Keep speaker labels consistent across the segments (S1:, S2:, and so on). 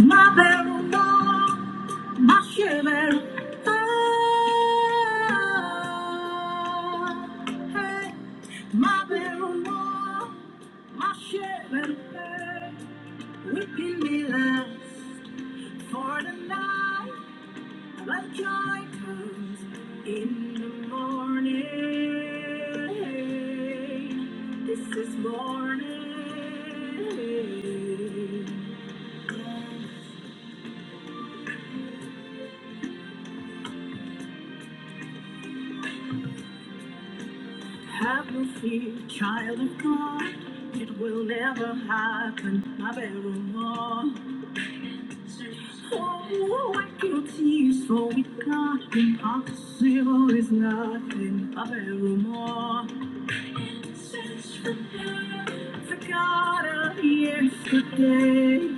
S1: Ma belle, moi, ma chère, eh, ma belle, ma chère, we can be left for the night, like joy comes in the morning. This is morning. Have no fear, child of God. It will never happen, my very one. Oh, I can tease for with God. Impossible is nothing, my very one. The God of yesterday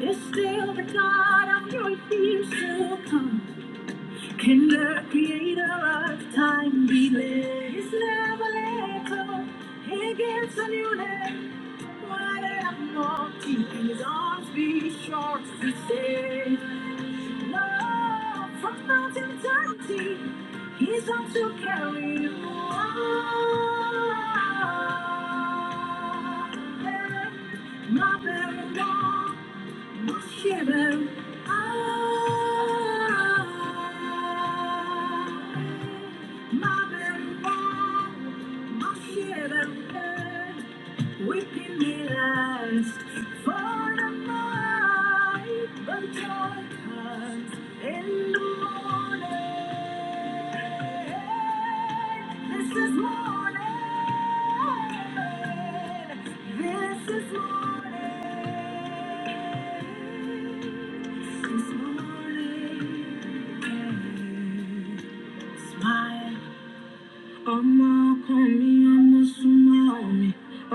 S1: is still the God of your years to come. Kinder, creator of time be led? It's never let go. He gives a new name. Why let him walk? Keep his arms be short to stay. Love from mountain to sea, he's arms to carry you on. Mother, mother, Shiver. Ah. My very long, my shiver. We can be last for the night, but joy comes in the morning. This is morning. This is morning. This morning. Smile ọmọ ọkọ mi ọmọ súnmọ́ mi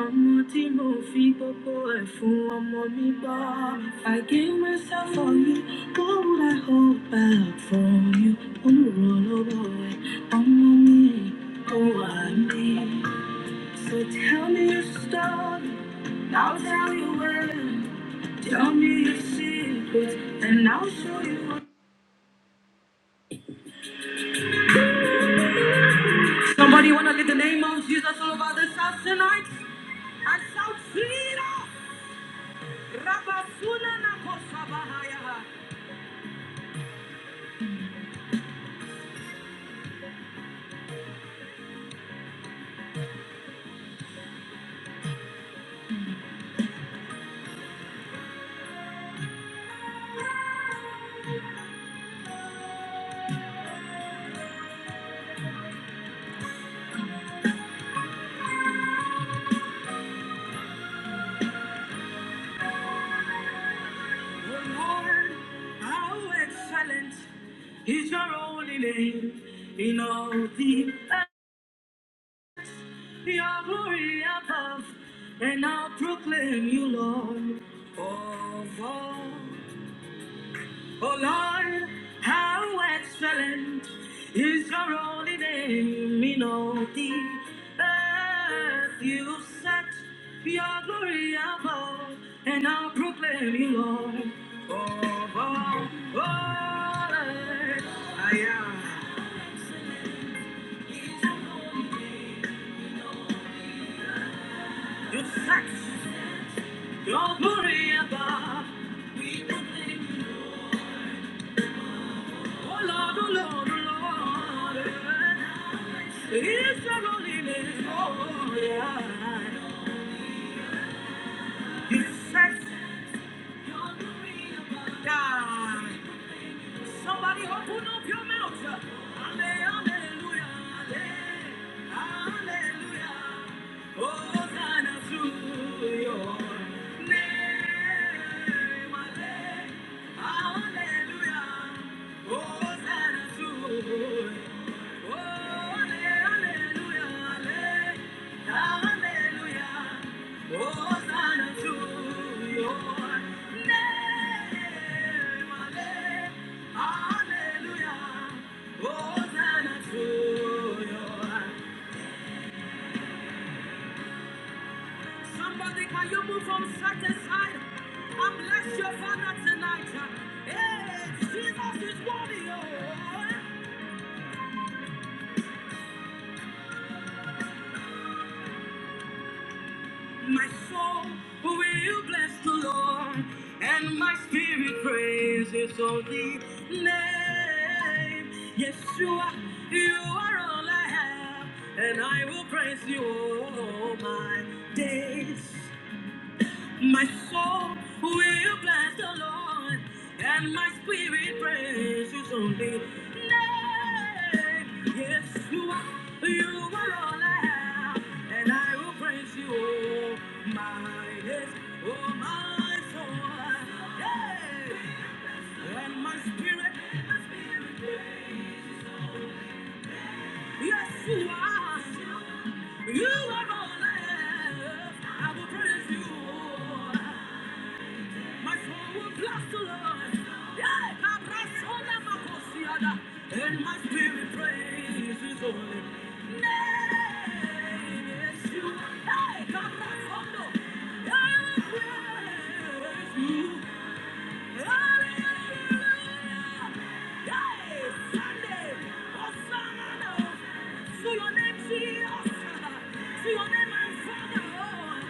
S1: ọmọ tí mo fi gbogbo ẹ̀ fún ọmọ mi gbọ́ mi. i gave myself for you what would i hold back from you olùrànlọ́wọ́ ẹ̀ ọmọ mi kò wá mi. so tell me your story i'll tell you when. tell me your secret and i'll show you what. somebody wanna get the name of jesus all over this house tonight and shout freedom. Rabasuna The Lord, how excellent is your holy name in all the earth. Your glory above, and I'll proclaim you, Lord, of all. Oh Lord, how excellent is your holy name in all the earth. You set your glory above, and I'll proclaim you, Lord. oh all earth, I am. You set your glory above. We proclaim Oh Lord, oh Lord, oh Lord. It's a loneliness. Oh, yeah. It's sexy. God. Somebody open up your mouth. Hallelujah. Hallelujah. Hosanna to your name. Hallelujah. Hosanna to your name. Somebody, can you move from satisfied? I bless your father tonight. Hey, Jesus is worthy. Oh. My soul will bless the Lord, and my spirit praises only name. Yes, You are you are all I have, and I will praise you all my days. My soul will bless the Lord, and my spirit praise His only name. Yes, you are, you are all I have, and I will praise you, oh my days, oh my soul. Yeah. And my spirit, my spirit praise. yes, you are, you are all I have. I will praise you. oh, My soul will bless the Lord. Yeah, Cabrasola Macosiada. And my spirit praise his holy name. Yes, you are. Hey, I will praise you. Hallelujah. Hey, Sunday. Hosanna. To your name, Jesus. To your name, my Father.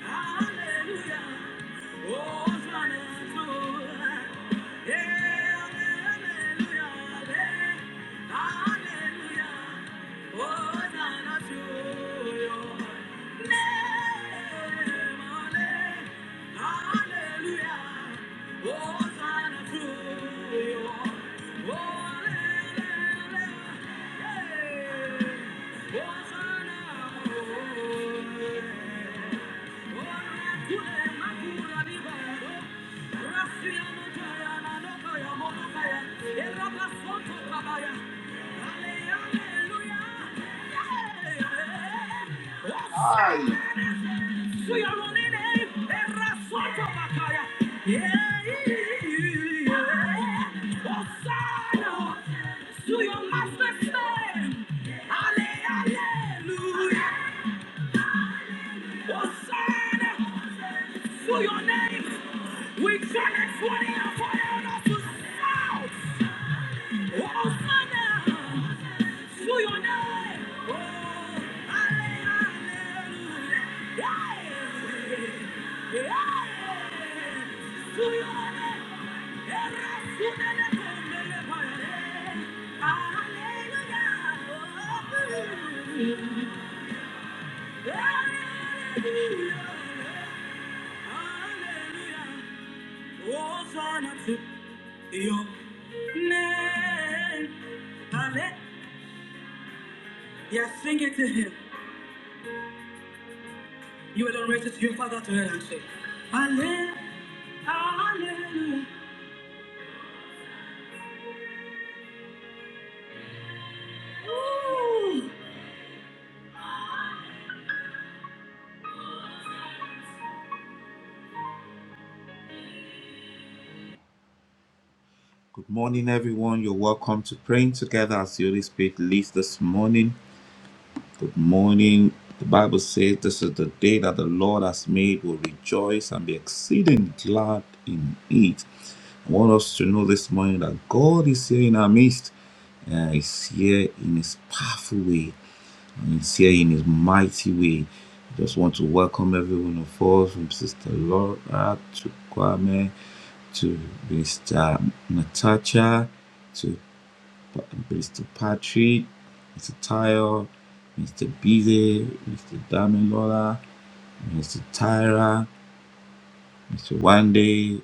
S1: Hallelujah. Ay, To your master's name, Hallelujah. Concern to your name. We challenge what for have allowed us to shout. Hosanna to your name. Oh, hallelujah. Hey, hey, to your name. Hallelujah. Hallelujah. Hallelujah. Hosanna to your name. Halle- Yeah, sing it to him. You alone raise it to your father to hear and say, Halle- Hallelujah. Ooh. Good morning, everyone. You're welcome to praying together as the Holy Spirit leads this morning. Good morning. The Bible says this is the day that the Lord has made. We'll rejoice and be exceeding glad in it. I want us to know this morning that God is here in our midst. Uh, he's here in His powerful way. And he's here in His mighty way. I just want to welcome every one of us, from Sister Laura to Kwame to Mr. Natasha to. Mr. Patrick, Mr. Tayo, Mr. Bize, Mr. Damilola, Mr. Tyra, Mr. Wande,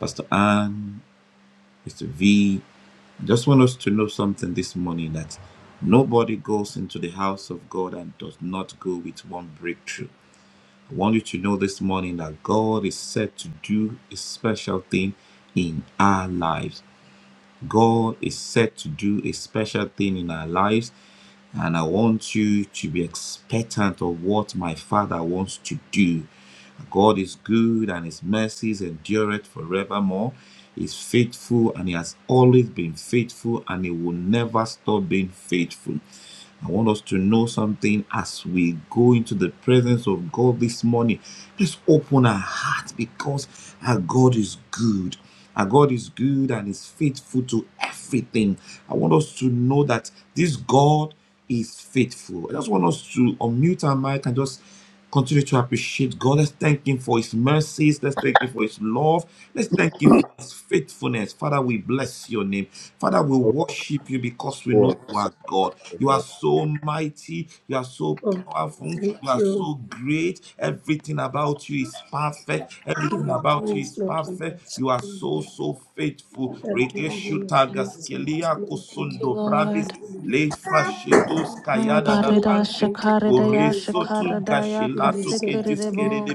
S1: Pastor Ann, Mr. V. I Just want us to know something this morning that nobody goes into the house of God and does not go with one breakthrough. I want you to know this morning that God is set to do a special thing in our lives. God is set to do a special thing in our lives And I want you to be expectant of what my Father wants to do. God is good and his mercies endureth forevermore. He's faithful and he has always been faithful and he will never stop being faithful. I want us to know something as we go into the presence of God this morning. Let's open our hearts because our God is good. Our God is good and is faithful to everything. I want us to know that this God is faithful. I just want us to unmute our mic and just continue to appreciate God. Let's thank Him for His mercies. Let's thank Him for His love. Let's thank Him for His faithfulness. Father, we bless your name. Father, we worship you because we know you are God. You are so mighty. You are so
S2: Oh,
S1: powerful. You
S2: thank
S1: are
S2: you.
S1: so great. Everything about you is perfect.
S2: Give
S1: Everything
S2: you
S1: about you
S2: praise,
S1: is
S2: Lord. We
S1: perfect.
S2: worship
S1: You are
S2: you,
S1: so,
S2: Lord.
S1: so faithful.
S2: We adore
S1: Regeshu
S2: you, Lord. We exalt
S1: tagaskelia
S2: you, Lord. We
S3: you,
S1: kosondo
S2: magnify
S1: bravis
S3: Lord.
S2: you, Holy
S1: le
S2: Lord.
S1: fashidos
S2: We
S3: Ah,
S2: Thank
S1: kayada da
S2: you. We
S3: barida
S1: pante.
S2: Thank you. We Thank you,
S3: shakaridaya
S2: Lord.
S1: Oresotu
S3: shakaridaya
S1: gashilato kediskere de
S3: kasikiridibo.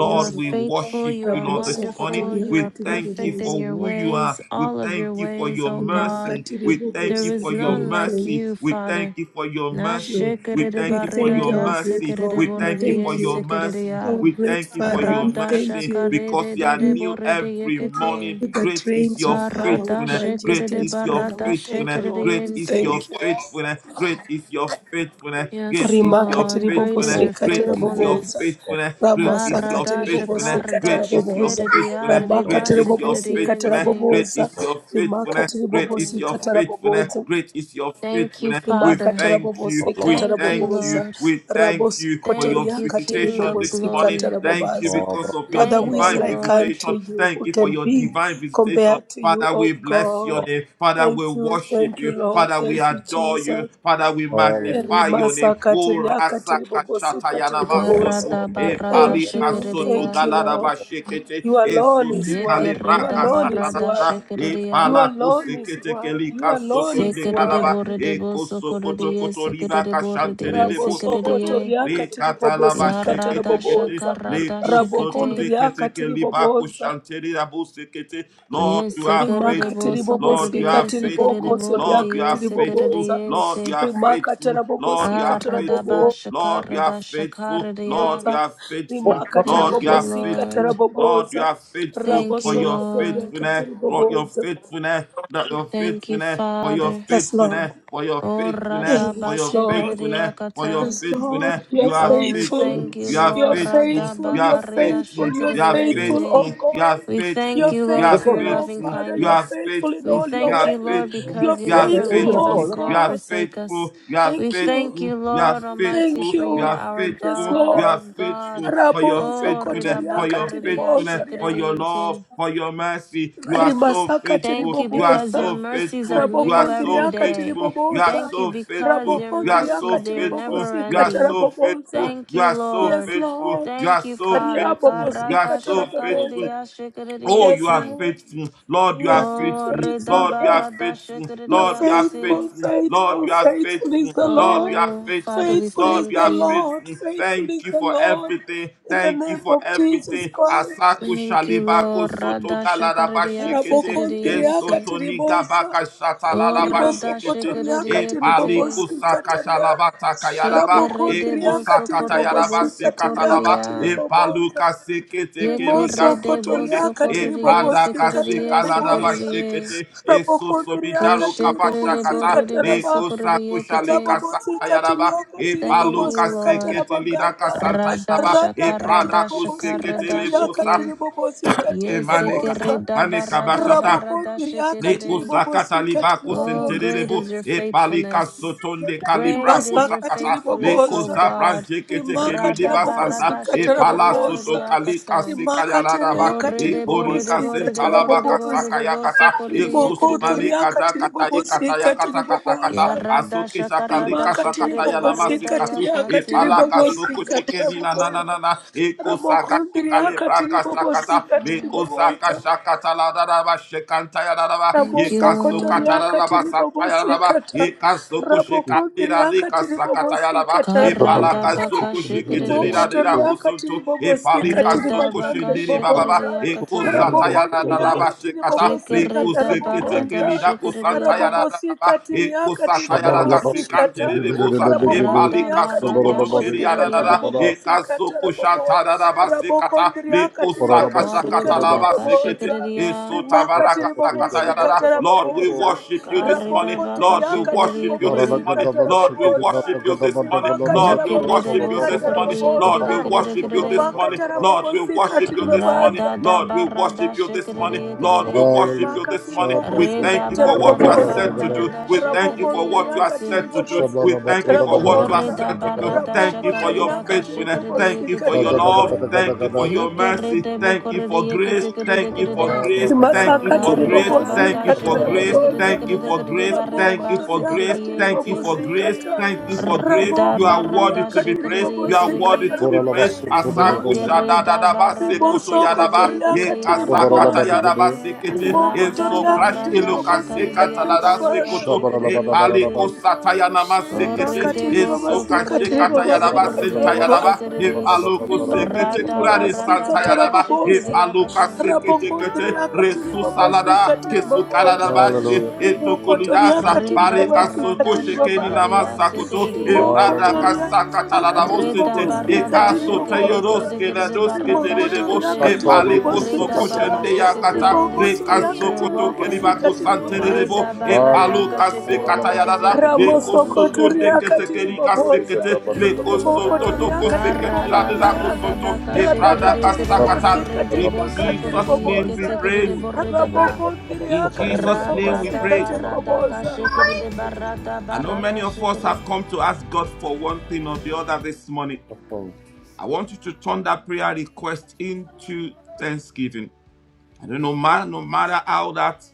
S3: You are
S1: we
S3: faithful,
S1: worship
S3: you
S1: you,
S3: are
S1: Lord, this morning.
S3: wonderful, you
S1: We
S3: are
S1: thank you
S3: perfect in
S1: for
S2: Rabosokotoriakatiribobozo.
S3: your
S1: who you are.
S3: ways,
S1: We
S3: all of your
S1: thank you for
S3: ways,
S1: your
S2: Imakatiribobozo.
S3: O
S2: We
S3: God.
S1: mercy.
S2: Makatiri
S1: We
S2: Bobozo.
S1: thank
S3: There
S1: you
S2: We
S3: is
S1: for your
S3: none like
S1: mercy.
S2: thank
S3: you,
S1: We
S3: Father.
S1: thank you for your
S3: Na
S2: you.
S1: mercy. We
S2: We
S1: thank you for
S2: thank
S1: your
S3: Nashikiridibaridaya
S2: our great
S1: mercy. We
S2: God. We
S1: thank you for
S2: thank
S3: sikiriboridiye
S1: your
S2: you.
S1: mercy.
S3: sikiridiya.
S2: Our
S1: We
S2: great
S1: thank you for
S2: Father,
S1: your
S2: we
S3: Rada
S2: thank
S1: mercy
S2: you.
S1: because they are new
S3: shakarididiboridiye
S1: every morning.
S3: kitim.
S2: that
S1: Great is
S2: reigns
S1: your
S2: with power, with
S3: Karada
S1: faithfulness. Great
S2: majesty and
S1: is your
S2: splendor. We
S3: shikiridibarada
S2: thank you,
S1: faithfulness.
S2: Lord.
S1: Great
S2: We
S1: is
S3: shikiridiyente.
S1: your
S2: thank you.
S1: faithfulness. Great is your faithfulness. Great
S3: Yes,
S1: is your
S3: Lord, great is
S1: faithfulness.
S2: Rimakatiribobosi
S3: your
S1: Great is your
S2: kataraboboza.
S3: faithfulness.
S1: faithfulness. Great
S2: Ramasa
S1: is your
S3: Aradasha
S2: katiribobosi
S1: faithfulness. Great
S3: karadasha
S1: is your
S2: kataraboboza.
S3: kerede
S1: faithfulness. Great
S3: aradebasa
S1: is your
S2: Ramakatiribobosi
S1: faithfulness.
S3: kerediente.
S1: Great
S2: kataraboboza.
S1: is your faithfulness. Great is
S2: Rimakatiribobosi
S1: your faithfulness.
S2: kataraboboza.
S1: Great is your
S3: Thank you,
S1: faithfulness. We
S3: Father.
S1: thank you.
S2: Imakatarabobosi
S1: We
S3: Thank you,
S1: thank you.
S2: katarabobosa.
S3: Lord.
S1: We thank
S2: Rabos
S1: you for your
S3: Thank
S2: kotoria
S3: you, King
S1: visitation
S3: of
S1: this
S2: katiribobosi
S1: morning.
S3: glory.
S1: Thank you
S2: katarabobaza.
S1: because of your
S2: Father, who
S3: Thank
S2: is
S3: you,
S1: divine
S2: like
S3: Lord.
S2: unto
S1: visitation.
S2: you?
S1: Thank
S2: Who
S1: you for
S2: can
S1: your divine
S2: be
S1: divine visitation.
S2: compared to you,
S1: Father,
S2: O
S1: we bless
S2: God?
S1: your name. Father, we
S2: Thank you,
S1: worship
S2: thank you,
S1: you.
S2: Lord.
S1: Father, we
S2: Thank you,
S1: adore you.
S2: Jesus.
S1: Father, we magnify your
S2: Erimasa
S1: name. O
S2: katiria
S1: Rasaka
S2: katiribobosi
S1: Shatayana
S2: katiribobosa.
S1: Masoto,
S3: Garada
S1: E
S3: barada
S2: Thank
S1: Palika
S2: you,
S1: Soto
S2: thank
S3: shekeredia.
S2: you,
S1: Galada
S2: Lord.
S1: Bashekete,
S2: You
S1: E
S2: alone
S1: Susi
S2: is worthy. You
S3: Yekereda
S1: Kalibraka
S2: alone is
S3: barada
S1: Satanada,
S2: worthy.
S1: E
S2: You
S3: shekeredia.
S1: Palako
S2: alone is
S1: Sekete
S2: worthy. You
S1: Kelika
S2: alone
S1: Soto
S2: is
S1: de
S3: Sekerede
S1: Kalaba,
S2: worthy.
S3: borede
S1: E
S3: boso
S1: Koso Koto
S3: koredia.
S1: Koto
S3: Sekerede
S1: Ribaka
S3: borede
S1: Shantere
S3: ye
S1: de Boso Koto,
S3: sekeredia.
S2: Rabosokotoriaka
S1: Rikatalaba
S2: tiribobosika
S3: Yarada
S1: sheketekete.
S2: taraboboza.
S3: shakarada shekete.
S2: Rabokondriaka
S1: Lekuzotodeketeke libako
S2: tiriboboza.
S1: shanteri abusekete. Lord,
S3: Yes,
S1: you are
S3: sekerere
S2: Rimaka
S3: bo
S1: faithful. Lord,
S3: sokorere
S1: you
S2: tiribobosika
S1: are
S3: yes, sekerere
S1: faithful.
S3: bo rede
S1: Lord,
S2: tiribokosoriaka
S1: you are
S3: yes, sekerere
S1: faithful.
S2: tiriboboza.
S1: Lord, you
S3: yente.
S1: are
S2: Rimaka
S1: faithful. Lord, you
S2: tarabobosika
S1: are
S3: Aradaba
S1: faithful.
S2: taraboboza.
S1: Lord, you are
S3: shakarada
S1: faithful.
S3: shakarada
S1: Lord,
S3: ya.
S1: you are faithful.
S2: Rimaka
S1: Lord,
S3: Thank
S1: you
S3: you,
S1: are
S2: tarabobosika
S3: Lord.
S1: faithful. Lord, you
S2: taraboboza.
S1: are faithful
S3: Thank
S1: for
S3: you,
S1: your
S3: Lord.
S2: Rabosokotoriaka
S1: faithfulness. For your
S2: tiriboboza.
S1: faithfulness. Not your
S3: Thank you,
S1: faithfulness, for your
S3: Father.
S2: Yes, Lord.
S1: faithfulness, for your faithfulness, for
S3: Oradaba
S1: your
S2: Yes, Lord.
S3: shakarada
S1: faithfulness, for your
S3: yakata.
S2: Yes, Lord,
S1: faithfulness.
S2: you're
S1: You are
S3: Oh, we
S2: faithful.
S1: faithful,
S3: thank you,
S1: you are
S2: You're
S3: Lord.
S1: faithful,
S2: faithful.
S1: you
S3: Radaba
S1: are
S2: You're
S3: karida
S2: faithful.
S1: faithful,
S2: You're
S1: you
S3: shakarada
S1: are
S3: yente.
S2: faithful, oh
S1: faithful, you
S2: God.
S1: are
S3: We thank
S2: You're
S1: faithful,
S3: you,
S1: you
S3: Lord,
S1: are
S3: for your
S2: faithful, our
S3: loving
S1: faithful,
S2: Father.
S1: you
S2: You're
S1: are
S3: kindness.
S2: faithful in
S3: We
S1: faithful,
S2: all your
S1: you
S3: thank
S1: are
S3: you,
S2: ways.
S3: Lord,
S1: faithful,
S2: You're
S3: because you
S1: you are
S3: never
S2: faithful,
S3: leave
S2: oh
S1: faithful,
S3: us
S1: you
S3: nor
S1: are
S2: God.
S3: forsake us.
S1: faithful, you are
S3: We
S2: Thank
S3: thank
S2: you.
S1: faithful,
S3: you,
S1: you are
S3: Lord Almighty,
S2: Thank
S1: faithful,
S3: for
S1: you
S3: you
S2: you.
S3: are
S1: are
S3: our
S2: Yes,
S1: faithful,
S3: God,
S1: you are faithful,
S2: Lord.
S1: are
S3: our God.
S1: faithful, for your
S2: Raboso
S3: Oh,
S1: faithfulness,
S2: kotoria
S1: for
S3: ridabaka
S1: your faithfulness, for
S2: katiribozaria.
S1: your love,
S3: ridiashikiridiente.
S1: for your mercy. You are so
S2: Rimasaka
S1: faithful.
S3: Thank you
S1: You are
S3: because your
S2: tiribobosa.
S1: so
S3: mercies are
S1: faithful. You are
S3: new
S1: so
S3: every
S2: Rabokondriaka
S3: day.
S1: faithful. You are
S2: tiribobosa.
S3: Thank you
S1: so
S3: because
S1: faithful.
S3: your
S1: You are so
S2: Rabokondriaka
S3: mercies they are
S1: faithful.
S3: never
S1: You
S2: tiribobosika
S1: are
S3: ending.
S1: so faithful.
S2: tarabobosa.
S3: Thank
S1: You
S3: you,
S1: are so
S2: Yes,
S3: Lord.
S1: faithful.
S2: Lord.
S1: You are
S3: Thank you,
S1: so
S3: Father.
S2: Ikaria
S1: faithful.
S2: bobos
S1: You are so
S2: ikatara boboza.
S1: faithful. Oh, you
S2: Yes,
S1: are
S3: Karadashakaridiashikiridiente.
S2: Lord.
S1: faithful. Lord,
S2: You
S1: you are
S2: are too
S3: Oh,
S1: faithful.
S3: reda
S2: faithful,
S1: Lord, you are
S2: Lord.
S3: barada
S1: faithful.
S2: You are
S1: Lord, you are
S3: shikiriakati.
S2: faithful,
S1: faithful. Lord,
S2: faithful,
S1: you are
S2: faithful is
S1: faithful.
S2: the
S1: Lord,
S2: Lord.
S1: you are
S3: Oh, Father,
S1: faithful.
S3: we
S2: Faithful
S1: Lord,
S2: is
S1: you
S3: thank
S2: the
S1: are
S3: you.
S2: Lord.
S1: faithful.
S2: Faithful is
S1: Thank you
S2: the
S1: for
S2: Lord.
S1: everything.
S2: In the
S1: Thank you
S2: name
S1: for
S2: of Jesus
S1: everything.
S2: Christ.
S1: Asaku
S3: Thank you,
S1: shalibako
S3: Lord.
S1: soto
S3: Rada
S1: galadaba
S3: shakaridia
S1: shekete.
S2: Rabokonti riaka
S3: sikiridiente.
S1: Esotoni
S2: tiribosa.
S1: gabaka
S3: Oh,
S1: shatalala
S2: Riboso
S3: rada
S1: bashekete.
S2: kotoriaka
S1: E pali
S3: shikiridiakate.
S2: tiribobosi
S1: kusaka
S2: kataria.
S1: shalaba takayaraba. E
S2: Ramokonti
S3: Shikiride
S2: riaka
S3: boso
S1: kusaka
S3: koride
S1: tayaraba
S2: tiribobosi
S1: se
S3: boso
S2: katiriaka
S1: katalaba. E
S3: koridia.
S2: tiribobosa.
S1: paluka seke teke
S2: Rimoso
S1: liga
S3: Yekiride
S1: sotonde.
S3: boso
S2: kotoriaka
S1: E
S3: koridie
S1: prada
S2: tiribobosika
S1: kase
S3: sikiridie
S1: kaladaba
S2: tarabobosa.
S3: sikiridie.
S1: shekete. E susomi
S2: Rabokondriaka
S1: jaru kapasha
S3: Kishikiride
S2: tiribobosika
S1: kata.
S3: boride
S1: E
S2: taraba.
S3: boso
S1: kusaku shalika
S3: koridiakate.
S1: santa
S2: Rabobosika
S1: yaraba.
S2: tiriaka
S1: E
S3: Thank you,
S1: paluka
S2: tiribobosika
S3: Lord.
S1: sekete lida
S2: tarabaganda.
S1: kasanta yaraba.
S3: Radasha
S1: E
S2: Radaka
S1: prada
S3: karadasha
S2: tiribobosika
S1: kusekete le
S3: karadasha
S2: tiriaka
S1: bosa.
S3: ke.
S2: tiribobosika
S1: E manika.
S3: Yeseke
S2: tiribobosa.
S3: reda
S1: Manika
S3: barada
S1: bashata.
S3: baradasha
S2: Rabokondriaka
S1: Neko
S3: kedede.
S1: sakata
S2: tiribobosika
S1: libako
S3: Oh,
S2: tiribobosa
S3: great
S1: senterebo
S3: is your
S1: e palika
S3: faithfulness.
S1: sotonde kalibra
S3: Great
S1: ko
S3: is your
S1: sakata le
S3: faithfulness,
S1: ko
S3: O
S2: rimasakatiribobosa
S3: God.
S1: zabranche kete ke
S3: Rada
S1: ludiva santa
S3: barada
S1: e
S3: shekedede
S1: pala
S3: yarede
S2: rimakatarabobosikatarabobosa
S1: soto kalika
S3: yakata.
S1: sekaya laraba
S3: Oh,
S1: e
S3: rede borede
S1: porika
S3: borede
S1: sentala
S3: borede
S1: baka
S2: rimakatiriakatiribobosikatarabobosa
S3: borede
S1: sakaya
S3: boso
S1: kata e
S3: korede yekedede.
S1: susumani kaja kata i kata ya kata kata
S2: rimokotoriakatiribobosikatiribobosa
S1: kata
S3: Yarada
S1: asoke
S3: shakarada
S1: shakalika sakata
S3: shekedede
S1: ya namasi
S3: bareda
S1: katu e pala
S3: yakatia.
S1: kasoko shikeni na na na na
S2: rimakatiribobosikatiriakatiribobosikatarabobosa
S1: na e ko sakashikale braka
S3: Yes,
S1: sakata le
S3: Lord.
S1: ko
S2: ramokondriakatiribobosikatiribobosa
S1: sakashakata la daraba shekanta ya Yaraba,
S3: Thank you,
S1: Yekaso
S3: Lord.
S1: Kataraba Satayaraba,
S2: ramofokotoriakatiribobosikata
S1: Ekasoko Shikandira Rika Sakatayaraba,
S3: Karada
S2: rabokondriakatiribobosikatarabobosa
S1: Epalaka
S3: baka Karadabaka
S1: Soko
S2: Rimoko
S1: Shikitira
S3: shikiriya.
S1: Rira
S2: toriaka tiri
S1: Kusunto,
S2: bobosika
S1: Epalika
S2: tiri
S1: Soko
S2: bakante
S3: Redabaka
S1: Shindiri Baba,
S2: ribobonza.
S3: shikiriya
S1: Eko
S3: kata.
S2: Rabokonde
S1: Satayaraba
S2: riaka tiri
S1: Shikata,
S2: bobosika
S1: Riku
S3: Shikirida
S2: tarabogonda.
S3: barada
S1: Sikitikilida
S3: shikiriya.
S2: Rabobosika
S1: Kusantayaraba, Eko
S2: tiriaka tiri
S1: Satayaraga
S2: bobosika ta.
S1: Sikantiri Ribusa,
S2: Rabokonde
S1: Epalika
S2: riaka tiri
S1: Soko
S3: Radabarada
S2: bobosika
S1: Tokiriarada,
S3: shikiriya.
S2: tarabobosika
S1: Ekasoko
S2: tarabobo.
S1: Shantaraba Sikata,
S2: Rabokondria
S1: Riku
S2: katiri bobosi katiri
S1: Sakashakatalaba
S3: Karidabaka
S1: Sikiti,
S2: boboza.
S3: shikiriya.
S2: Rimaka
S4: Hallelujah.
S1: Esotabaraka
S2: tiri bobosi katara
S1: Lord, we
S2: bobosa.
S1: worship you this morning.
S2: Raboko
S3: baka
S1: Lord,
S2: toria
S1: we
S2: katiri
S1: worship
S3: shikiriya
S1: you this
S2: bobosi
S3: kiride.
S1: morning.
S2: katara
S1: Lord, we worship
S2: boboza.
S1: you this morning.
S2: Rimaka
S1: Lord,
S2: tara
S1: we
S3: Yekiride
S2: bobosi
S1: worship you
S3: boso
S1: this
S2: katara
S1: morning.
S3: kiride
S1: Lord, we
S3: kiride
S2: boboza.
S3: kiride
S1: worship you this
S3: kiride.
S2: Rimaka
S1: morning.
S2: tara
S1: Lord, we
S2: bobosi
S1: worship
S2: katiri
S1: you this morning.
S2: bobaza.
S1: Lord, we worship
S3: Radadabarada
S1: you this morning.
S3: shikiriya
S1: Lord, we
S3: kiride.
S1: worship you
S2: Rimaka
S1: this
S2: tiri
S1: morning.
S4: Shabro
S1: We
S2: bobosi
S4: Doro
S1: thank you for
S2: katara
S1: what you are
S3: Redabarada
S4: Bragada
S1: set
S2: boboza.
S1: to do.
S4: Vadagada
S3: bakarida
S1: We thank you for what
S2: Rabokondria
S1: you are
S3: shikiriyensi.
S2: katiri
S1: set to do.
S2: bobosi
S1: We
S4: Shablara
S1: thank you
S2: katara
S4: Bajabada
S1: for what you are
S2: boboza.
S3: Orida
S1: set to do.
S4: Badagada
S3: barada
S1: Thank
S2: Raboko
S1: you for your
S2: toria
S3: shakarida
S2: katiri
S1: faithfulness.
S3: kashikiridi
S1: Thank
S2: bobosi
S1: you for your
S2: katara
S3: yekiti.
S4: Bajagada
S1: love.
S4: Gada
S2: boboza.
S4: Gada
S1: Thank you for
S4: Gada
S1: your mercy.
S3: Yekeride
S1: Thank you
S3: bukuridi
S1: for grace.
S3: yekiti kiridi
S1: Thank you for
S3: kiridi.
S1: grace.
S4: Shabro
S5: You
S4: Gada
S1: Thank you
S5: call
S1: for
S2: rimasakati
S1: for
S5: me
S1: grace.
S4: Badagada
S3: Karida
S4: Badagada Badagada
S1: Thank
S5: out
S3: baka
S1: you
S2: ribobozikata
S1: for grace.
S3: shikiridi
S4: Badagada
S5: upon the
S4: Badagada
S3: kiridi
S2: raboboza
S1: Thank you
S3: kiridi
S1: for
S3: kiridi
S1: grace.
S3: barida
S2: ramoko
S5: waters,
S1: Thank you for grace.
S3: basikiridi
S2: riakati
S1: Thank
S5: the
S1: you
S3: yenting.
S1: for grace.
S2: ribobozikata
S5: great
S1: Thank you for grace.
S3: Rada
S1: You
S2: ramoko
S1: are worthy
S5: unknown.
S3: barada
S1: to be
S2: riakati
S1: praised.
S3: shikiridi
S5: My
S1: You are worthy
S2: ribobozikata
S3: yekiridi.
S1: to
S5: feet
S4: Bora
S1: be
S4: Lava
S1: praised.
S5: may
S2: ramakandi
S4: Sutulu
S1: Asaku
S2: riboboza
S4: Bondo
S5: fail,
S3: Yekerida
S1: shadadadaba
S3: barada
S1: sekoto
S3: shikiridi
S2: ribosokoto
S1: yadaba
S3: yekiridi
S2: riakati
S4: Sobara
S1: yekasakata
S3: yarada.
S2: riboboza
S5: and
S1: yadaba
S4: Labadagade
S5: there I
S1: sekete
S2: rimokoto
S3: Rada
S5: find
S1: enso
S5: you
S1: crash
S2: riakati
S3: barada
S5: in the
S1: eloka
S3: shakaridi
S2: ribobozikati
S1: sekata
S3: yakaridi
S5: mystery,
S2: ribobaza
S1: sekoto
S4: Shabara
S3: yashikiridi
S1: epaliko
S4: Labada
S5: in
S1: satayanama
S5: oceans
S3: Corre
S1: sekete
S2: rimakati
S3: de
S1: enso
S3: boso,
S5: deep.
S3: corre
S2: ribobozikati
S3: de
S1: kashekata
S3: boso,
S1: yadaba
S5: My
S3: corre
S2: ribobozikata
S3: de
S1: senta
S5: faith
S1: yadaba
S2: rabobaza
S5: will
S3: yesekerere.
S1: epaloko sekete
S5: stand,
S2: rimakatiri
S3: Rada
S1: kurare
S3: barada
S2: bobosika
S1: santa
S3: baka
S4: Halleluja,
S1: yadaba
S3: shekerere
S2: tarabobosa
S1: epaloka
S3: yakatan.
S5: and
S1: sekete kete
S5: I will
S2: rabokondriakatiri
S1: resus Kesu
S5: call
S2: bobosika
S1: salada
S2: tiri
S1: kesu
S5: upon
S1: kalada
S2: bobosa
S5: your
S1: eto etokolidasa
S5: name.
S2: rimokotoriakatiri
S3: Reda
S1: barika
S2: bobosika
S3: barada
S1: soko
S2: tiri
S1: shekeni
S3: shakarere
S2: bobosa
S1: namasa
S5: And keep
S1: koto
S3: yasekerere.
S5: my
S1: efrada
S4: halleluja.
S5: eyes
S1: kasaka talada
S2: rimokotoriakatiri
S5: above
S3: Reda
S1: bosente
S5: the
S2: bobosika
S3: barada
S2: tiri
S1: ekaso
S3: shekerere
S2: bobosa
S3: kerere
S1: teyoroske
S5: waves.
S1: la
S3: kerere
S1: doske
S3: barada
S5: When
S1: terebo
S4: Tack
S3: shekete.
S5: oceans
S2: rimokotoriakatiri
S4: Fader, vi
S1: epaliko
S5: rise,
S4: prisar och
S5: my
S2: bobosika
S3: Reda
S1: soko
S4: tackar
S5: soul
S2: ta
S3: baka
S4: dig
S1: shende
S4: Jesus
S5: will
S3: shekete,
S1: yakata
S4: Kristus.
S3: Holy
S5: rest in
S3: Spirit,
S1: rekaso
S3: you're
S2: rimokotoriakatiri
S5: your
S1: koto
S3: welcome.
S2: bobosika
S1: keribako
S2: tiri
S5: embrace.
S2: bobosa
S1: santerebo
S3: Reda
S5: For
S3: barada
S1: epalo
S3: ka
S4: Halleluja.
S5: I
S1: kase
S4: Kora
S3: shekerere
S4: la
S5: am
S1: katayada
S4: bastuto
S3: yekete.
S4: både till
S2: Ramoso
S4: dig
S1: lekoso
S4: sitt
S1: tonde
S2: kotoria
S5: yours.
S4: liv.
S1: kete
S2: katiri
S1: kerika
S2: bobosa.
S1: le
S5: You
S1: lekoso
S2: Riboko
S5: are
S1: toto
S2: toria katiri
S1: koseketi la
S3: Karada
S1: dera
S2: bokondria.
S3: barada
S1: kosoto
S3: baka
S5: mine.
S2: Rada
S1: efrada
S3: shikiri
S2: katiri Ramosokoto riakati ribobosa, ribokoto riakati ribokondria,
S3: kirede
S1: kasakata
S2: radakati
S3: borre
S2: ribobosikati
S3: de
S1: in
S3: boso
S2: ribagandi
S3: kurede
S1: Jesus' name we
S3: yekete
S2: ribobosa,
S3: kirede
S1: pray.
S3: borre de ba.
S1: In
S2: rabokondriakati
S1: Jesus' name
S3: Rada
S1: we
S3: da
S1: pray.
S2: ribobosikati
S3: barada ka
S2: ribobosa,
S3: shikiri de barada
S1: I know
S3: barada
S1: many of us have
S3: shikiri.
S1: come to ask God for one thing or the other this morning.
S5: Your grace
S1: I want you to turn
S5: abounds in
S1: that prayer request
S5: deepest
S1: into
S5: waters.
S1: thanksgiving. I
S5: Your
S1: don't know, man, no
S5: sovereign
S1: matter how
S5: hand be
S1: that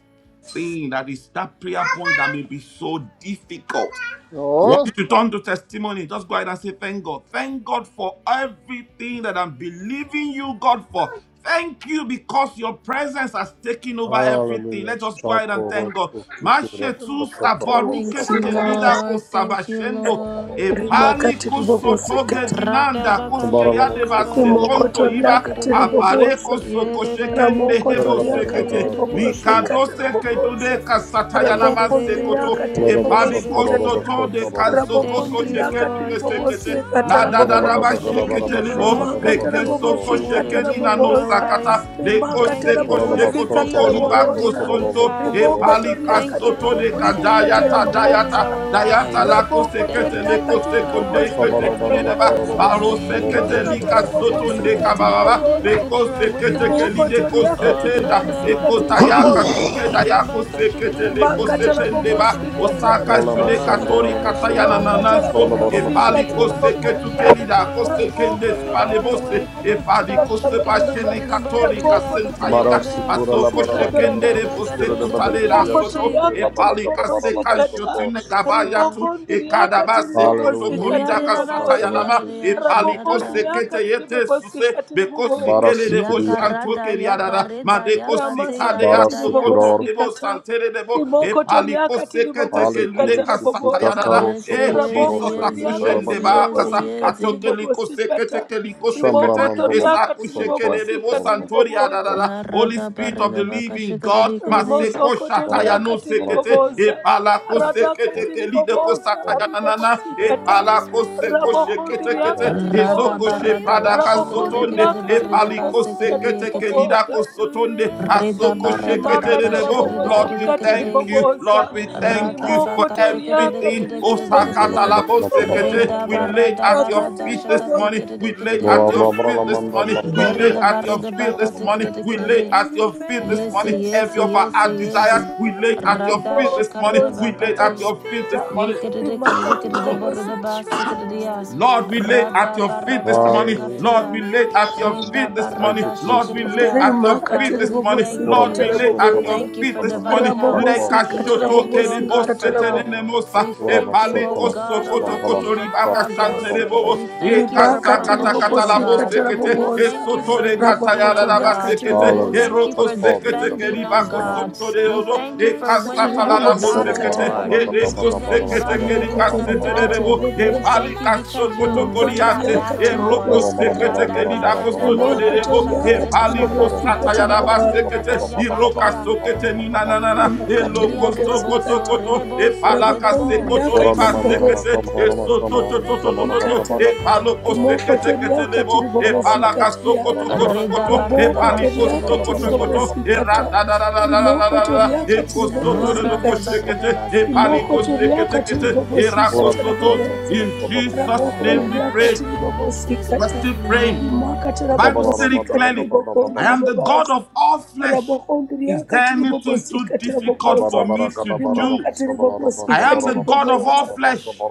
S1: thing that is that prayer point that may be
S5: my
S1: so difficult
S5: guide.
S1: I
S4: Ja,
S1: want you to turn to testimony. Just go ahead and say, Thank God. Thank God for everything that I'm believing you, God, for. Thank you because your presence has taken over everything.
S4: Hallelujah.
S1: Let's just go ahead and
S4: Shatoro
S1: thank God.
S4: Sikira
S1: Mashetu
S4: Sakatoro
S1: savaruke
S3: Thank you,
S4: Sakoro
S1: skelida ko
S3: Lord. Thank you,
S1: sabashendo.
S3: Lord.
S1: Epali
S2: rimakati
S5: So
S1: kusotoge
S5: I
S2: ribobosikata, kata,
S5: will
S3: Rada
S1: dinanda
S3: baka
S5: call
S1: kuske
S4: Baralama
S3: shikiri de
S1: yadeba
S5: upon
S3: barada
S4: Sukolaba
S2: rimoko
S1: sekonto
S5: your
S3: yakate
S2: toria
S1: iba
S2: katiri
S3: kirede.
S1: apare
S2: ribobosa,
S5: name.
S1: koso
S3: Yedede
S1: koshekende
S2: Ramoko
S3: yedede
S1: hebo
S2: toriaka
S3: yedede
S1: sekete.
S4: Karalabadagada
S5: And
S3: yedede.
S2: tiribobosi
S4: Sigidi
S5: keep
S1: Likadose
S5: my
S1: kedude
S2: katarabobosa.
S5: eyes
S1: kasatayana
S5: above the
S2: Raboko
S3: Yedede
S6: Oh,
S3: yedede
S1: masekoto
S2: ndriaka
S4: Kolaba
S3: yedede
S2: tiribobosi
S1: epadiko
S5: waves.
S2: kata.
S3: yedede.
S4: Shatoro
S1: soto de
S5: When
S4: Shatoro
S2: Raboko
S3: Thank
S1: kazokoto
S3: you,
S5: oceans
S2: ndriaka
S1: shekeni
S3: Lord.
S5: rise, my
S3: Thank you,
S1: kesekete
S2: tiribobosi
S5: soul
S1: la
S3: Father.
S5: will
S1: da da da ba
S2: katarabobosa.
S5: rest
S4: Koralabadagada
S5: in
S3: Thank you
S1: shekete
S4: Baraba
S3: for
S5: your
S1: libo
S2: Rimaka
S4: Shatoro
S1: beke
S3: everything that
S4: Shatoro
S1: soko
S3: you
S2: tarabobosi
S3: want to
S5: embrace.
S1: shekeni na
S3: do in
S5: For
S1: no
S3: our
S2: katarabobosa.
S5: I
S1: sakata
S3: lives.
S1: leko
S2: Rimaka
S3: Thank
S5: am
S3: you
S1: seko
S3: for
S4: Koralaba
S2: tarabobosi
S1: shekoto
S3: everything
S5: yours,
S3: you
S4: Shatoro
S3: want
S1: koriba
S3: to do
S2: katarabobosa.
S3: in this
S4: Shatoro
S1: kosonto
S3: house.
S5: and
S2: Riboko
S4: Sokoloro
S1: epali
S5: you
S2: toriaka
S3: Thank you
S4: Sokoloro
S3: for
S1: kasoto
S5: are
S1: de
S2: tiribobosi
S4: Sokoloro
S3: everything you are
S1: kadayata
S3: doing in
S2: katarabobosa.
S1: dayata
S3: our
S1: dayata
S3: lives.
S1: lako
S2: Raboko
S1: sekete
S3: Thank you,
S5: mine.
S2: toriaka
S1: leko
S3: Lord,
S1: sekonde
S2: tiribobosi
S1: kete
S4: Shabara
S1: kure
S4: Barala
S1: daba
S2: katarabobosa.
S4: Karalaba
S1: paro
S4: Sokoloro
S1: sekete
S2: Rimaka
S1: lika
S3: that
S1: zoto
S2: tarabobosi
S3: there
S1: nde
S3: is
S4: Sokoloro
S1: kababa
S3: evidence
S2: katiribobosa.
S3: that you are
S1: leko
S3: with
S2: Riboko
S3: us.
S1: lide
S2: rimokotoria katiri
S1: kosete da
S2: bobosika tiri
S1: ekotaya
S2: boboza
S1: kasuke daya kosekete le
S2: rimakatara
S1: kosete
S6: shake
S1: ndeba
S2: bobosika tara
S1: osaka
S4: Ola
S1: shule
S6: it,
S3: Oh,
S2: bobosi
S4: masan
S2: katara boboza
S3: da,
S1: katori
S4: dolara
S3: da, da,
S4: masan
S1: kataya
S3: da,
S1: na
S3: da,
S4: dolara.
S3: da, da,
S2: rimakatara
S3: da,
S1: nananso
S4: Şalla
S3: da,
S4: bara
S3: ba, da, da,
S4: masan
S2: bobosika
S1: epali
S2: tiri
S4: dolara.
S3: yaka,
S1: koseke
S3: shaka, da, da,
S2: boboza
S1: tukeli
S3: yaka,
S1: da
S3: ta, Holy
S1: koseke nde
S3: Spirit, have
S2: rabokotoria
S3: your
S1: skalebose
S2: katiri
S3: way.
S1: epali
S2: bobosika
S3: Ka,
S2: tara
S3: shaka,
S1: kosepa
S3: da, da, ba,
S2: boboza
S1: shene
S3: da, da, ba, ka,
S1: katori
S3: da, da, yaka, ta,
S2: rabokotoria
S3: ka, da,
S1: kasentayika
S4: Mara
S2: katiri
S3: da.
S4: sikura la
S1: pasoko
S4: bara
S2: bobosika
S4: la
S3: da
S2: tara
S3: da,
S4: kara
S3: da,
S4: la
S1: shekendere
S3: da, ka,
S2: boboza
S1: bose
S4: sikura
S3: da,
S4: la
S3: da,
S4: bara
S3: ba,
S1: kutale
S3: da, da,
S4: gili
S1: la
S4: ya
S3: ya,
S1: soto
S3: ti.
S2: rimokotoria
S4: sikura la bara
S2: katiri
S1: epali
S4: la la bara la
S1: kaseka
S2: bobosika
S4: masan
S1: shotune
S2: Riboko
S1: gabaya
S3: Lord.
S1: tu
S2: ribokondria
S1: ekadaba
S2: katiri
S1: sekuto
S4: Hallelujah.
S3: Hey,
S2: bobosika
S3: ya,
S1: korida
S2: tiri
S3: da da, ba,
S4: Thank you
S3: si,
S1: kasataya
S4: Lord
S3: ya,
S2: boboza
S3: da,
S1: nama
S3: da,
S4: Jesus.
S3: ya, shi,
S1: epali
S3: ya, da, da.
S2: rabokondria
S1: kosekete
S2: katiri
S1: yete suse
S2: bobosika tiri
S1: beko
S4: Bara
S2: boboza
S1: sikele debo
S4: sikriya.
S3: Yaka, ra,
S1: shanto
S3: da, yaka,
S1: keriadada
S3: re, da,
S1: madeko
S3: yaka, te, ya,
S1: sikade
S2: Ramasaka
S3: re,
S4: Bara
S3: da,
S1: atsokoto
S4: sikurar.
S3: yaka.
S1: debo
S2: tiribobosikata.
S1: santere debo e
S2: Riboko
S1: paliko
S2: toriaka
S1: sekete
S4: Ale
S1: kelude
S4: kuri
S2: tiribobosikata
S4: shikita
S2: rabobosa.
S1: kasatayadada
S4: karo
S3: Yes,
S1: e
S3: yes,
S4: shokotoro
S1: Jesus
S2: Raboko
S3: yes,
S2: ndiriaka
S4: shakitara
S1: akushen
S3: yes,
S1: deba
S3: yes,
S4: masator.
S1: kasa
S2: tiribobosika
S3: yes.
S1: atoke liko sekete
S2: tiribobosikata.
S1: keliko
S4: Shamra
S2: Riboko
S1: sekete e
S4: mandolor.
S2: toriaka
S1: sakushe
S4: Santor.
S1: kede debo
S2: tiribobosika
S4: Ora masan.
S1: santori
S2: tiribobosa.
S1: adadada
S3: Ya, ra,
S1: Holy
S3: da, ba,
S1: Spirit
S3: re,
S1: of
S3: da,
S1: the
S3: ba, ka,
S1: Living
S3: shaka, da,
S1: God
S3: da, ka, da, da.
S1: maseko
S2: Rimosoko
S4: Bara la
S1: shataya no
S2: toriaka
S4: bara.
S1: sekete e
S2: tiribobosa.
S1: palako
S4: Ora
S5: Spirit,
S2: Radaka
S4: masan.
S1: sekete
S5: lead
S1: kelide
S5: me
S1: ko
S2: tiribobosa
S5: where
S4: Ora
S1: satayana
S5: my
S1: nana e
S2: aribobosikata.
S5: trust is
S1: palako
S5: without
S1: koshe
S2: Raboko
S1: kete kete
S2: ndiriaka
S4: masan.
S5: borders.
S3: Rada
S1: ezoko
S2: tiribobosa.
S5: Let
S1: she
S5: me
S3: barada
S4: Ora
S1: prada
S3: ba
S5: walk
S3: shikere
S2: Raboko
S3: de kere
S1: kasotonde
S3: de
S2: ndiriaka
S3: barre
S5: upon
S3: de ba
S5: the
S1: epaliko
S3: sikere
S2: tiribobosika
S3: de
S1: sekete
S3: yekete.
S5: waters
S1: kelida
S2: tiribobosa.
S1: kosotonde
S5: wherever
S3: Reda
S1: asoko
S3: barada ba
S1: shekete
S5: you
S3: ka
S5: would
S1: derebo.
S3: shikere
S4: masan.
S3: de
S1: Lord,
S3: kere
S1: we
S5: call
S3: de kere
S1: thank
S3: de.
S1: you.
S5: me.
S1: Lord,
S2: rimakatarabobosikatiribobosa
S1: we thank
S3: Rada
S1: you
S3: ba
S1: for
S5: Take
S3: ka
S5: me
S3: shikere de kere
S1: everything.
S3: de kere
S5: deeper
S3: de kere
S5: than
S1: Osakata
S3: de.
S5: my
S1: labo
S2: rimokotoriakatiribobosikatiribobosa
S4: Hallelujah.
S1: sekete.
S5: feet
S3: Reda
S1: We
S5: could
S1: lay it
S3: barada
S1: at your
S5: ever
S3: barada
S1: feet this
S3: shakate
S1: morning.
S3: kere
S5: wander,
S3: de
S1: We lay
S3: kere
S1: it
S5: and
S3: de.
S1: at
S5: my
S1: your feet this
S5: faith
S1: morning.
S5: would
S1: We
S3: Yere
S1: lay
S5: be
S1: it
S3: de
S1: at
S5: made
S3: barre
S1: your
S3: de ba
S1: feet
S3: ka
S1: this
S3: te
S1: morning.
S3: kere de
S5: stronger
S1: We
S3: kere
S1: lay
S3: de.
S1: it
S5: in
S1: at
S5: the
S1: your feet this
S3: Yese
S1: morning.
S5: presence
S1: Every
S3: yese
S1: of
S5: of
S3: yese
S1: our
S5: my
S3: yese.
S1: desires, we lay it at your
S3: Rada
S1: feet this
S5: Savior.
S3: shakare
S1: morning.
S3: de ba
S1: We
S3: ka
S1: lay it
S3: te.
S1: at your feet this
S2: rakatiribobosikata
S5: Spirit,
S1: morning.
S5: lead me where
S2: rimakatiribobosi
S5: my trust
S3: Yekedidikididikididiboridibasikididiya.
S5: is
S1: Lord, we lay
S5: without
S1: at your feet this morning.
S5: borders. Let
S1: Lord, we
S3: Radabaradashikatiya.
S5: me
S1: lay at your
S5: walk
S1: feet this
S4: Thank
S1: morning.
S4: you,
S5: upon
S1: Lord,
S5: the
S1: we
S4: Jesus.
S1: lay
S3: Redabaradashikididiya.
S1: at your feet
S5: waters
S3: Father,
S1: this
S3: we
S1: morning.
S3: thank
S1: Lord,
S4: Oralama
S3: you.
S1: we lay
S3: We
S5: wherever
S1: at
S2: rimakatiribobosikatarabobosa
S1: your
S4: sotalama
S3: thank you
S1: feet
S3: for
S4: saka.
S1: this
S5: you
S3: divine
S1: morning.
S5: would
S3: health.
S4: Bakbala
S1: Leka
S3: We
S5: call
S4: yasa.
S1: shoto
S3: thank you, O
S1: kerebo
S5: me.
S3: God, for help.
S1: setenene
S2: rabobosikatarabobosikatarabobosa
S1: mosa.
S3: We
S5: Take me
S4: Orama
S3: thank you,
S1: Epale
S3: O
S4: sotalama
S1: koso
S3: God
S5: deeper
S1: koto
S3: Almighty,
S4: santalama
S5: than
S1: koto
S3: for
S5: my
S1: ribaka
S4: sana
S3: progress.
S5: feet
S1: shanterebo.
S4: santalama.
S3: We
S5: could
S3: thank you
S1: Eka
S3: for
S5: ever
S4: Sakoralaman
S1: sakata
S4: dedaman
S3: promotion,
S1: kata
S3: O
S1: labo
S5: wander,
S3: God.
S4: dedalaman.
S5: and
S1: sekete.
S3: We
S5: my
S2: rimakatiribobosikatarabobosa
S3: thank you
S1: Esoto
S3: for
S1: re
S5: faith will
S3: lifting, O
S5: be made
S3: God.
S1: sekete,
S3: We
S2: ramokotoriakatiribobosa
S4: Hallelujah.
S3: thank you
S5: stronger
S1: eroko
S4: Tak
S3: for
S4: Father,
S1: sekete
S5: in the
S4: yasa
S3: defending, O
S1: keribako
S4: Kristanam.
S3: God.
S5: presence
S3: We
S1: sontorero,
S5: of
S3: thank you
S5: my
S3: for winning
S1: ekasata
S3: every
S1: larabo
S4: Tabara
S3: battle,
S4: bara
S1: sekete,
S3: Lord.
S4: bara bara
S5: Savior.
S3: If
S2: katiribobosikatarabobosa
S4: bara bara bara bara bara
S1: ereko
S3: there's
S4: bara
S1: sekete
S3: anybody that is
S5: Spirit,
S3: in a
S4: bara bara
S1: kerikasete
S4: bara
S5: lead
S3: battle,
S1: rebo
S4: bara
S5: me
S1: e
S4: bara.
S3: we
S5: where
S2: rimokotoriakatiribobosa
S1: pali
S3: thank you
S5: my
S3: because you have
S1: sokoto
S5: trust
S3: won
S5: is
S3: that
S1: koriate,
S3: battle,
S5: without
S3: Lord.
S1: eroko
S2: rimokotoriakatiribobosikata
S1: sekete
S3: Rada
S5: borders.
S1: kerirako
S5: Let
S3: barada
S1: soto
S5: me
S3: karada
S1: rerebo,
S5: walk
S3: shakareda
S1: epaliko
S5: upon the
S3: bakareda
S1: sata yaraba
S2: rimokotoriakatiribobosikatiribobaga
S3: kayakareda
S1: sekete,
S5: waters
S1: iroka
S3: kayakatea.
S1: sokete
S5: wherever
S1: ninanana,
S5: you would
S3: Eya
S1: eloko
S3: redebo so
S2: rimakatiribobosikata
S1: sokoto
S5: call
S1: e
S3: redebo so
S5: me
S1: palaka
S3: redebo.
S1: sekoto
S5: take me
S1: sekete
S2: rabokondriakatiribobosikata
S1: e soto to
S5: deeper
S1: to
S5: than
S1: to to to
S5: my
S1: e
S5: feet
S1: paloko
S5: could
S1: sekete
S4: Oran
S1: kete
S5: ever
S1: lebo e palaka
S5: wander.
S2: rimokotoriakatiribobosikatiria
S1: sokoto
S5: And my
S1: koto
S3: Reda
S1: koto e
S5: faith
S3: barada
S5: will
S1: paliko
S5: be made
S1: sokoto
S3: bashikadekade.
S1: koto e
S2: rabokotoriakatiribobosikata
S5: stronger
S1: rata da da da da
S5: in the
S1: da da da e
S5: presence of
S3: Oh
S1: kosoto do
S5: my
S3: rada
S2: rimokotoriakatiribobosikata
S3: barida
S1: koshekete e
S2: Moko
S1: paliko
S3: basikadekade.
S2: toriaka
S1: sekete kete
S5: Savior.
S1: e
S2: tiribobosika
S1: rako
S5: Spirit,
S2: tarabobosa.
S1: in
S5: lead me
S1: Jesus
S5: where
S2: Raboko
S1: name we
S5: my
S2: ndriaka
S1: pray
S5: trust is
S2: tiribobosika
S1: we're
S2: ta.
S1: still
S5: without
S1: praying
S3: Amen.
S2: Rimaka
S1: the Bible
S5: borders.
S1: stated
S2: tarabobosika
S5: Let me
S1: clearly
S2: tiriboko
S1: I am
S5: walk
S1: the
S5: upon the
S1: God
S2: ndribobasa.
S1: of all
S5: waters
S1: flesh
S2: Raboko
S1: is
S2: ndriaka
S1: there anything too
S2: tiribobosika
S5: wherever
S1: difficult
S4: Thank you, Jesus.
S1: for
S2: tarabobosa.
S1: me to
S5: you
S1: do?
S2: Rimaka
S5: would
S1: I
S2: tiribobosika
S5: call
S1: am the God of all
S2: tiribobosa.
S5: me
S1: flesh.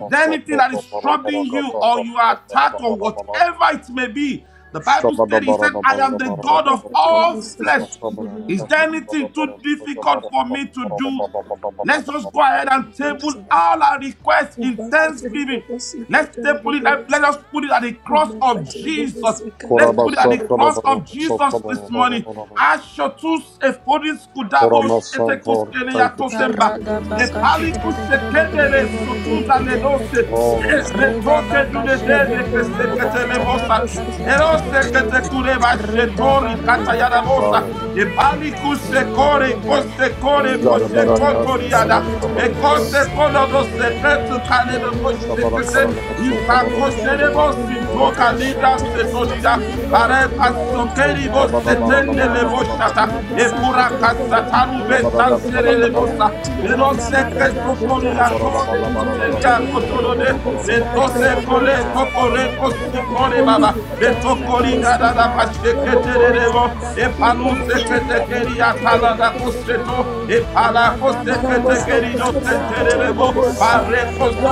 S1: Is there
S5: me
S1: anything that is
S5: deeper
S1: troubling you
S5: than
S1: or you
S5: my
S1: are attacked or
S5: feet could
S1: whatever it may
S5: ever
S1: be? The Bible
S5: wander,
S1: said, He said,
S5: and
S1: I
S5: my
S1: am the God of
S5: faith
S2: Raka
S5: will
S1: all
S5: be
S2: tiribobosika
S1: flesh.
S5: made
S2: tiribobosa.
S1: Is there
S5: stronger
S1: anything too
S5: in the
S1: difficult for me to
S5: presence
S1: do?
S5: of my
S1: Let's just go ahead and table all our
S5: Savior.
S1: requests in
S2: Rimaka
S1: thanksgiving.
S2: tiribobosika
S1: Let's stay- put it, let, let
S2: tarabobosa.
S1: us put it at the cross
S2: Rimaka
S1: of Jesus.
S2: tiribobosika
S1: Let's put it at the cross
S2: tarabobosa.
S1: of Jesus this morning. Ashotus eforis kudabosh etekuskeleya
S2: Rimaka
S1: tosemba.
S3: Karada
S2: tiribobosika.
S1: Epaliku
S3: bakashikadekade
S1: shekedere sotu
S3: borede
S2: Rimokotoria
S3: yekate.
S1: daledose.
S4: Lord,
S5: Take
S4: I'm a-
S5: me
S3: Reda
S2: katiribobosikata.
S6: Thank
S1: Metoke
S5: deeper
S1: dudede
S6: you,
S5: than
S3: bakashikade borede
S5: my
S2: Rabokondia
S6: Jesus. Glory
S3: barada
S5: feet
S6: be to
S1: dekeseketelebosa.
S5: could
S3: bakate.
S6: you.
S1: Erose
S5: ever
S2: katiribobosikatiribobosa.
S1: ketekure
S3: Reda
S1: bashetori
S4: Hmm.
S3: barada
S5: want
S1: katayarabosa.
S4: Hallelujah.
S5: will
S3: kashikade.
S5: be
S1: Epali
S5: made
S1: kusekore
S5: stronger
S3: Ayadadada,
S1: kosekore
S5: in the
S4: Zara bara
S3: ayadadada,
S4: kara
S5: presence
S4: bara
S1: poshekotoriada.
S4: bara
S5: of
S4: sabada
S5: my
S3: ayadadada,
S4: kara
S1: Bekose
S2: Rimakatiribobosikatiribobosa.
S1: kolodo
S5: Savior.
S1: seketu
S3: ayadadada,
S2: Rimokotoria
S1: kanere
S4: Shabara
S1: boshekete.
S3: ayadadada,
S4: karana basta
S3: yadada,
S4: tabara
S1: Isako
S5: Spirit,
S2: katiribobosikatiribobosa.
S4: basta
S5: lead me
S1: sherebo
S3: yadada,
S5: where
S4: bara
S5: my
S1: sintoka
S4: bara bara
S2: Rimokotoria
S4: bara
S1: lida
S4: bara basta
S3: yadadadadada,
S5: trust is
S4: tabara.
S1: setorida.
S2: katiribobokundia
S5: without
S3: yadadadadada,
S2: katiribobosa.
S1: Parakasokeri
S5: borders.
S1: bo
S4: Shabara
S5: Let
S4: bara la
S5: me
S1: setende
S4: bara
S2: Ramokondia
S3: yaradadadada,
S4: gada
S1: lebo
S4: bara.
S5: walk
S1: shata. Efura
S5: upon the
S3: radabashikadada,
S2: katiribobosikatiribobosa.
S1: kasataru be
S4: Shabara gada
S5: waters
S4: bara
S1: shantere
S4: gada.
S1: lebo
S2: Rabokondia
S3: yadadadadada,
S1: sa.
S5: wherever
S1: Belose ke
S2: katiribobosikatiribobosa.
S1: tokoria
S3: radabaradashata,
S5: you
S4: Shabara la
S1: tore
S4: bara bara la
S5: are
S4: basta
S1: koteria
S2: Rimokotoria
S4: tabara
S5: coming.
S1: kotoro
S4: bara
S1: de.
S4: Shabara
S3: yekadadadadada,
S4: bara la
S1: De
S4: bara
S5: I
S4: gada
S1: tose
S4: bara Sotolora
S1: kole
S2: katiribobosikatiribobosa.
S3: radabarada,
S4: bara bara bara bara bara bara
S1: tokore
S4: bara
S1: kositore
S4: bara.
S3: yekadadadada,
S1: baba.
S4: Allah,
S2: ramokondiri
S1: De
S2: akatiri
S1: tokori
S4: Allah,
S1: da da
S3: yasakarada,
S1: da
S2: bobosika
S1: ba
S3: ba.
S4: Shabara
S2: tira
S4: bara bara. Allah,
S3: Reda
S2: bobonza
S1: lebo.
S3: barada
S1: E palu
S3: kashikade,
S2: rimokotoria
S1: sekete keri
S2: akatiri
S3: yeke
S1: atala
S2: bobonza
S3: tikade
S1: da
S3: kade
S1: koseto.
S3: kade,
S1: E pala
S3: rada
S1: kosekete
S3: barada
S1: keri do
S2: ramosokotoria
S3: shakata,
S1: sentere
S2: akatiri
S1: lebo.
S3: reda
S2: bobonza
S1: Pare
S3: kayaka
S4: Shabara gada bara.
S3: reda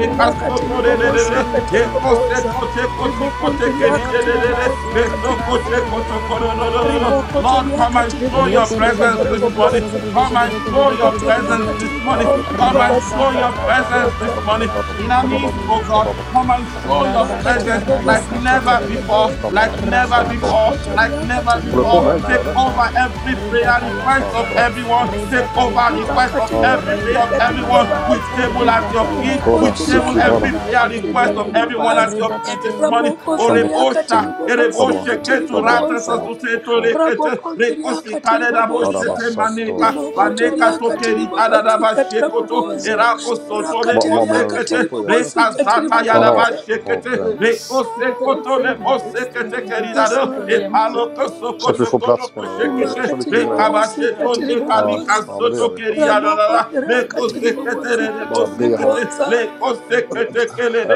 S4: Shabara bara bara bara
S3: reda
S2: akatiri
S3: kashikade
S1: kasotore
S3: de
S1: de de
S3: borede
S2: bobosika
S1: de.
S2: tiri
S3: yeting.
S1: Yekose
S2: bobonza
S1: koche kosi koche
S2: ribokondiria
S1: keri
S3: O
S1: de
S2: akatiri
S1: de
S3: reda
S1: de de.
S3: basia
S2: bobosika
S3: reda
S1: Beso
S2: tiri
S1: koche
S2: bobonza
S3: basikade de
S1: koto
S3: borede
S1: koro do do do do.
S3: yenting.
S1: Lord,
S2: rimokotoria
S1: come and
S2: akatiri
S1: show your
S3: Yekede
S2: bobosika
S3: de
S1: presence
S2: tira
S3: borede
S1: this morning.
S2: bobonza
S3: bosokade de
S1: Come
S3: kade
S1: and show
S3: kade
S1: your
S3: kade kade
S2: rimokotoria
S1: presence
S3: kade,
S2: akatiri
S1: this morning.
S2: bogondiri
S1: Come and
S3: rada
S1: show
S2: babasika
S1: your
S2: tira
S3: barada
S1: presence
S2: bobonza
S1: this
S3: bakarada
S1: morning. In our midst, oh
S3: bashikade
S1: God, come and show your
S2: Rimakatiri
S3: Radashaka
S1: presence like never
S2: bobosikatara
S3: Radakashikade
S1: before,
S2: boboza.
S4: bara
S1: like
S4: bara. Shabara
S1: never
S4: bara bara.
S1: before,
S3: Radabakasha
S1: like never
S2: Rimokotoriakatiri
S4: Håller du på
S1: before.
S4: med ägg nu
S2: boboza.
S1: Take
S4: eller?
S1: over
S3: Redabarada
S1: every prayer request
S4: Ja,
S1: of
S3: Redakayakata
S4: bra.
S1: everyone. Take over request
S3: Redakayakata
S1: of
S2: Rimakatiri
S4: Ja, den.
S1: every prayer of
S2: babasikatiri
S1: everyone.
S3: Redabarada
S1: We
S2: babaza.
S1: table at your feet. We
S4: Kolla,
S3: Redakayakata
S1: table every
S4: Sikidara.
S2: Rimokonziriakatiri
S1: prayer request of
S2: bobosikatiri
S3: Redashikade
S1: everyone at
S2: babaza.
S1: your feet this
S3: Redakate
S1: morning.
S5: will
S4: Shabala,
S5: call
S1: Orebosha,
S2: Ramokonziriakatiri
S4: shabala,
S5: upon
S4: shabala,
S1: ereboshe,
S5: your
S2: bobosikatiri
S1: ketu
S4: shabala,
S1: rata
S2: boboza.
S4: shabala.
S1: sasuseto
S4: Och
S5: name.
S1: rekete, rekosi
S2: Ramokonziriakatiri
S1: karedaboshe
S2: boboza.
S1: te
S4: Karabasatto,
S1: maneka,
S5: Keep
S1: baneka
S4: Rapasatto.
S5: my
S2: Rimokotoriakatiri
S1: tokeri
S5: eyes
S2: bobosikatiri
S1: adadabashe
S5: above
S1: koto,
S5: the
S2: boboza.
S1: erako soto
S4: Va, vad menar du
S5: wave.
S2: Rakateriakatiri
S4: någonstans
S2: bobosikatiri boboza. Rakatiri akatiri
S1: rekosekete,
S4: då, hjärtat?
S2: bobosi katiri
S1: rekazata
S4: Jaha,
S2: baboza.
S1: yadabashe kete,
S4: okej.
S5: My soul
S1: rekose
S5: will
S1: koto rebose
S5: rest in
S1: kete
S5: your
S2: Yes,
S1: keridado,
S2: Lord.
S1: epalo koso
S4: Så att vi
S5: embrace.
S1: koto
S4: får
S1: koro
S4: plats menar du? Eller,
S1: koshekete,
S4: så
S5: I
S4: vilken
S2: Imakatiri
S4: grej?
S2: bobosi,
S5: am
S1: rekabashe
S2: katiri
S1: tonde
S4: Ja,
S1: kalika
S2: bobosa.
S5: yours,
S4: ja, men det gör vi. Absolut.
S2: Ramoko
S1: Kiriarara,
S5: and
S2: ndrakatiri
S1: lekosekete,
S5: you
S2: bobosi,
S4: Bara
S2: katiri
S5: are
S4: be.
S1: lebosekete,
S2: bobosa.
S5: mine.
S1: lekosekete,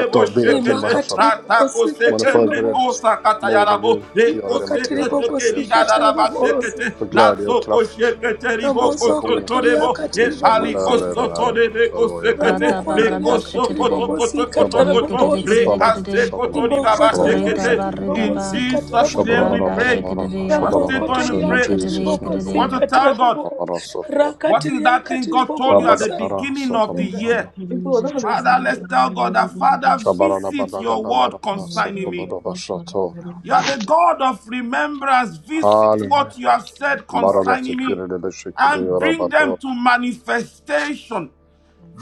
S4: Ät och be en timme här så att
S2: Rimakatiri bobosi,
S4: Man är
S2: katiri
S1: ratakosekende,
S4: förberedd.
S2: bobosa.
S4: Mod och
S1: bosakatayarabo,
S4: Gud. Göra det man ska
S2: Rimakatiri
S4: göra.
S1: lekosekete,
S4: Tack
S2: bobosi,
S4: Jesus.
S2: katiri bobosa.
S1: kelidarabashekete,
S4: För glädje och kraft.
S1: latsokoshekete,
S2: Ramoso
S4: Inspiration också
S2: kotoria
S1: ribokosotorebo,
S4: Fader.
S2: katiri
S4: Jesus, han vi
S2: bobosi,
S4: behöver dig den
S2: katiri.
S4: här. Halleluja.
S1: epalikosotorebekosekete,
S2: Ramoko
S3: Radabarada
S2: ndrakatiri
S3: Shikade
S2: bobosi, katiri
S4: Shabbarama.
S1: lekosokotokotokotokoto,
S2: bobosa.
S4: Salanama.
S3: Yekade
S4: Shabbalarama.
S2: Rimoko toria
S4: Shabbalarama.
S1: rekasekotoribabashekete.
S2: katiri
S1: In
S2: bobosi,
S3: Redabaridaba
S2: katiri
S1: Jesus' name we
S2: bobosa.
S1: pray.
S4: Shabbarabarabarabara.
S1: We're
S3: Radashikadea
S1: still
S2: Ramoko
S4: Shabbalarama.
S1: going to
S4: In
S2: toria
S1: pray.
S2: katiri
S3: Yekade
S4: Jesus name.
S1: We
S2: bobosi,
S1: want
S3: Yekade
S1: to
S2: katiri
S1: tell God.
S2: bobosa.
S4: Rabbarabara. Satar.
S1: What is
S2: Rakatiria
S1: that thing
S2: katiri
S1: God told you at the
S2: bobosa.
S4: Rabbarabara.
S1: beginning of the year?
S4: Satar. I båda
S1: Father,
S4: madrasserna då?
S1: let's tell God that,
S4: Mm.
S1: Father,
S6: Thank
S4: Shabbarabara.
S1: visit your word
S4: Satar.
S1: concerning me.
S4: Rabbarabara. Satar.
S1: You are the God of remembrance. Visit
S4: Halleluja.
S1: what you have said
S4: Baraba
S1: concerning me
S4: Shekiri Debe Shekiri
S1: and bring
S4: Yorabato
S1: them to manifestation.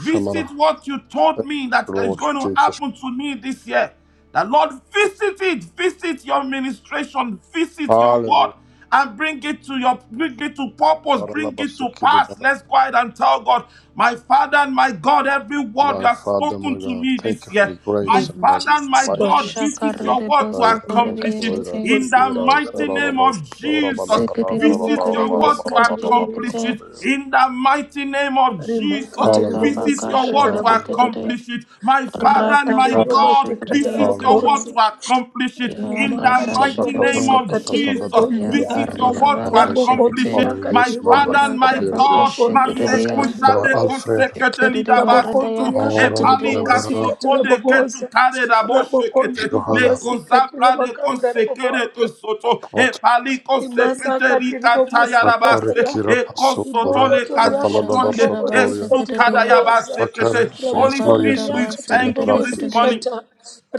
S1: Visit what you told
S4: Thank
S1: me that
S4: you,
S1: is
S4: Lord
S1: going to
S4: Jesus.
S1: happen to me this year. The Lord, visit it, visit your ministration, visit your word,
S4: Hallelujah.
S1: and bring it to your bring it to purpose, bring
S4: Baralaba
S1: it to
S4: Shekiri
S1: pass.
S4: Debe.
S1: Let's go ahead and tell God, my Father and my God, every word you
S4: My
S1: have
S4: Father,
S1: spoken
S4: my
S1: to
S4: God,
S1: me
S4: thank
S1: this
S4: you for
S1: year,
S4: the
S1: my
S4: grace
S2: name
S4: and
S2: of
S4: mercy.
S1: Father and my
S2: Jesus
S4: Mighty name.
S1: God,
S2: Christ.
S3: Ashaka
S1: visit
S4: of
S1: your
S4: Jesus.
S1: word to
S4: Zaira
S1: accomplish it
S2: Makatiri
S4: Basoira
S3: Redebosokoredekate
S1: in
S2: bobosi
S1: the
S4: Shekira
S2: katara
S4: Zara
S1: mighty name
S2: bobosi.
S1: of
S4: Basora
S1: Jesus.
S4: Banagana
S3: Sekerere
S4: Zara
S1: Visit
S2: Ramoko
S3: borere
S4: Bara
S1: your
S4: Bara
S2: teria
S1: word to
S4: Bara
S2: katiri
S3: bosokorere
S4: Bara Bara
S1: accomplish
S2: bobosi.
S3: yekete
S1: it
S4: Bara.
S1: in the mighty name of
S2: Rima
S1: Jesus,
S2: katiri
S3: rata
S4: Hallelujah.
S1: visit
S3: baka
S2: bobosi
S1: your word to
S2: katara
S4: Hallelujah.
S3: sheketekerere
S2: bobosi.
S1: accomplish it. My Father
S2: Rima
S1: and
S3: rata
S1: my
S2: katiri
S4: Ha-
S3: baka
S1: God,
S2: bobosi
S3: shekerere
S2: katara
S1: visit your
S4: Hallelujah.
S3: yakate
S1: word
S2: bobosi.
S1: to accomplish it.
S3: ya
S1: In
S2: Rima
S1: the
S3: rata
S2: katiri
S1: mighty
S4: Shabraka
S3: shekete
S1: name
S4: Daka
S2: bobosi
S1: of
S4: Daka
S2: katiri
S4: Daka
S1: Jesus,
S4: Daka
S3: ya
S2: bogondria.
S1: visit your
S4: Daka
S3: parida
S1: word to
S3: baka
S4: Daka Daka
S1: accomplish it.
S3: shekete
S2: Rabokondria
S4: Daka
S1: My
S4: Yes,
S2: katiri
S4: ma'am.
S1: Father and
S2: bobosi
S4: I'll
S3: rata
S1: my
S4: be
S2: katiri
S4: here.
S3: baka
S1: God,
S2: bogondria
S3: shekerere ya
S1: Maseku
S4: Mr.
S2: katiri
S1: Shadeko
S2: bobosi.
S4: Alfred.
S3: shekerere
S1: Sekete
S3: barida
S1: Basoto,
S3: yaka
S2: Rabokondria katiri
S4: Aram
S3: shekerere
S1: Epalika
S2: bobosi
S3: yekete
S4: Lebara
S1: Soto
S2: katara
S1: de
S2: bobosi.
S1: Ketu Kare da Boshekete,
S2: Rabokondri
S1: Le
S4: Johanna
S2: babasi katiri
S1: Kozapra de
S2: baganda
S1: Kosekere
S2: rabobosi.
S1: Kosoto,
S4: Pat
S1: Epaliko Sekete
S2: rimasakati
S1: Rika
S4: Takare
S1: Tayarabase,
S2: ribobosikataria
S4: Kira
S1: Eko Soto
S4: Pasokora
S1: Le
S3: ga
S4: Satalada
S2: ribokotoriakati
S1: Kasotonde,
S3: shakarida ba
S4: Bashatoria
S2: ribobosikati
S3: sekerere
S1: Esukada
S3: ya
S2: riboboza
S1: Yabasekete.
S4: Takare
S1: Holy
S4: Rinsmar
S1: Spirit,
S3: shakarida
S1: we
S3: ba
S4: Jesus
S2: rabokondiriakati
S4: Filin
S1: thank
S3: sekerere
S1: you
S4: Kraft
S1: this
S3: kerere
S4: Jesus
S1: morning.
S2: ribobosikata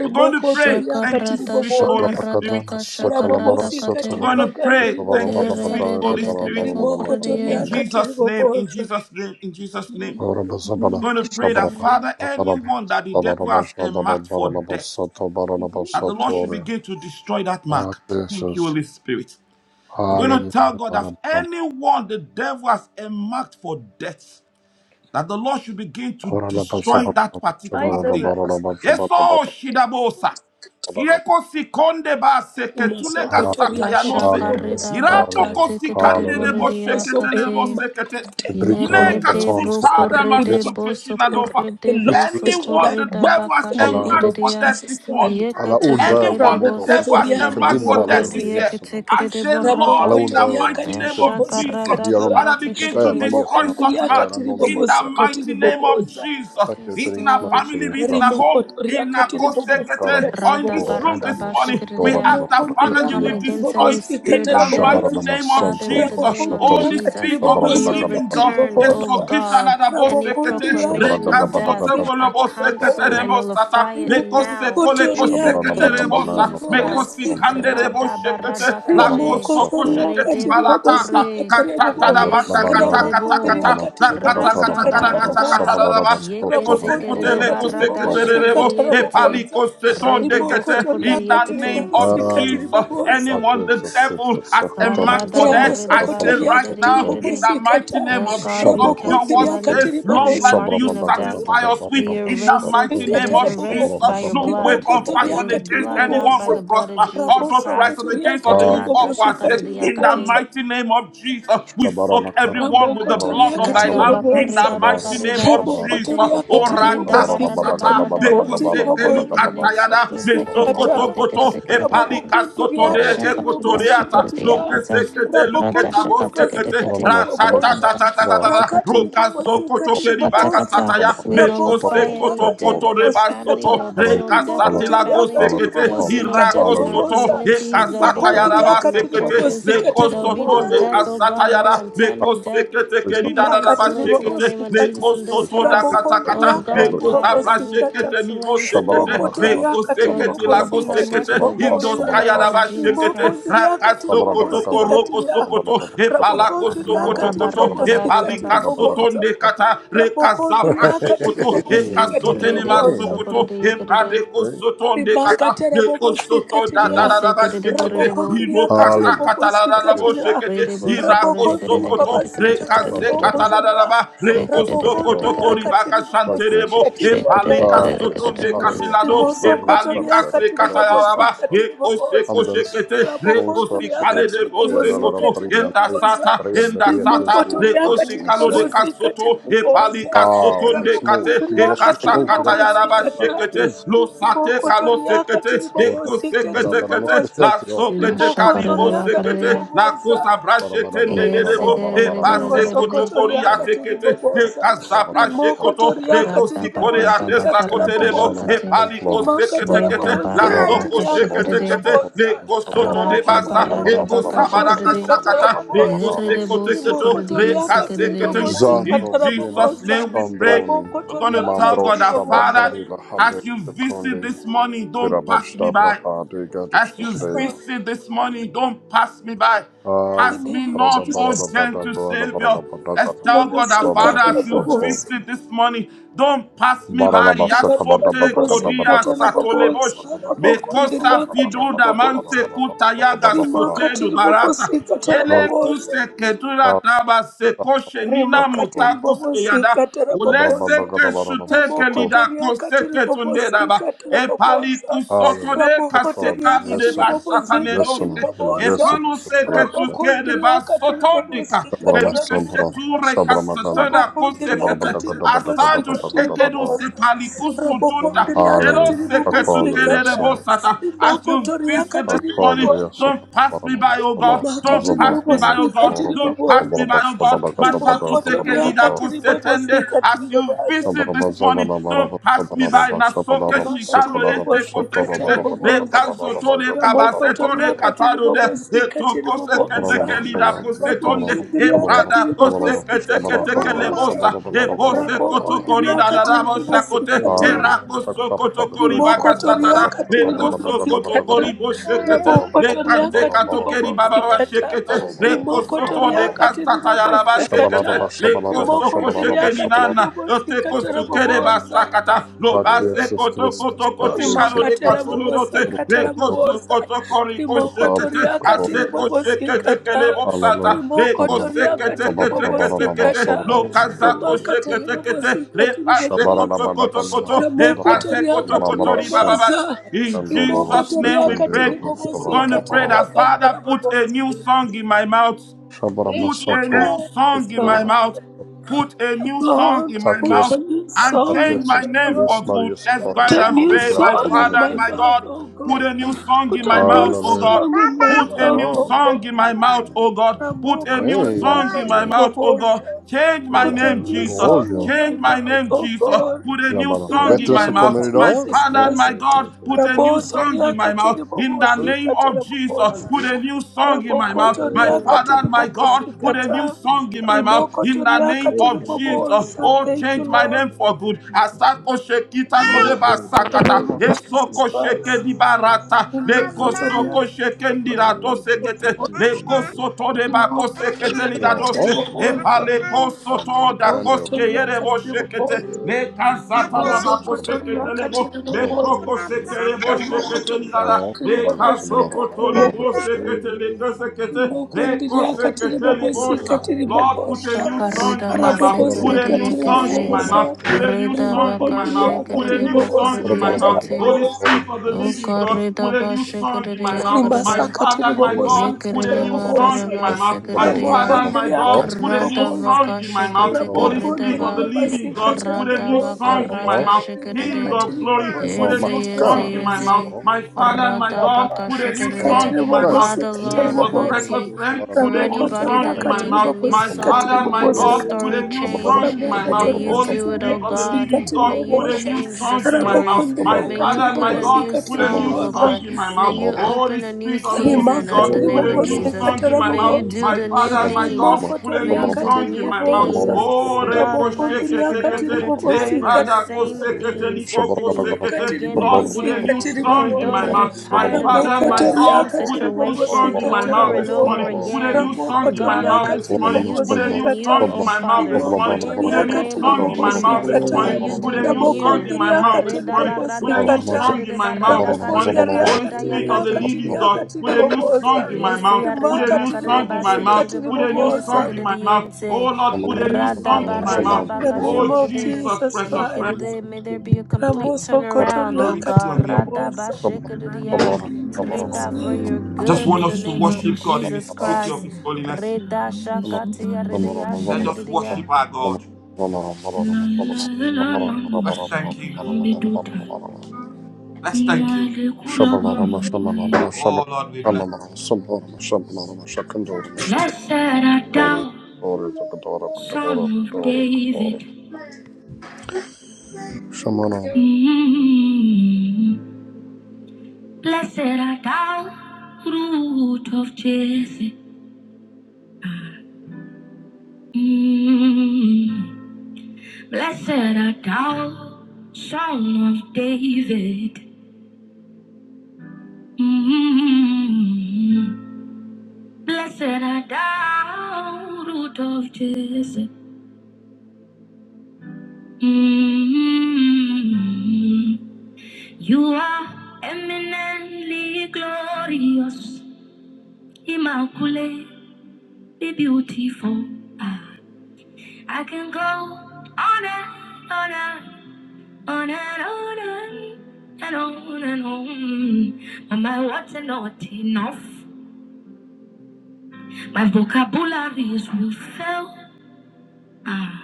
S1: We're going to pray. Thank you,
S3: shakarata
S1: sweet
S4: Shapra
S1: Holy
S2: riboboza
S3: shakarata
S1: Spirit.
S4: Pakadana
S3: ka
S4: Sakalamara
S3: shakarata kate
S1: We're
S2: rabobosikati
S1: going
S4: Satavara
S1: to
S2: ribogandi
S1: pray.
S4: Sutavara
S1: Thank you,
S4: Bada Bada
S2: riboboza
S1: sweet
S4: Bada
S1: Holy
S4: Bada
S1: Spirit.
S4: Bada Bada
S3: Kiririririribokoririye.
S1: In
S4: Bada Bada
S2: rimokotoriakati
S1: Jesus' name, in
S2: riboboza
S1: Jesus' name, in Jesus' name.
S4: Baraba Zabala
S1: We're going to pray
S4: Shabara
S1: that,
S4: Bara
S1: Father,
S4: Bakarabara
S1: anyone that the devil
S4: Salaraba
S1: has
S4: Shabara
S1: marked for
S4: Baraba
S1: death,
S4: Sato Baraba
S1: that the Lord should
S4: Satoria
S1: begin to destroy that
S4: Ah
S1: mark. Thank you,
S4: Jesus
S1: Holy Spirit. We're going to tell God that
S4: Hallelujah
S1: anyone the devil has marked for death, that the Lord should begin to
S4: Ay zebra
S1: destroy
S4: fıstık.
S1: that particular thing. Eso shidabosa. Sireko sikonde ba seketulega
S4: Hallelujah,
S2: rimosokotoriakati
S1: satayanose.
S4: hallelujah,
S3: Bashakarida
S1: Irato
S2: ribobosikata
S3: bakati
S4: hallelujah,
S1: kosikande
S2: The
S4: hallelujah.
S1: debo
S3: kidiboridia
S2: mokoso
S1: shekete
S2: and
S3: kati.
S1: lebo
S2: mark
S1: sekete.
S2: of
S4: Vi
S2: death
S4: bryter
S2: upon
S1: Ine
S4: alla
S2: our
S3: Yerede
S4: sataniska
S2: lives.
S4: planer.
S1: kasusada
S2: The
S3: bokorede
S4: Jesu,
S2: back
S1: masuke
S2: death,
S1: shinadova.
S3: bosokorede
S2: the Lord
S4: utsläpp
S2: restore
S1: Anyone
S2: that
S1: the
S3: bosokorida
S2: mark
S1: devil has
S2: in the
S4: alla,
S2: name
S1: earmarked
S2: of
S1: for
S3: bakashikiridia.
S1: death
S2: Jesus
S1: this
S2: Christ.
S1: morning.
S4: alla
S3: Yekete
S4: onda ögon
S3: kerede
S1: Anyone
S4: mot
S1: the
S2: Raboko
S1: devil
S4: oss.
S1: has
S4: Vi
S2: Zoria
S3: bosokorede
S1: earmarked
S4: förblindar
S1: for
S4: alla
S2: Katiribobo
S1: death
S3: bosokorede
S4: ögon i
S1: this
S2: Sikat.
S1: year,
S4: Jesu
S3: yekete
S4: namn.
S1: I
S3: kerede
S1: say,
S3: borada.
S4: Alla
S2: Raboko
S1: Lord, in
S4: onda
S1: the
S2: Toria
S4: öron,
S1: mighty
S4: vi,
S1: name
S4: för,
S2: Katiribobo
S1: of Jesus,
S4: vi,
S3: Yashakarada
S4: vi gör dem
S2: Sikatria.
S1: Father,
S3: bakati
S1: begin to
S4: döva i Jesu
S2: Riboko
S1: destroy
S4: namn. Vi
S1: such
S4: ska
S2: Ndria
S4: inte
S1: mark.
S4: höra
S1: In
S4: någonting.
S2: Katiribobo
S1: the
S4: Jag
S1: mighty name of
S2: Sikatiriboboza
S1: Jesus,
S4: tackar dig
S1: be
S4: för
S1: it in
S4: din
S1: our
S3: kiridia.
S4: smörjelse och
S1: family,
S4: din
S1: be it in our
S4: kraft.
S1: home,
S2: rimokotori
S1: in our
S2: akati ribobosika
S1: co-secretary, or in this room
S2: tiribobosa
S1: this morning, we
S3: Radabaradabashikiriya.
S1: ask that
S3: We
S2: ramokondiri
S1: Father, you
S3: come
S1: will
S2: akati
S3: against
S1: destroy
S3: any
S1: it
S2: ribobosika
S1: in
S3: spirit
S1: the
S3: of death.
S1: mighty
S2: tarabobosa
S4: Shabarama
S1: name of
S3: Father, in the
S1: Jesus.
S3: name
S2: rabokondiri
S3: of
S1: Holy
S2: akati
S4: Shabra
S1: Spirit
S3: Jesus,
S1: of the
S3: we
S2: ribobosika
S1: living God,
S3: overturn, O
S2: tiribobosa
S3: God, any
S2: rabokondiri
S1: Esokishanadabosekete,
S3: proclamation
S2: akati
S3: of death.
S2: ribobosika
S3: I cancel
S2: tiribobosa
S3: and
S1: Rekasoteboloboseketeremosata,
S3: nullify it now
S2: rimokotori
S3: in the name
S2: akati
S3: of
S1: Lekosekolekoseketeremosa,
S3: Jesus Christ.
S2: ribobosika
S1: Mekosikanderebosekete,
S3: Radabaradakashe.
S2: Rimoko zoriaka tiri
S1: Lakosokosheketebalatata,
S2: bobosika
S3: Redebokore.
S2: tere bobo.
S1: Katatadabata,
S2: Raboko
S3: Yesekerebo.
S1: Katakatakata,
S2: ndiriaka tiri bobosika tere
S3: Radabarada.
S2: bobosa.
S1: Zakatakatakatakatakatadaba,
S2: Raboko ndiriaka
S1: Ekosekotelekos-
S2: tiri bobosika
S1: Seketerebo,
S2: tere
S3: Yekesekerebaradashikiriyekete.
S1: Epali
S2: bobosa.
S3: Rede
S2: Rimoko
S1: in
S2: toriaka
S1: the
S2: tiri
S1: name
S3: bosokoriyekete.
S1: of
S2: bobosika tiri
S1: Jesus.
S2: bobosa.
S1: Anyone the devil has earmarked for that, I
S2: Ramosoko
S3: Karadabaredaba
S1: say
S2: toriaka
S1: right
S2: tiri
S1: now, in the
S2: bobosika
S1: mighty
S2: ta.
S1: name
S3: Oh
S1: of
S3: God,
S1: Jesus,
S3: we
S2: Raboko
S1: your word
S3: cancel
S2: ndiriaka
S3: any
S1: says,
S2: tiri
S1: Long
S3: any
S2: bobosika
S1: life will you
S3: marking of death.
S1: satisfy us with,
S3: We
S1: in the
S3: erase it.
S1: mighty
S3: It
S1: name
S3: is
S2: tere
S1: of
S2: bobo.
S1: Jesus.
S3: erased by your
S1: No
S3: blood.
S2: Rimoko
S1: weapon
S3: It
S1: fashioned
S3: is
S2: toriaka tiri
S1: against
S3: blotted out
S1: anyone
S3: by
S1: will
S3: the
S2: bobosa.
S3: blood of
S1: prosper. All
S3: Jesus
S1: those who
S2: Rabosoko
S1: rise
S3: Christ.
S1: up against
S2: toriaka
S1: us, they
S2: tiri
S1: will fall for our
S2: bobosika
S1: sake.
S2: tiri
S1: In the
S3: Radashakariyakate.
S2: bobosa.
S1: mighty name of Jesus, we
S4: Shabbarana
S1: soak
S4: karana,
S1: everyone with the
S4: shabbarana,
S1: blood
S2: Ramokotoria
S1: of thy
S2: katiri
S1: lamb.
S4: shabbarana,
S3: Radabaka
S1: In the
S2: boboza.
S3: redabaka
S1: mighty
S4: shabbarana,
S1: name
S3: redaka
S1: of
S4: shabbarana,
S1: Jesus,
S3: shikete.
S2: Ramokotoria
S1: O
S4: shabbarana,
S2: katiri
S3: Redaba
S4: shabbarana,
S2: bobosika
S3: radaba
S4: badagada,
S2: tari
S1: Oratakusata,
S3: radaba
S4: badagada,
S2: bobontiri
S4: barana,
S1: Bekosete
S3: redayaka
S4: badagada,
S3: tikede.
S1: lukatayada,
S4: basatu,
S3: Yes,
S4: barana,
S2: bobosika
S3: tikede tikede
S4: badana,
S2: ta.
S1: mesokotokoto,
S3: tikede tikede tikede.
S2: Ramokondiria
S1: epalikasotode,
S4: halana,
S2: katiri
S3: Shaka reda shaka
S2: bobosika
S1: ekotoreata,
S3: reda
S2: tiria.
S3: yakata.
S1: lokesekete
S3: Rada
S2: Ramokondiri
S3: shaka tikede
S1: luketabosekete,
S2: bobosika
S4: harana,
S3: tikede.
S2: tiri
S3: Rada
S4: masalana,
S2: boboza.
S3: shaka
S4: shabbarana,
S1: ratatatatatata,
S2: Rakatiri
S3: tikete. Rada
S2: bobosika tiri
S3: shaka
S2: boboza.
S3: takata.
S1: rokasokotokeribakasataya,
S3: We
S4: shabbarana,
S3: nullify
S4: shatarana,
S2: Ramokondiria
S3: any
S2: katiri
S3: death
S4: shatarana.
S3: in our
S2: bobosika
S3: families. There
S1: mekosekotokotorebasoto,
S3: will
S2: ta.
S3: be no
S4: Hallelujah,
S3: death in
S4: hallelujah,
S3: our
S2: Rimokotoria
S3: families.
S2: katiri
S4: hallelujah,
S3: There
S1: rekasatilagosekete,
S3: will be
S4: Father,
S3: no
S2: bobosika tari
S3: death in our
S4: hallelujah,
S1: irakosoto,
S2: boboza.
S4: Father,
S3: communities.
S4: please,
S3: There will be no
S4: sakara,
S3: death
S2: Rimokondiria
S4: mara,
S3: in our
S2: katiri
S4: sakara,
S1: ekasatayarabasekete,
S4: mara,
S3: churches.
S2: bobosika tiri
S3: There
S4: shabbarana,
S3: will be
S1: lekosoto
S3: no
S2: boboza
S3: death,
S4: shabbarana.
S3: oh God, no
S1: dekasatayara,
S3: untimely death.
S1: mekosekete
S4: Please, sakara, please, sakara, please,
S3: We cancel
S2: rimakatiri
S3: it in the name of
S1: keridadadabashekete,
S2: bobosikata
S3: Jesus in this
S1: soto da
S3: house.
S1: kata
S3: Oh
S1: kata
S4: sakara,
S3: God,
S4: Father,
S2: rabokondiakatiri
S1: leko
S4: yes,
S1: zapra
S3: Arida, we
S2: bobosikata
S1: shekete
S3: cancel
S1: mimo
S3: any
S4: Shabara
S3: spirit
S1: sekete
S4: bara
S3: of death.
S4: khabar,
S1: leko
S3: There
S2: rimokotoriakatiri
S3: will,
S4: shabara
S1: sekete
S3: there
S4: kada
S3: will
S1: lako
S3: be no
S4: bahasa
S2: bobosikatiri
S3: marking
S1: sekete
S4: tabar
S3: of death
S1: indos
S4: hasa
S3: in
S2: bobosa
S3: the
S1: kaya
S3: name
S1: da
S4: bahari,
S3: of
S1: ba
S3: Jesus
S1: shekete
S3: Christ.
S1: raka
S2: rimokondriakatiri
S4: shabara bara
S1: sokoto
S4: kada bah,
S1: koroko
S2: bobosikatiria
S4: shabara
S1: sokoto
S4: bara shabara
S1: epalako sokoto
S4: bara
S2: rabokondriakatiri
S3: Radaba,
S1: koto
S4: shabara
S3: radaba,
S4: bara
S2: bobosikatiri
S1: epalika
S4: shabara
S3: ridaba.
S4: bara kada bara
S2: bobosa
S1: sotonde kata reka zapra
S2: rabokondriakatiri
S1: shekoto eka
S2: bobosikatiri
S1: sotene ma
S3: Yekeredebo,
S4: kada
S2: bobosa
S1: sokoto
S3: sokorede, yekerede.
S1: epradeko
S4: bah.
S1: sotonde kata
S2: rimakatara
S1: leko soto da
S2: bobosikatiria
S1: da da da ba
S3: Yesekeredebo,
S1: shekete
S3: redebo.
S2: rabokondria
S1: iroka
S2: katiri
S4: Hallelujah.
S1: sakata la la
S4: Tack
S1: la bo
S4: Jesus.
S2: bobosikatiria
S1: shekete
S3: Redebo,
S1: irako
S3: sokorede,
S4: Shema
S2: rabokondria
S3: kerede,
S1: sokoto Soko
S3: kerede, kerede,
S2: babasikatari
S3: kerede,
S4: shan
S1: Rekase
S4: lord
S3: kerede.
S2: bokosoria
S1: Katalaraba
S4: karam
S1: Reko
S3: Shekerede,
S4: shan
S1: Soko
S3: kerede,
S4: lord.
S2: rabokondria
S1: Toko
S3: kerede.
S2: katiri
S1: Ribaka
S4: Tack Jesus
S1: Shanterebo
S2: bobosikatiri
S4: Kristus.
S3: Shekerede,
S1: Epalika
S2: baganda
S4: Tack
S3: kerede, kerede.
S4: Jesus.
S1: Sotonde
S3: Holy
S4: Halleluja. Tack för
S1: Katilado
S3: Spirit.
S2: Rimoso
S4: sanningens
S1: Epalika
S4: bälte,
S2: ribosokotoriaka
S1: Se
S4: rättfärdighetens
S1: Katalaraba
S2: tiribobosika
S4: pansar,
S1: Eko
S2: tiribobosa
S1: Seko
S4: andens
S1: Shekete
S4: trons
S1: Reko
S4: skörd som
S2: rabokondriaka
S1: Sikale de
S4: utsläcker hela
S2: tiribobosika
S1: Bosekoto Enda
S4: brinnande
S2: tiribobosa
S1: Sata Enda
S4: bredvillighetens
S1: Sata
S4: skor och
S1: Reko
S2: rimokotoriaka
S3: you-
S1: Sikalo
S4: frälsningens
S1: de
S2: tiribobosika
S1: Kasoto
S2: tiribobosa
S1: Epalika
S4: Wow, det är
S1: Sotonde
S4: smart. Det
S1: Kate
S4: kommer vara
S2: rabokondriaka
S4: så
S1: Ekasa
S4: smart idag.
S1: Katayaraba
S2: tiribobosika
S4: Jävlar.
S2: ta
S1: Shekete
S4: Uff,
S1: Lo Sate
S4: oj.
S1: Kalo
S2: rimokotoriaka
S1: Sekete
S4: Och
S1: Deko
S4: rösta,
S2: tiribobosika
S4: bara,
S3: you-
S1: Sekete
S4: bara, Något
S1: Kete
S2: tiribobosa
S1: La
S4: speciellt idag.
S3: La
S1: Sokete
S3: shakarada
S1: Karibo
S2: rimokozoriaka
S1: sekete,
S3: bakarada.
S1: la
S2: tiribobosa
S1: kosa
S4: Bara,
S1: brache
S4: bara,
S1: tende
S4: bara,
S1: de
S4: bara, bara,
S3: Yes,
S4: bara, bara,
S1: e
S4: bara,
S1: pase
S4: bara, bara.
S2: rimosoko
S1: koto
S3: karada
S1: kori
S4: Rösta,
S1: a
S2: toriaka
S4: bara, bara,
S1: e
S4: bara,
S2: tiriboboza
S1: kasa
S4: bara, bara,
S1: brache
S4: bara,
S2: rimoko
S1: koto,
S4: bara,
S1: le
S4: bara.
S2: toriaka
S3: Rata
S1: kosi kori a
S3: barata
S2: tiribobosika
S1: kote
S3: bakarada
S1: debo,
S2: taraboboza
S1: e
S3: shakate.
S4: Maranamassa,
S1: pali kose
S2: rimaka
S4: Tolaramassa,
S1: kete
S4: Maranamassa,
S3: Reda
S1: la
S2: tarabobosika
S3: barata
S1: soko
S4: Tolaramassa,
S2: tiriaka
S1: shekete
S4: Maranamassa,
S3: kashakarade.
S1: kete, le
S2: tiriboboza
S1: kosoto de
S2: ramoko
S4: Tolaramassa, Maranamassa,
S3: Rata
S1: basa,
S2: toriaka
S1: e
S3: barata
S4: Maranamassa,
S1: kosa
S4: Maranamassa,
S1: baraka
S3: bakashakarade.
S2: tiribobosika
S1: shakata,
S4: Maranamassa,
S1: le
S2: taraboboza
S1: kose
S4: Maranamassa.
S3: Yerede boso
S2: rimoko
S1: keto,
S3: korede
S1: re
S3: yes,
S2: toriaka
S1: kase kete.
S3: karade
S2: tiribobosika
S1: In
S4: Zambron, Dina,
S1: Jesus'
S2: taraboboza
S1: name we pray.
S4: Chandroni,
S2: ramoko
S1: We're going to
S2: toriaka
S1: tell God our
S4: Mandrosh,
S2: tiriboboza
S1: Father,
S4: Abrahandila, Hande,
S1: as you visit
S4: Kundi.
S1: this morning, don't pass
S4: Tirabarsta
S1: me by.
S4: braha de
S1: As you
S4: gadustikreya.
S1: visit this morning, don't pass me by.
S2: In
S1: Pass
S2: the
S4: Hallelujah.
S1: me
S2: name of
S4: Brada
S1: not, O
S4: barada
S2: Jesus,
S4: bada
S1: gentle
S4: brada barada
S1: Savior.
S4: bada
S1: Let's
S4: gada
S1: tell
S4: mana.
S1: God our
S2: tiribobosika
S4: Sabara
S1: Father as you
S4: bashato.
S2: taraboboza
S1: visit this morning. Don't pass me
S4: Barana
S1: by.
S4: basaka
S2: katara
S4: bada
S1: Yasote
S4: bada
S2: bobosi
S4: gada bada
S1: kodia
S2: katara
S4: gada bada
S2: bobosi
S1: satolebosh.
S4: bada
S2: ana
S4: bada bada bada
S2: bokondria
S1: Mekosa
S4: bada bada
S2: katara
S1: fido
S4: bada
S2: bobosi
S1: damante
S4: bada bada bada bada bada
S1: kutayaga
S4: bada
S2: rima
S4: bada.
S1: sote do
S2: katara bobosi
S1: barata.
S2: katara
S4: Hal
S1: Ele kuse
S2: bobosi
S1: ketura
S4: hal
S1: taba sekoshe nina
S4: sakato.
S2: remakatiri
S1: mutakus keyada.
S2: bobosika
S1: Ule
S4: Sabra bada
S2: tarabobosa
S4: gada
S1: seke
S4: barada
S1: shute ke
S4: basato.
S1: lida kose
S2: ramokotoriakatiri
S1: ketunde
S2: bobosika
S1: daba. Epali
S2: tarabobosa
S1: kusoto
S4: Hallelujah.
S1: de
S4: Touch Lord.
S1: kasekadu de
S4: Yes,
S2: ramokotoriakatiri
S4: Lord.
S1: bashatane
S2: bobosika
S4: Yes, Lord.
S1: doste.
S2: tiribobosa
S4: Yes,
S1: Efalo se ke
S4: Lord.
S1: tu ke de
S2: ramokondriakatiri
S1: basotondika.
S2: bobosika
S1: Ke
S4: Shabrama
S1: luke se
S4: Sandra,
S2: tarabobosa
S1: tu re
S4: Shabramaganda,
S1: kasetena kose ke te.
S2: katiri
S1: Asaju
S2: bobosika
S1: shekedu
S4: Shabrabadagadabadagadabadagadabada.
S1: se
S2: tiribobosa
S1: pali kusutunta. Elo
S4: Hallelujah.
S2: ramokondriakatiri
S1: se
S4: Our
S1: ke tu ke
S4: Father,
S2: bobosika
S1: de de
S4: yes,
S2: ta
S4: and
S1: bosata. As you visit
S4: our
S1: the
S2: rimokotoriakatiri
S1: morning.
S4: Father,
S2: bobosa
S4: yes, and
S1: Don't pass me
S4: Barama,
S1: by, oh God.
S4: Shabra,
S1: Don't
S2: rimakatiri
S1: pass me by,
S4: Zabarama,
S1: oh
S2: katiri
S1: God.
S4: Shabra,
S1: Don't pass me
S2: tiribobosa
S1: by,
S4: Shabra,
S1: oh God. Mashatu seke
S2: Rimokotoria
S4: Shabadagadabadabadabada.
S1: lida
S2: katiri bobosi
S1: kusetende. As
S2: katiri
S1: you
S2: babaza.
S1: visit
S4: Shabrama,
S1: this morning,
S4: Zabana, Barama,
S1: don't pass me by.
S4: Shabarama,
S1: Nasoke
S4: Shabarama,
S2: Rimakatiri
S1: shitaro
S4: Sikolarama,
S1: ete
S2: bobosi
S4: Shatara,
S2: katara
S1: kosekete.
S4: Barama,
S2: boboza.
S1: Rekanzo
S4: Dagadabadabada,
S1: tore
S4: Jabara,
S1: kabaseto
S2: Ramokotoria
S1: re
S4: Barama,
S2: katiri
S1: kataro de.
S2: bobosi
S1: Eto
S2: katiri
S1: kosekete
S2: boboza.
S4: Barama,
S1: ke lida
S4: Shabra, Shabarama,
S1: kosetonde.
S4: Shabarama,
S1: E
S2: Ramokotoria
S4: Shabarama, Shabara,
S2: katiri
S1: prada
S4: Kabarama,
S2: bobosi
S1: kosekete
S2: katara
S4: Shabarama,
S2: boboza.
S1: lebosa,
S4: Larama, Jabarama,
S1: ebose
S4: Larama.
S1: kotokori
S2: Ramokotoria
S1: da da da
S2: katiri
S1: bosa
S4: Okay.
S2: bobosi
S1: kote,
S2: katara.
S4: Hallelujah. Talk
S1: erakoso
S4: about the
S1: kotokori
S4: praise of
S2: Riboko
S1: baka
S4: the Lord of us,
S1: satana,
S2: toriaka
S4: the God of the God
S1: ekoso
S2: tiribobosikata.
S4: of
S1: kotokori bose kete,
S2: Raboko
S1: lekaze
S2: toriaka
S1: katokeri baba
S4: the
S1: baba
S2: tiribobosikata.
S1: shekete,
S2: Riboko
S1: lekoso to de
S4: God of
S2: toriaka
S7: Basaka
S1: kasata ya raba
S2: tiribobosikata.
S1: sekete,
S4: Shabalaba, shabalaba,
S1: lekoso
S2: Riboko
S4: shabalaba,
S1: kosheke
S2: toriaka
S4: shabalaba.
S1: ninana, yote
S2: tiribobosikata
S1: kosu kere
S2: raboboza
S1: basa kata,
S4: Thank you,
S1: lobase
S4: Jesus Christus.
S1: kotoko
S4: Thank you,
S1: karo
S4: Jesus
S1: de
S2: rimakatara
S7: pana
S4: Christus.
S1: katoro no
S4: Thank you,
S1: se
S2: bobosikatara
S1: le
S4: Jesus
S1: koso
S2: bobosa
S1: koso kori kose kete
S2: rimokotoriakati
S4: Christus.
S1: ase kose
S2: ribobosikata
S4: Hallelujah.
S1: le
S4: Shabalaba,
S1: kose
S2: rimokotoriakati
S1: kete
S4: shabalaba,
S2: ribobosikata
S4: shabalaba, shabalaba.
S2: rimakatara
S1: le
S2: bobosikati
S1: ase
S2: ribobosa
S1: koto
S4: Shabalaba, shabalaba,
S2: ramokotoriakati
S1: baba
S4: shabalaba.
S2: ribobosa
S1: In
S4: and the Lord
S1: Jesus' name we
S2: rimokotoriakati
S4: seconded
S1: pray.
S4: us
S1: We're going to
S2: ribobosikati
S1: pray that
S2: rimakandara
S1: Father put a
S2: bobosa
S1: new song in my mouth.
S4: Shabara
S1: Put a new
S4: Masoto,
S2: Yes,
S1: song in my
S2: Lord.
S1: mouth. Put a
S2: Yes,
S1: new song
S2: Lord,
S1: in my
S4: Takis,
S2: put a
S1: mouth
S2: new
S1: and
S2: song
S1: change
S4: Takis,
S2: in
S1: my
S2: my
S1: name
S4: Prince
S1: for
S2: mouth.
S1: good.
S4: Marius
S1: Let's go
S4: von
S2: Put
S1: ahead
S2: a
S1: and
S2: new
S1: pray, my
S4: Takirkraft i
S2: song in
S1: Father
S4: namnet
S1: and
S2: my
S1: my
S4: Jesus.
S2: mouth,
S1: God.
S2: oh
S1: Put
S2: God.
S1: a new song
S2: Put
S1: in
S2: a
S1: my
S2: new
S1: mouth, oh
S4: Halleluja.
S1: God.
S2: song in my
S1: Put a
S2: mouth,
S1: new
S4: Ja.
S2: oh God.
S1: song in my mouth, oh God. Put a
S2: Ramoko
S1: new
S4: Hej,
S1: song
S2: Toriaka
S1: in my mouth, oh God.
S2: Tiribobosa.
S1: Change my
S2: Put a
S1: name,
S2: new
S1: Jesus.
S4: barn
S2: song
S4: ja,
S2: in my
S1: Change my
S2: mouth,
S1: name,
S2: oh
S1: Jesus.
S2: God.
S1: Put a new
S2: In
S4: grabbarna.
S2: the
S1: song
S4: Vet
S1: in
S4: du vem
S1: my
S4: som
S2: name of
S1: mouth.
S4: kommer
S1: My
S4: idag?
S2: Jesus
S1: Father and
S2: Christ.
S1: my God, put a new
S2: Raboso
S1: song in my
S2: Riaka
S1: mouth. In the
S2: Tiribobosi
S1: name of Jesus,
S2: Katarabobosa.
S1: put a new song in in my
S2: Raboko
S1: mouth. My
S2: Toriaka
S1: Father and my God,
S2: Tiribobosi
S1: put a new
S2: Kata.
S1: song in my mouth
S2: Rimoko
S1: in the
S2: Toriaka
S1: name of Jesus.
S2: Tiribobosa.
S1: Oh,
S2: Thank you,
S1: change my
S2: Lord.
S1: name for good. Asako shekita
S4: Nej,
S1: lodeba
S2: In the
S1: sakata.
S2: name of
S1: Esoko
S2: Jesus Christ.
S1: shekedi barata.
S2: Rabobosika
S1: Leko
S2: tiri
S4: mamma.
S1: soko shekendi rato sekete. Leko soto deba kosekete
S4: Ja,
S1: lidadose.
S2: bobosa,
S1: Epale kosoto da
S4: amen ja.
S1: koske yerebo shekete. Leka zata laba
S4: Pappa.
S1: kosekete lebo.
S7: Thank
S1: Metoko sekerebo shekete lidada.
S4: Oh, Corona,
S1: Leka
S4: Sabalora,
S1: soko
S4: Balora,
S1: Rekotolibo seketele kesekete.
S4: Sabalora,
S1: Rekoseketele bosha. Lord, put a new song in
S3: Shakarida
S1: my mouth. Put
S4: Corona,
S1: a new
S3: basekarade
S1: song in
S3: yakase.
S1: my
S4: Sabalora,
S1: mouth. Put a new
S3: Reda
S1: song in my
S2: rimokombiri
S1: mouth. Put a
S2: akatiri
S3: bakashakarade
S1: new
S2: bobosi
S1: song in my
S3: bokorede
S2: katara
S1: mouth.
S4: Corona,
S3: yakate.
S1: Holy
S2: bobosa,
S1: Spirit of the
S3: O
S1: living God,
S3: karida
S1: put a new song in
S3: bashakarade
S1: my mouth. My
S3: yakarada.
S2: rimasakati
S1: Father and my God,
S2: ribobosika
S1: put a
S3: Yekarede
S1: new song
S3: barada
S2: tarabobosa
S1: in my mouth. My
S3: basekede ya.
S1: Father and my God,
S4: Sabalora,
S2: ramokondriakati
S1: put a new
S2: ribobosa
S3: Radabaka
S1: song in my mouth.
S3: shikete
S1: Holy
S4: Oh,
S3: kerede
S1: Spirit
S3: ba.
S1: of
S4: Corona,
S1: the living
S2: ramokondribobasika
S1: God, put a new
S3: Radabaka
S2: tarabobosa
S1: song in my
S3: rada
S4: Oh,
S1: mouth.
S3: shikete de.
S1: King
S2: rimakati
S1: of glory, put
S4: Oh,
S1: a
S3: Yeze,
S2: ribobosika
S1: new
S3: yeze,
S1: song
S4: Maca,
S1: in my
S2: tarabobosa
S1: mouth.
S3: yeze.
S4: Oh,
S1: My Father and my God, put a new
S2: sikati
S3: Radabakashikarede.
S1: song in my
S4: Maca,
S1: mouth.
S3: Father,
S2: ribobosika
S3: Lord
S1: Jesus,
S2: tarabobosa
S1: precious
S3: Almighty,
S1: friend,
S4: Marana,
S1: put
S3: for
S1: a new
S4: Silver,
S3: anybody
S1: song
S3: that
S1: in
S7: you.
S1: my
S4: Master,
S2: ramokotoriakati
S3: needs
S1: mouth.
S3: a new
S1: My
S2: ribobosika
S4: Sandana,
S3: song, that
S1: Father and my
S3: needs a
S4: Second,
S1: God,
S7: Thank
S2: tiribobosakata
S1: put a
S3: story
S1: new
S4: Sabalora,
S1: song
S3: change,
S1: in my mouth.
S3: may
S4: Sabalora, Sabalora,
S3: you
S1: Holy
S3: do
S2: ramokotoriakati
S3: it,
S1: Spirit
S3: oh
S1: of the
S3: God.
S2: ribobosika
S1: living God,
S3: May you
S1: put a
S4: Sabalora,
S2: tiribobosa
S1: new
S3: change the
S1: song in my mouth.
S3: stories.
S1: My
S3: May
S2: ramokondriakati
S3: you
S1: Father and
S3: put
S1: my
S3: a
S1: God,
S3: new
S2: ribobosika
S1: put a new
S4: Sabalora,
S3: song, oh
S2: tiribobosa
S1: song
S3: God.
S1: in my
S3: May
S1: mouth.
S3: you
S4: Sabalora,
S1: Holy
S3: open a new
S1: Spirit of the
S4: Sabalora,
S1: living
S3: season
S2: Rimaka
S3: in
S1: God,
S3: the
S4: Sabalora,
S1: put
S3: name
S1: a
S3: of
S1: new
S2: tiribobosi
S3: Jesus.
S1: song in my
S3: May
S1: mouth.
S3: you
S2: katarabobosa.
S3: do
S1: My
S3: the
S1: Father
S3: new
S4: Shabbat
S1: and my God,
S2: Rimoko
S3: things.
S1: put a
S3: May
S1: new
S3: you
S2: toriaka
S3: do the
S1: song in
S3: new
S1: my mouth.
S2: tiribobosa.
S3: things
S1: Oh,
S3: God
S1: reko
S3: Almighty,
S1: sheke
S3: for
S2: Rabokondriaka
S1: teke
S3: those
S1: te,
S3: that are
S1: le
S2: tiribobosi
S3: tired of the
S1: prada ko
S3: same
S2: katiribobosa.
S1: seke te
S3: things
S1: libo ko
S3: happening
S1: seke say,
S2: Makatiri
S3: again and
S1: Lord, put a
S2: bobosika
S3: again,
S1: new
S2: tiri
S3: for
S1: song in
S3: those
S1: my
S2: boboza.
S3: that are
S1: mouth. My
S3: tired of
S2: Ramoko
S1: Father,
S3: being in
S1: my
S3: the
S1: God,
S3: same
S2: toriaka
S1: put
S2: tiri
S1: a new song
S3: situation
S2: bobosika
S1: in my
S2: tara
S3: over
S1: mouth
S3: and
S1: this
S2: bobo.
S1: morning.
S3: over
S1: Put a
S3: again,
S1: new
S2: Ramoko
S1: song in my
S3: God
S2: toriaka
S1: mouth this
S3: Almighty,
S2: tiri
S3: may
S1: morning.
S3: you
S1: Put
S3: do
S1: a
S3: the
S2: bobosika
S1: new
S2: ta.
S3: new,
S1: song in
S3: O
S1: my mouth this
S3: Father,
S2: Rimoko
S1: morning.
S3: in
S1: Put a
S3: the
S2: toriaka
S1: new
S3: name
S2: tiri
S1: song
S3: of
S1: in my mouth
S3: Jesus.
S2: bobosika
S1: this
S2: ta.
S3: May
S1: morning.
S3: you
S1: Put
S3: do
S1: a
S3: the
S1: new
S2: Ramoko
S1: song in
S3: new.
S1: my
S2: ndiriaka
S1: mouth this
S2: tiri
S3: Areda
S1: morning. Put a
S3: barada
S2: bobosika
S3: ka
S1: new
S2: ta.
S1: song
S3: shekere
S1: in
S3: de
S1: my mouth
S3: barada
S1: this
S3: ka
S2: Ramoko
S1: morning.
S3: reda ka
S2: ndiriaka
S1: Holy
S3: reda
S1: Spirit of the
S2: tiriaka
S3: yakate.
S1: living
S2: tiriaka
S1: God,
S2: tiri
S1: put a new
S2: boboza.
S1: song in my
S3: Yes,
S7: you.
S1: mouth.
S3: ya
S1: Put
S3: rida
S1: a
S2: Rimaka
S1: new
S3: baka
S2: tiri
S3: rida
S1: song
S7: Jesus.
S1: in
S3: ba
S1: my
S2: bobosika
S3: sekede
S1: mouth.
S3: de
S2: tiri
S1: Put
S3: bore
S1: a
S3: de
S1: new
S3: yes
S2: boboza.
S1: song in
S3: sekede de
S1: my mouth. Oh
S3: yense.
S1: Lord, put a new
S3: Rada
S1: song
S3: ba
S1: in my
S3: rada
S1: mouth.
S2: In the
S3: baka
S1: Oh
S2: name
S3: shekede
S2: of
S1: Jesus,
S3: de.
S2: Jesus
S1: precious
S3: Yekede
S1: friend.
S2: Christ.
S3: de. May there
S6: you,
S3: be a complete
S6: Jesus.
S2: Ramoso
S3: turnaround, oh
S1: Glory
S2: kotoriaka
S1: to your
S3: God.
S2: tiri
S1: name.
S3: Rada ba
S2: boboza.
S3: shekede de ya.
S6: Thank you, thank you, thank you,
S2: Jesus'
S3: Rida for
S6: thank
S2: name.
S3: your
S6: you,
S1: I just
S3: good
S1: want
S3: in
S6: thank
S3: the
S1: us
S6: you,
S1: to
S3: name of
S1: worship God in His
S3: Jesus
S1: beauty of
S3: Christ.
S1: His holiness.
S3: Rida
S4: Shabana
S3: shakati ya rida
S6: thank you,
S3: ya
S6: Lord.
S1: Let us
S3: shekede de ya.
S1: worship our God.
S3: Hallelujah.
S1: Let's thank Him. Let's thank Him. Oh Lord, we bless you. Blessed art thou, Son of David. Mm. Blessed art thou, Root of Jesse. Mm. Blessed art thou, Son of David. Mm. Blessed art thou, Root of Jesse. Mm. You are eminently glorious, immaculate, be beautiful. Ah, I can go on and on and On and on and, on and on. But my words are not enough. My vocabulary is will fail. Ah.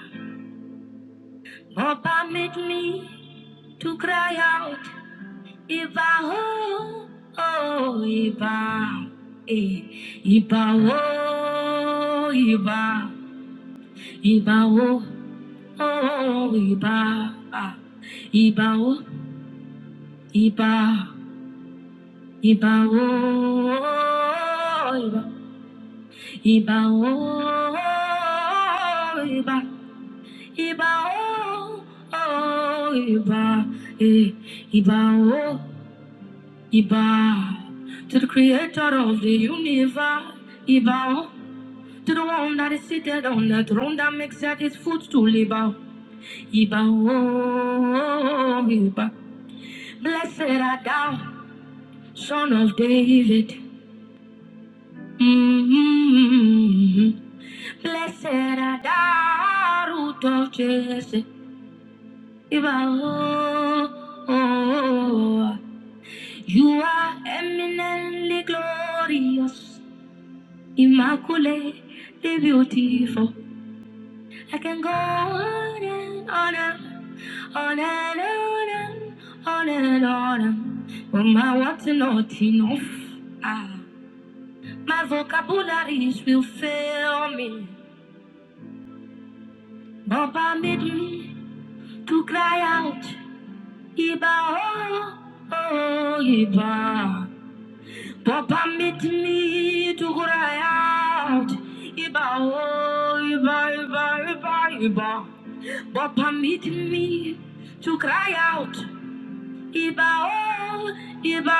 S1: God permit me to cry out. Iba oh, oh, Iba. Eh. Iba oh, Iba. Iba oh, oh, Iba. Ah. Iba oh, Iba. Iba oh, Iba. Iba oh iba iba oh oh iba eh, iba oh iba to the creator of the universe iba oh to the one that is seated on the throne that makes at his footstool iba oh, iba oh iba blessed art thou son of David Mm-hmm. Blessed are thou root of Jesse. You are eminently glorious, immaculately beautiful. I can go on and on, and on and on, and on and on. But my words are not enough. Ah, my vocabularies will fail me. But permit me to cry out. Iba, oh, Iba. Papa meet me to cry out. Iba, oh, Iba, Iba, Iba, Iba. Papa meet me to cry out. Iba, oh, Iba,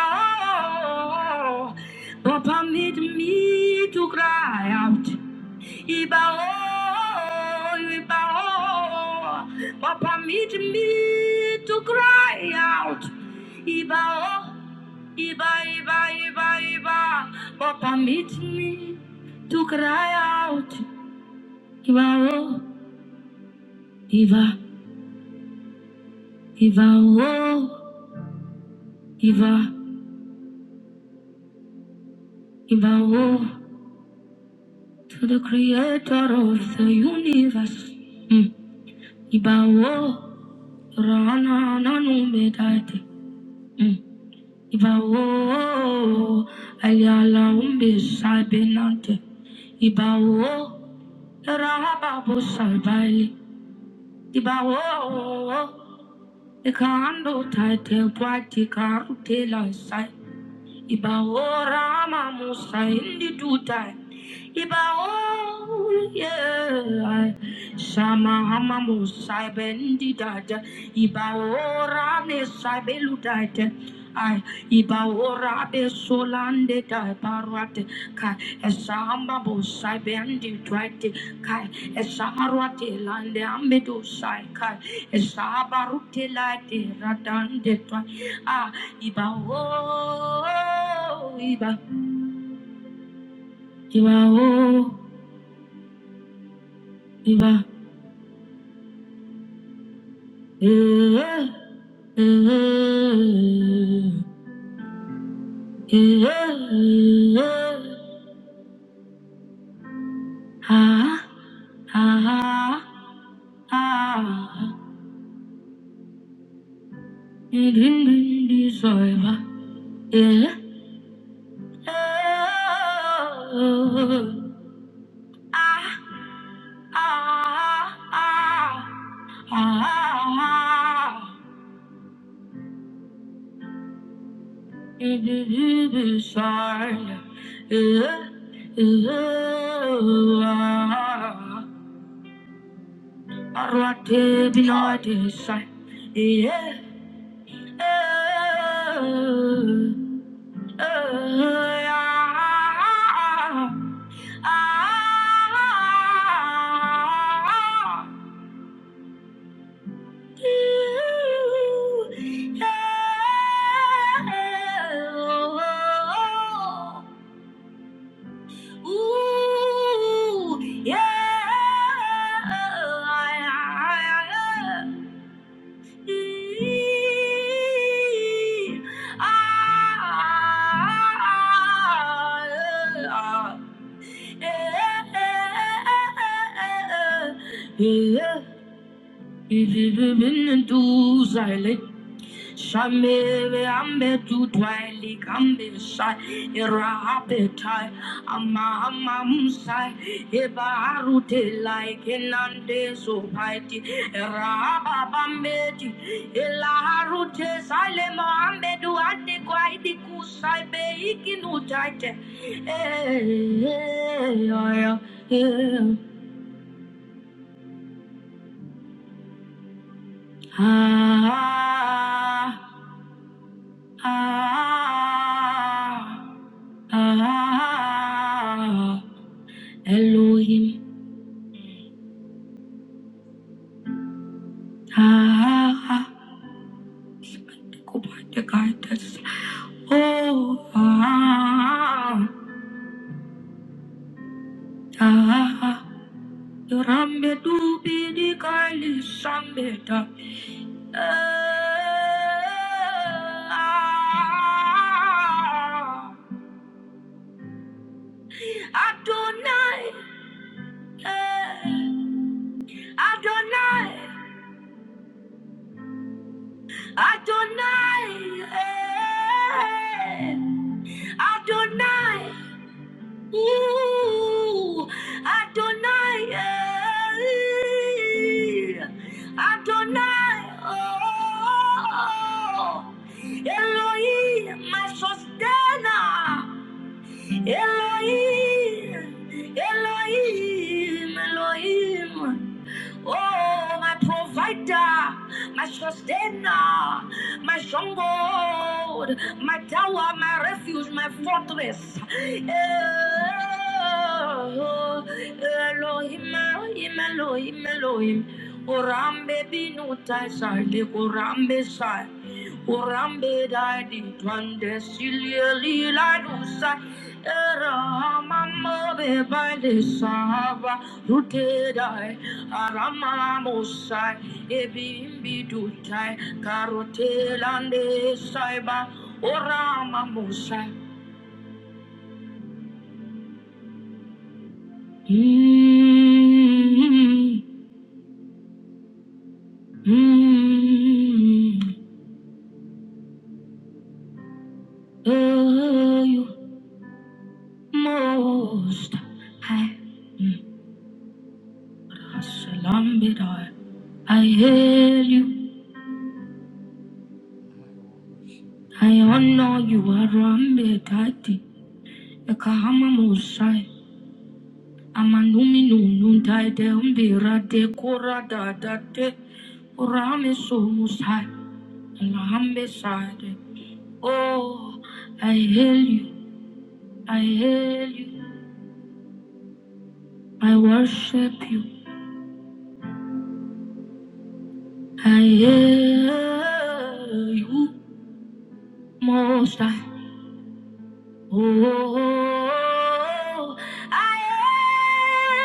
S1: oh. Papa meet me to cry out. Iba oh, iba oh, Papa meet me to cry out. Iba oh, iba iba iba iba, Papa meet me to cry out. Iba oh, iba iba oh, iba iba oh, to the Creator of the universe. Mm. Iba oh, rana na numedate. Ibao Ayalaum Bisabinante Ibao Rababu Sabali Ibao Ikando Tate Pati Karutela sai Ibao Rama Musa in the due time. Ibao yeah. Sama Hama Musa bendi dada. Ibao Rame Sabelu dada. I ibao rabe solande da baruate kai esamba bo sai bendi twate kai esamarwate lande ambedo sai kai esabarute late radande twite. Ah, ìbà oh, ìbà ìbà oh, ìbà eh, eh, èè ah, ah, àá ìdíndíndí eh, eh, èè ah, ah, ah, ah. àá. Yeah. Ooh, yeah. Ee, ah, eh, eh, eh, eh, eh, eh. Yeah. Shamele ambe tu twaili kambe sai era ape tai amma ama musai eba arute like kenande so paiti era baba meti ela arute sale mo ambe du ate kwai di kusai be ikinu taite eh eh eh eh ah ah ah Ah, Elohim. Ah, go by the guidance. Oh, ah, ah, you Rambe dubi di kali sambeta. Ah, Adonai, eh, Adonai, Adonai, eh, Adonai. Ooh, Adonai, eh, Adonai, oh, Elohim, my sustainer, Elohim, Elohim, Elohim. Oh, my provider, my sustainer, my stronghold, my tower, my refuge, my fortress. Oh, Elohim, Elohim, Elohim, Elohim. Orambe binu taisai, de orambe sai. Urambe dadi twande silieli la nusa era mama be bande sahaba rute dai arama musai ebimbi dutai karote lande saiba orama musai. Mm, mm, mm, oh, you most high. Mm. Shalom Bidar. I hail you. I honor you, Arambe Tati. Ekahama Mosai. Amanumi Nunun Tide Umbira de Kora Date. Orame So Musai. Alahambe Sade. Oh, I hail you. I hail you. I worship you. I hail you, Most High. Oh, I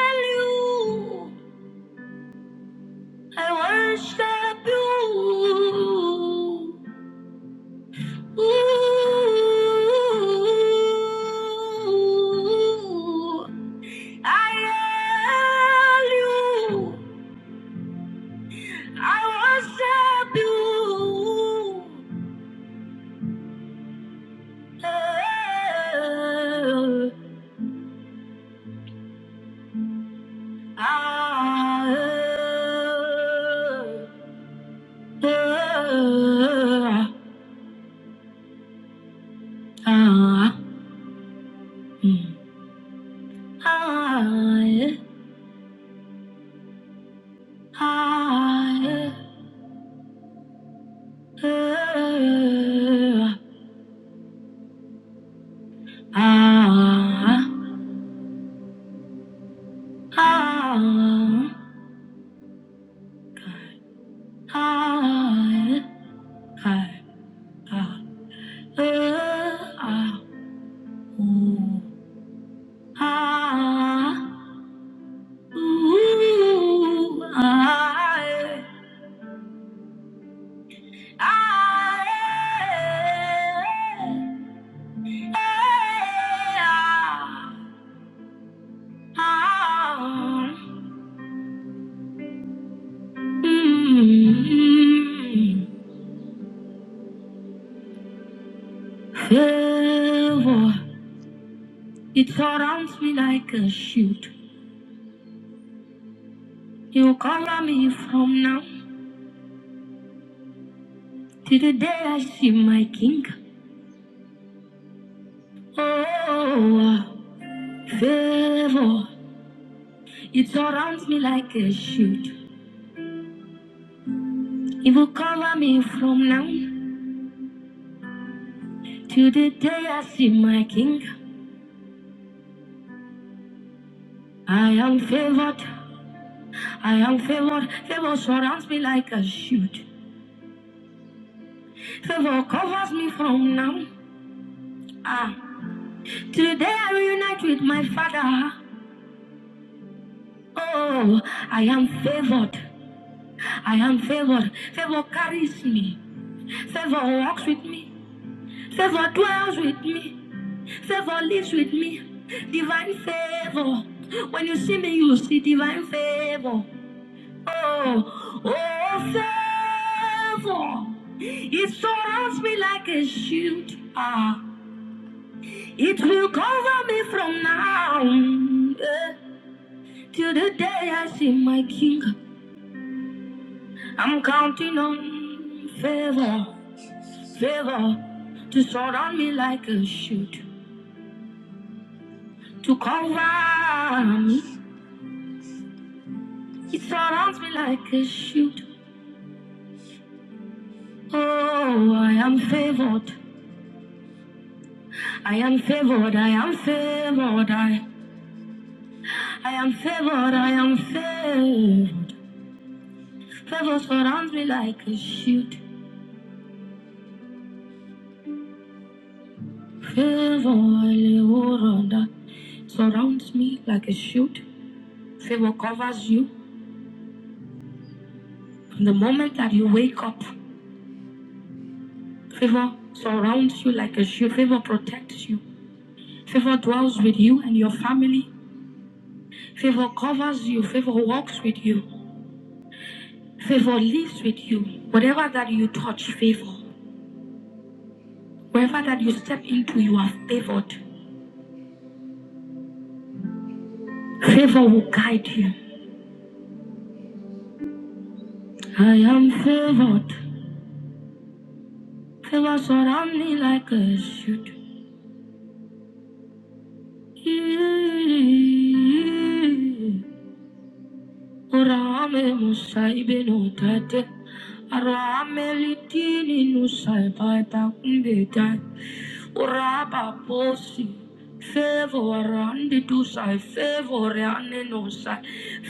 S1: am you. I worship you. Ooh, I am you. I worship you. Oh, I- Ah, ah, ah, ah, ah, ah, ah. ah. Oh. Favor, it surrounds me like a shield. You cover me from now to the day I see my king. Oh, favor, it surrounds me like a shield. It will cover me from now to the day I see my king. I am favored, I am favored. Favor surrounds me like a shield. Favor covers me from now. Ah. Today I reunite with my father. Oh, I am favored. I am favored. Favor carries me. Favor walks with me. Favor dwells with me. Favor lives with me. Divine favor. When you see me, you see divine favor. Oh, oh, favor. It surrounds me like a shield. Ah, it will cover me from now. Eh. Till the day I see my king, I'm counting on favor, favor to surround me like a shield, to cover me. It surrounds me like a shield. Oh, I am favored. I am favored. I am favored. I, I am favored. I am favored. Favor surrounds me like a shield. Favor, Eleoranda, surrounds me like a shield. Favor covers you. The moment that you wake up, favor surrounds you like a shield, favor protects you, favor dwells with you and your family, favor covers you, favor walks with you, favor lives with you. Whatever that you touch, favor. Wherever that you step into, you are favored. Favor will guide you. I am favored. Favor surrounds me like a shield. Rame musai beno tate, rame litini nusai pai takumbe tate. Uraba posi. Favor andi tu sai, favor andi no sai,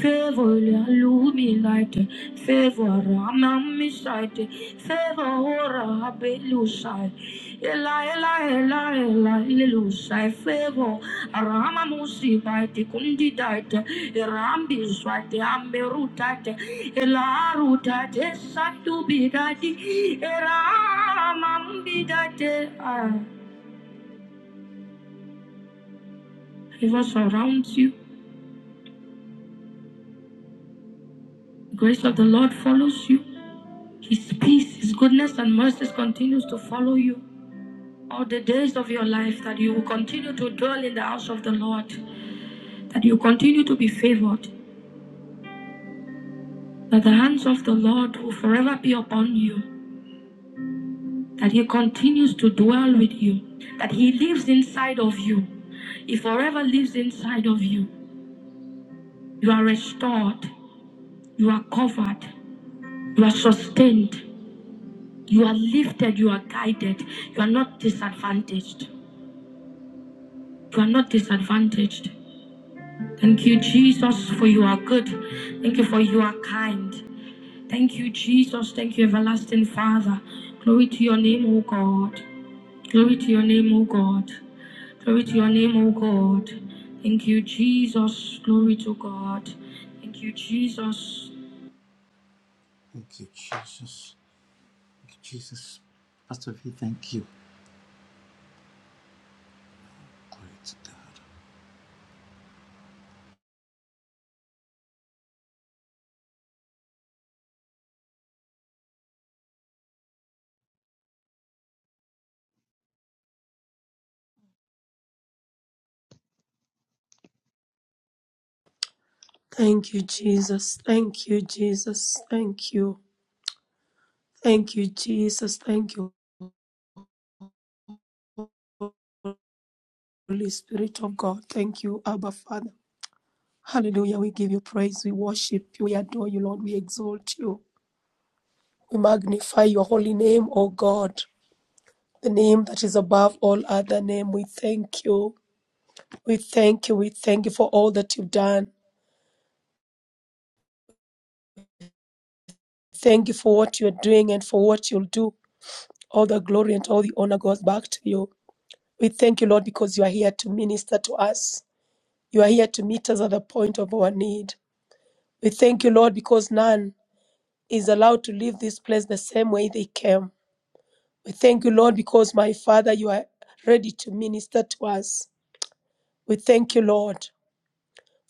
S1: favor illuminate, favor amami site, favor ora belu sai, ela ela ela ela lelu sai, favor arama musi bite kundi dite, rambi swate amberu dite, ela rutate satu bidati, era amambi dite. Favor surrounds you. The grace of the Lord follows you. His peace, His goodness, and mercy continues to follow you all the days of your life. That you will continue to dwell in the house of the Lord. That you continue to be favored. That the hands of the Lord will forever be upon you. That He continues to dwell with you. That He lives inside of you. He forever lives inside of you. You are restored. You are covered. You are sustained. You are lifted, you are guided, you are not disadvantaged. You are not disadvantaged. Thank you, Jesus, for you are good. Thank you for you are kind. Thank you, Jesus. Thank you, everlasting Father. Glory to your name, O God. Glory to your name, O God. Glory to your name, O God. Thank you, Jesus. Glory to God. Thank you, Jesus.
S2: Thank you, Jesus. Thank you, Jesus. Thank you. Thank you, Jesus. Thank you, Holy Spirit of God. Thank you, Abba Father. Hallelujah. We give you praise. We worship you. We adore you, Lord. We exalt you. We magnify your holy name, O God, the name that is above all other name. We thank you. We thank you. We thank you for all that you've done. Thank you for what you're doing and for what you'll do. All the glory and all the honor goes back to you. We thank you, Lord, because you are here to minister to us. You are here to meet us at the point of our need. We thank you, Lord, because none is allowed to leave this place the same way they came. We thank you, Lord, because my Father, you are ready to minister to us. We thank you, Lord,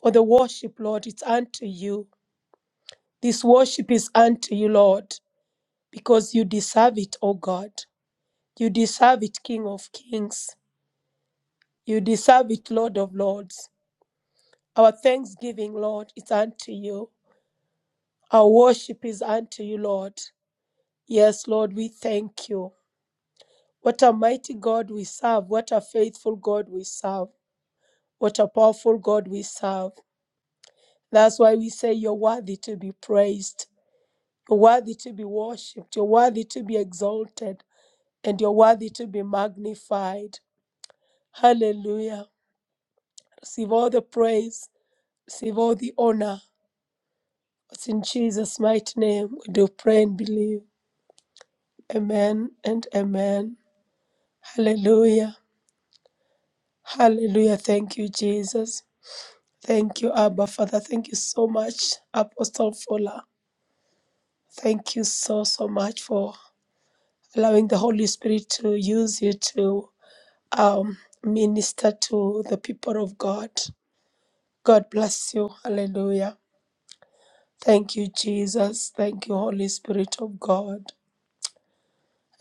S2: for the worship, Lord. It's unto you. This worship is unto you, Lord, because you deserve it, O God. You deserve it, King of kings. You deserve it, Lord of lords. Our thanksgiving, Lord, is unto you. Our worship is unto you, Lord. Yes, Lord, we thank you. What a mighty God we serve. What a faithful God we serve. What a powerful God we serve. That's why we say you're worthy to be praised. You're worthy to be worshipped. You're worthy to be exalted. And you're worthy to be magnified. Hallelujah. Receive all the praise. Receive all the honor. It's in Jesus' mighty name we do pray and believe. Amen and amen. Hallelujah. Hallelujah. Thank you, Jesus. Thank you, Abba Father. Thank you so much, Apostle Fuller. Thank you so, so much for allowing the Holy Spirit to use you to um, minister to the people of God. God bless you. Hallelujah. Thank you, Jesus. Thank you, Holy Spirit of God.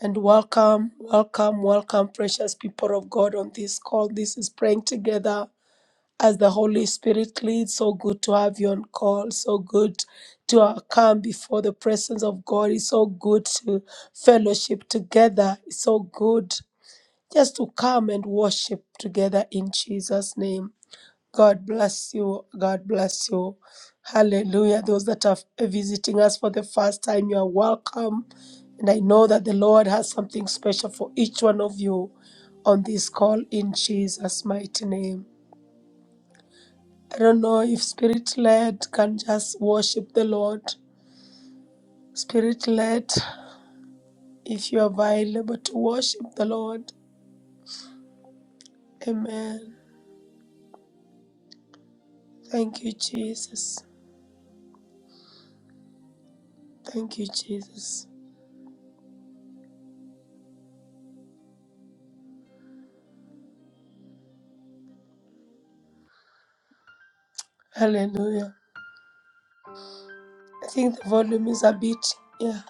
S2: And welcome, welcome, welcome, precious people of God on this call. This is praying together as the Holy Spirit leads. So good to have you on call. So good to uh, come before the presence of God. It's so good to fellowship together. It's so good just to come and worship together in Jesus' name. God bless you. God bless you. Hallelujah. Those that are visiting us for the first time, you are welcome. And I know that the Lord has something special for each one of you on this call in Jesus' mighty name. I don't know if spirit led can just worship the Lord. Spirit led, if you are available to worship the Lord. Amen. Thank you, Jesus. Thank you, Jesus. Hallelujah. I think the volume is a bit, yeah.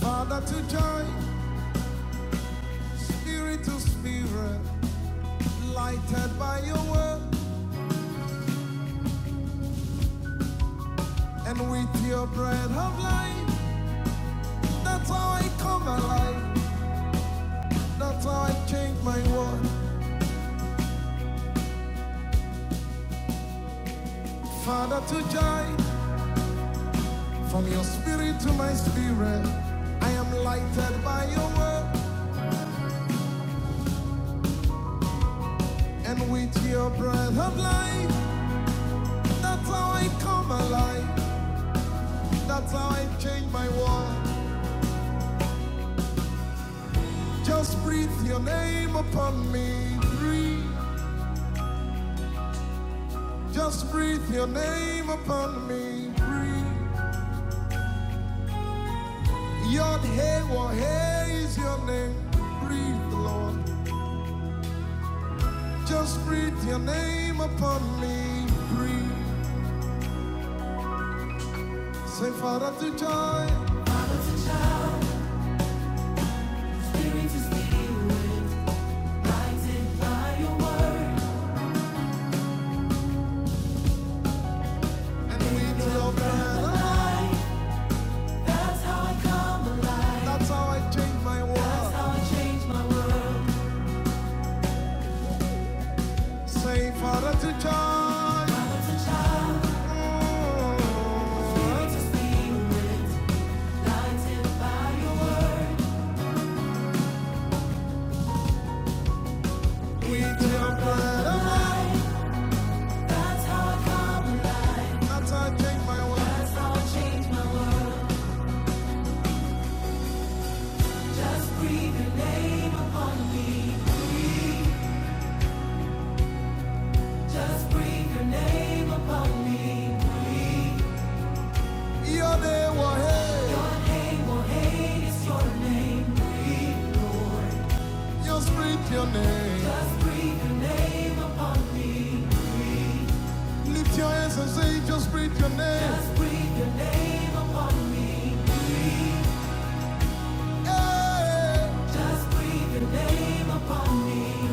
S5: Father to join, spirit to spirit, lighted by your word, and with your bread of life, that's how I come alive, that's how I change my world. Father to joy, from your spirit to my spirit, I am lighted by your word, and with your breath of life, that's how I come alive, that's how I change my world. Just breathe your name upon me, breathe. Just breathe your name upon me, breathe. Yod Hey Wah Hey is your name, breathe, Lord. Just breathe your name upon me, breathe. Sefaret joy. We reach the mountain by your word. And we do Your that. That's how I come alive. That's how I change my world. That's how I change my world. Sefaret joy. Oh. We love that. That's how I come. That's how I change my world. That's how I change my world. Just breathe your name upon me. Just breathe your name upon me. Your name, oh hey, Your name is your name. just breathe your name. Just breathe your name. Lift your hands and say, just breathe your name. Just breathe your name upon me. Hey, Just breathe your name upon me.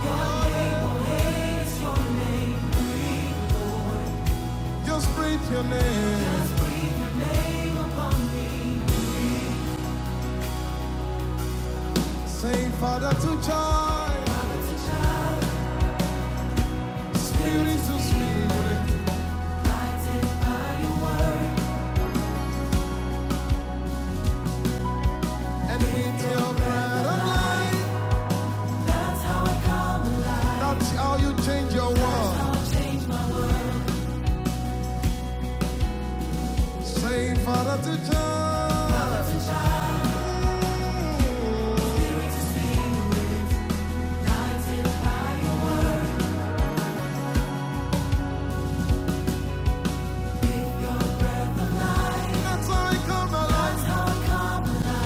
S5: Your name, oh, name is your name. just breathe your name. Just Say, Father to child, Spirit to spirit, and with your breath of life. That's how I come alive. That's how you change your world. Say father to child. Mm, That's how I come alive.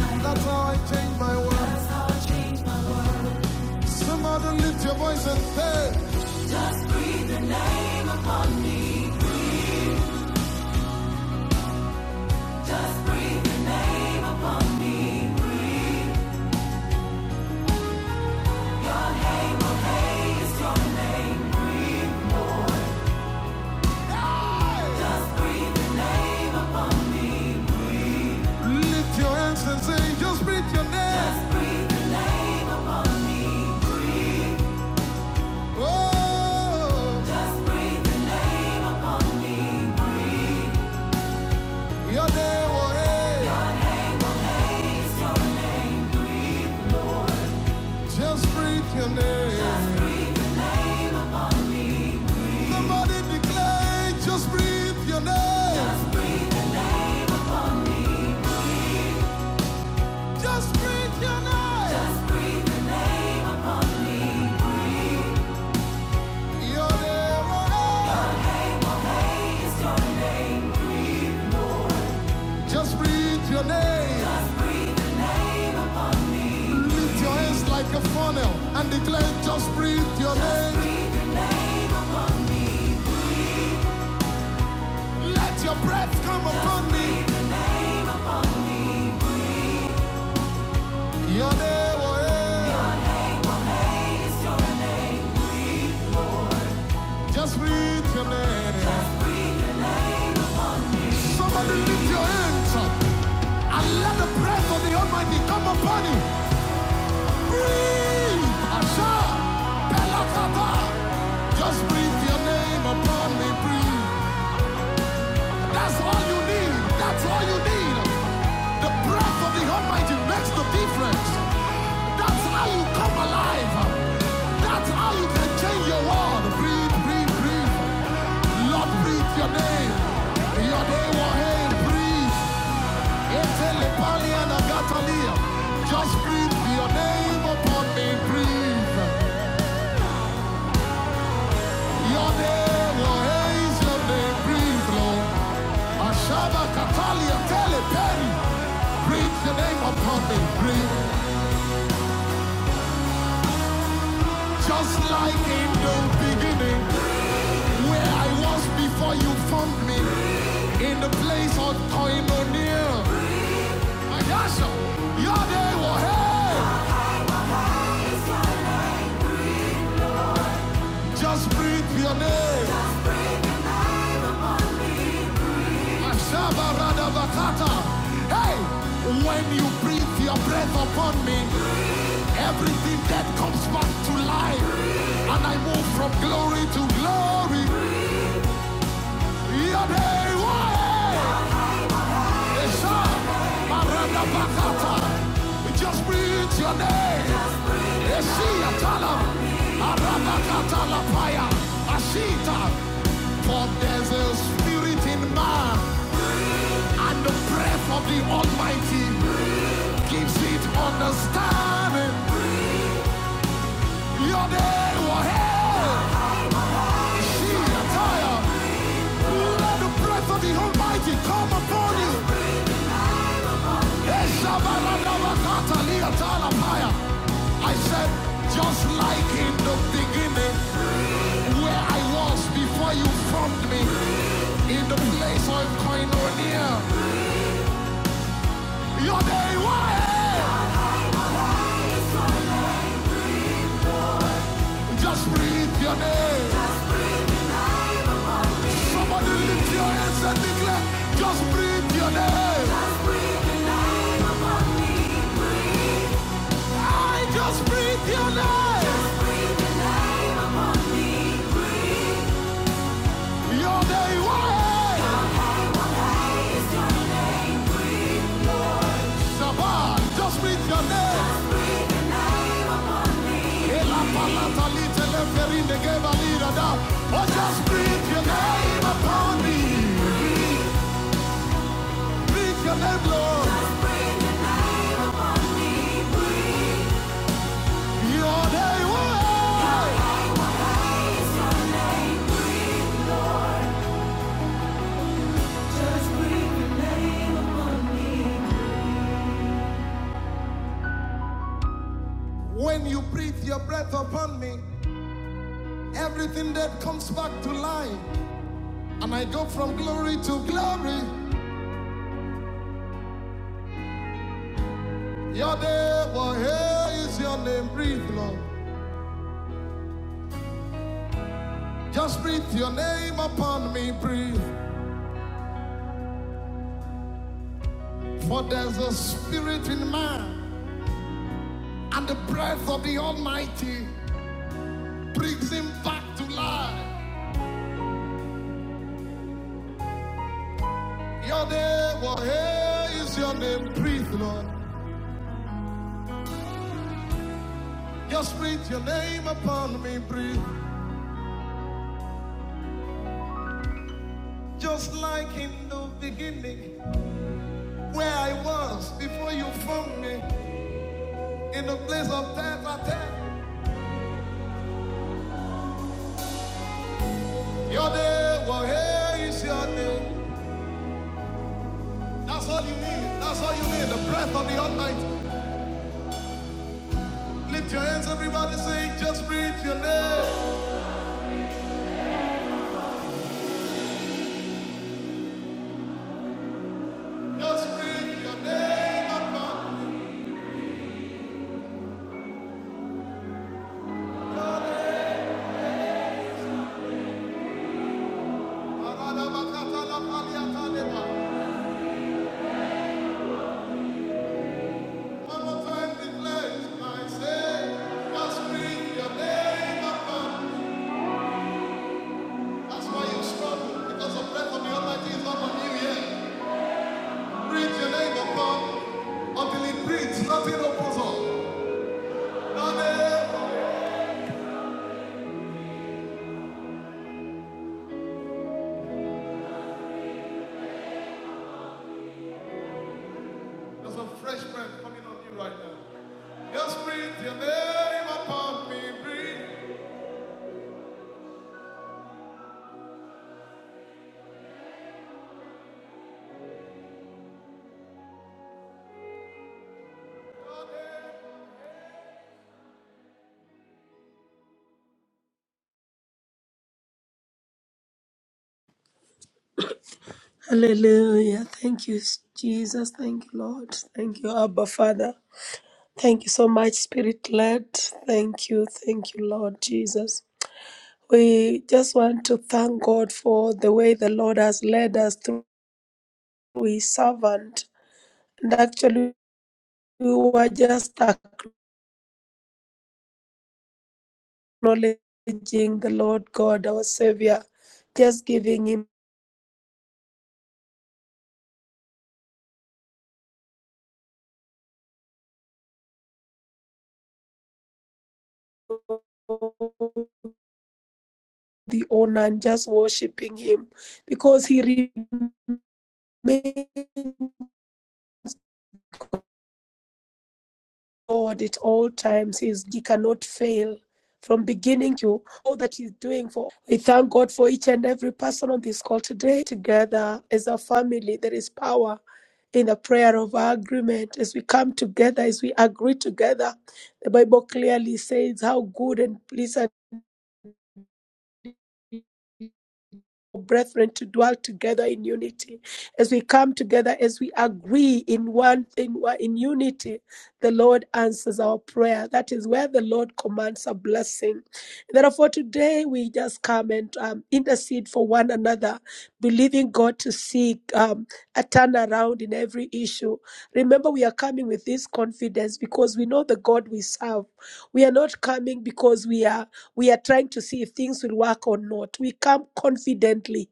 S5: That's how I change my world. Somebody lift your voice and say, lift your hands and say, just breathe your name. Oh, your name, oh, hey. Just breathe your name. Somebody declare, just breathe your name. Just breathe your name. oh Just breathe your name. Lift your hands like a funnel and declare, just breathe your name. Let your breath come upon me. Your name, oh yeah. Just breathe your name. Somebody lift your hands up and let the breath of the Almighty come upon you. Breathe. Asha. Pelakata. Just breathe your name upon me. Breathe. That's all you need. That's all you need. The breath of the Almighty makes the difference. That's how you come alive. That's how you can change your world. Breathe, breathe, breathe. Lord, breathe your name. Your name will hail. Breathe. Just breathe your name upon me. Breathe. name, breathe, breathe the name upon me, breathe. Just like in the beginning, where I was before you found me, in the place of koinonia. Ayasha, your name, oh hey, just breathe your name. Mashabaradabakata. Hey, when you breathe your breath upon me, everything that comes back to life, and I move from glory to glory. Yadewae. Esha. Maradabakata. Just breathe your name. Esia talam. Arabakata lapaya. Ashita. For there's a spirit in man And the breath of the Almighty gives it understanding. Your name will hail. She attire. Let the breath of the Almighty come upon you. I said, just like in the beginning, where I was before you formed me, in the place of koinonia, your name will hail. Just breathe your name. Somebody lift your hands and declare, just breathe your name. I just breathe your name. Your day why? Shaban, just breathe your name. Ela palata little ferin de gave a leader down. Oh, just breathe your name upon me. Breathe your name, Lord. Your day why? Just breathe your name upon me. When you breathe your breath upon me, everything that comes back to life. And I go from glory to glory. Your name, oh, here is your name, breathe, Lord. Just breathe your name upon me, breathe. For there's a spirit in man, and the breath of the Almighty brings him back to life. Your name, oh, here is your name, breathe, Lord. Just breathe your name upon me, breathe. Just like in the beginning, where I was before you formed me, in the place of death, I tell. you. Your name, well, here is your name. That's all you need. That's all you need. The breath of the Almighty. Lift your hands, everybody. Say, just breathe your name. Just breathe your name, Almighty. Aradabakatalapaliataleba. One more time, declare it. I say, just breathe your name, Almighty. That's why you struggle, because the breath of the Almighty is not on you yet. Breathe your name upon until it breathes, nothing opens up. Your name, There's some fresh breath coming on you right now. Just breathe your name upon me. Breathe. your name.
S2: Hallelujah. Thank you, Jesus. Thank you, Lord. Thank you, Abba Father. Thank you so much, Spirit led. Thank you. Thank you, Lord Jesus. We just want to thank God for the way the Lord has led us through. we servant. And actually, we were just acknowledging the Lord God, our Savior, just giving Him the honor and just worshiping Him because He remains God at all times. He, is, he cannot fail. From beginning to all that he's doing for, we thank God for each and every person on this call today. Together as a family, there is power in the prayer of our agreement, as we come together, as we agree together, the Bible clearly says how good and pleasant brethren to dwell together in unity. As we come together, as we agree in one thing, we're in unity, the Lord answers our prayer. That is where the Lord commands a blessing. Therefore, today we just come and um, intercede for one another, believing God to seek um, a turnaround in every issue. Remember, we are coming with this confidence because we know the God we serve. We are not coming because we are. We are trying to see if things will work or not. We come confidently.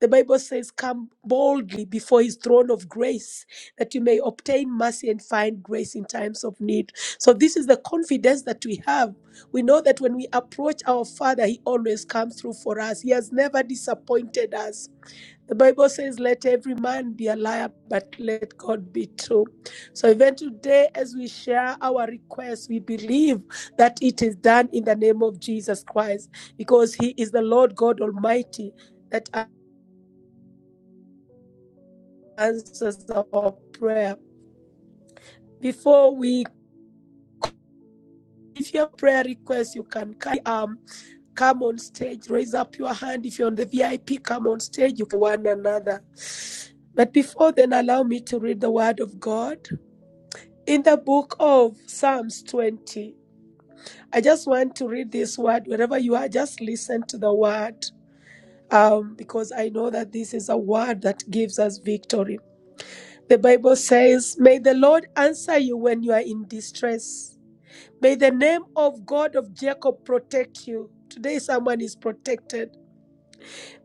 S2: The Bible says, Come boldly before his throne of grace that you may obtain mercy and find grace in times of need. So, this is the confidence that we have. We know that when we approach our Father, he always comes through for us. He has never disappointed us. The Bible says, Let every man be a liar, but let God be true. So, even today, as we share our requests, we believe that it is done in the name of Jesus Christ, because He is the Lord God Almighty that answers our prayer. Before we if your prayer request, you can um, come on stage, raise up your hand. If you're on the VIP, come on stage, you can one another. But before then, allow me to read the word of God. in the book of Psalms 20. I just want to read this word wherever you are, just listen to the word um, because I know that this is a word that gives us victory. The Bible says, May the Lord answer you when you are in distress. May the name of God of Jacob protect you. Today, someone is protected.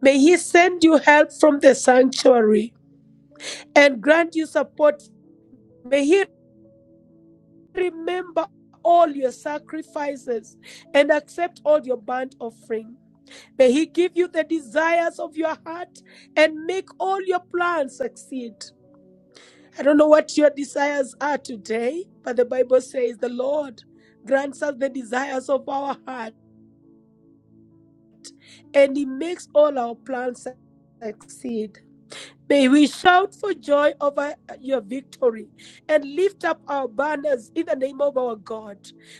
S2: May he send you help from the sanctuary and grant you support. May He." remember all your sacrifices and accept all your burnt offering. May He give you the desires of your heart and make all your plans succeed. I don't know what your desires are today, but the Bible says the Lord grants us the desires of our heart and He makes all our plans succeed. May we shout for joy over uh, your victory and lift up our banners in the name of our God.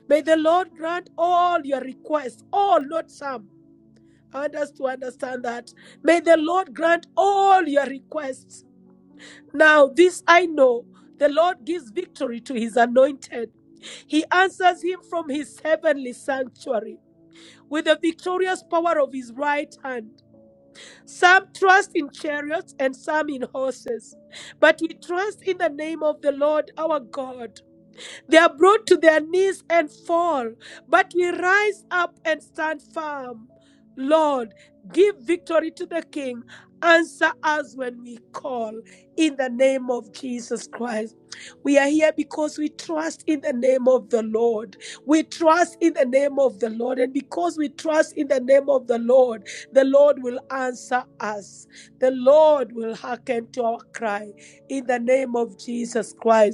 S2: May the Lord grant all your requests, all, not some. I want us to understand that. May the Lord grant all your requests. Now, this I know the Lord gives victory to his anointed. He answers him from his heavenly sanctuary with the victorious power of his right hand. Some trust in chariots and some in horses, but we trust in the name of the Lord our God. They are brought to their knees and fall, but we rise up and stand firm. Lord, give victory to the King. Answer us when we call in the name of Jesus Christ. We are here because we trust in the name of the Lord. We trust in the name of the Lord. And because we trust in the name of the Lord, the Lord will answer us. The Lord will hearken to our cry in the name of Jesus Christ.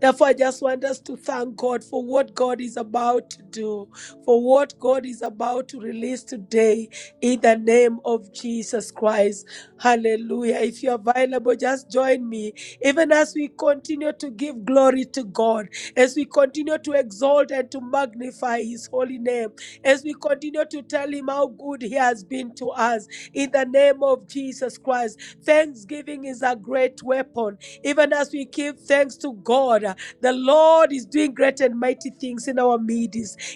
S2: Therefore, I just want us to thank God for what God is about to do, for what God is about to release today in the name of Jesus Christ. Hallelujah. If you're available, just join me. Even as we continue to give glory to God, as we continue to exalt and to magnify His holy name, as we continue to tell Him how good He has been to us in the name of Jesus Christ. Thanksgiving is a great weapon. Even as we give thanks to God, uh, the Lord is doing great and mighty things in our midst.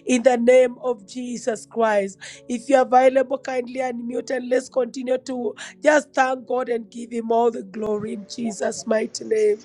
S2: In the name of Jesus Christ. If you're available, kindly unmute and let's continue to just thank God and give Him all the glory in Jesus' mighty name.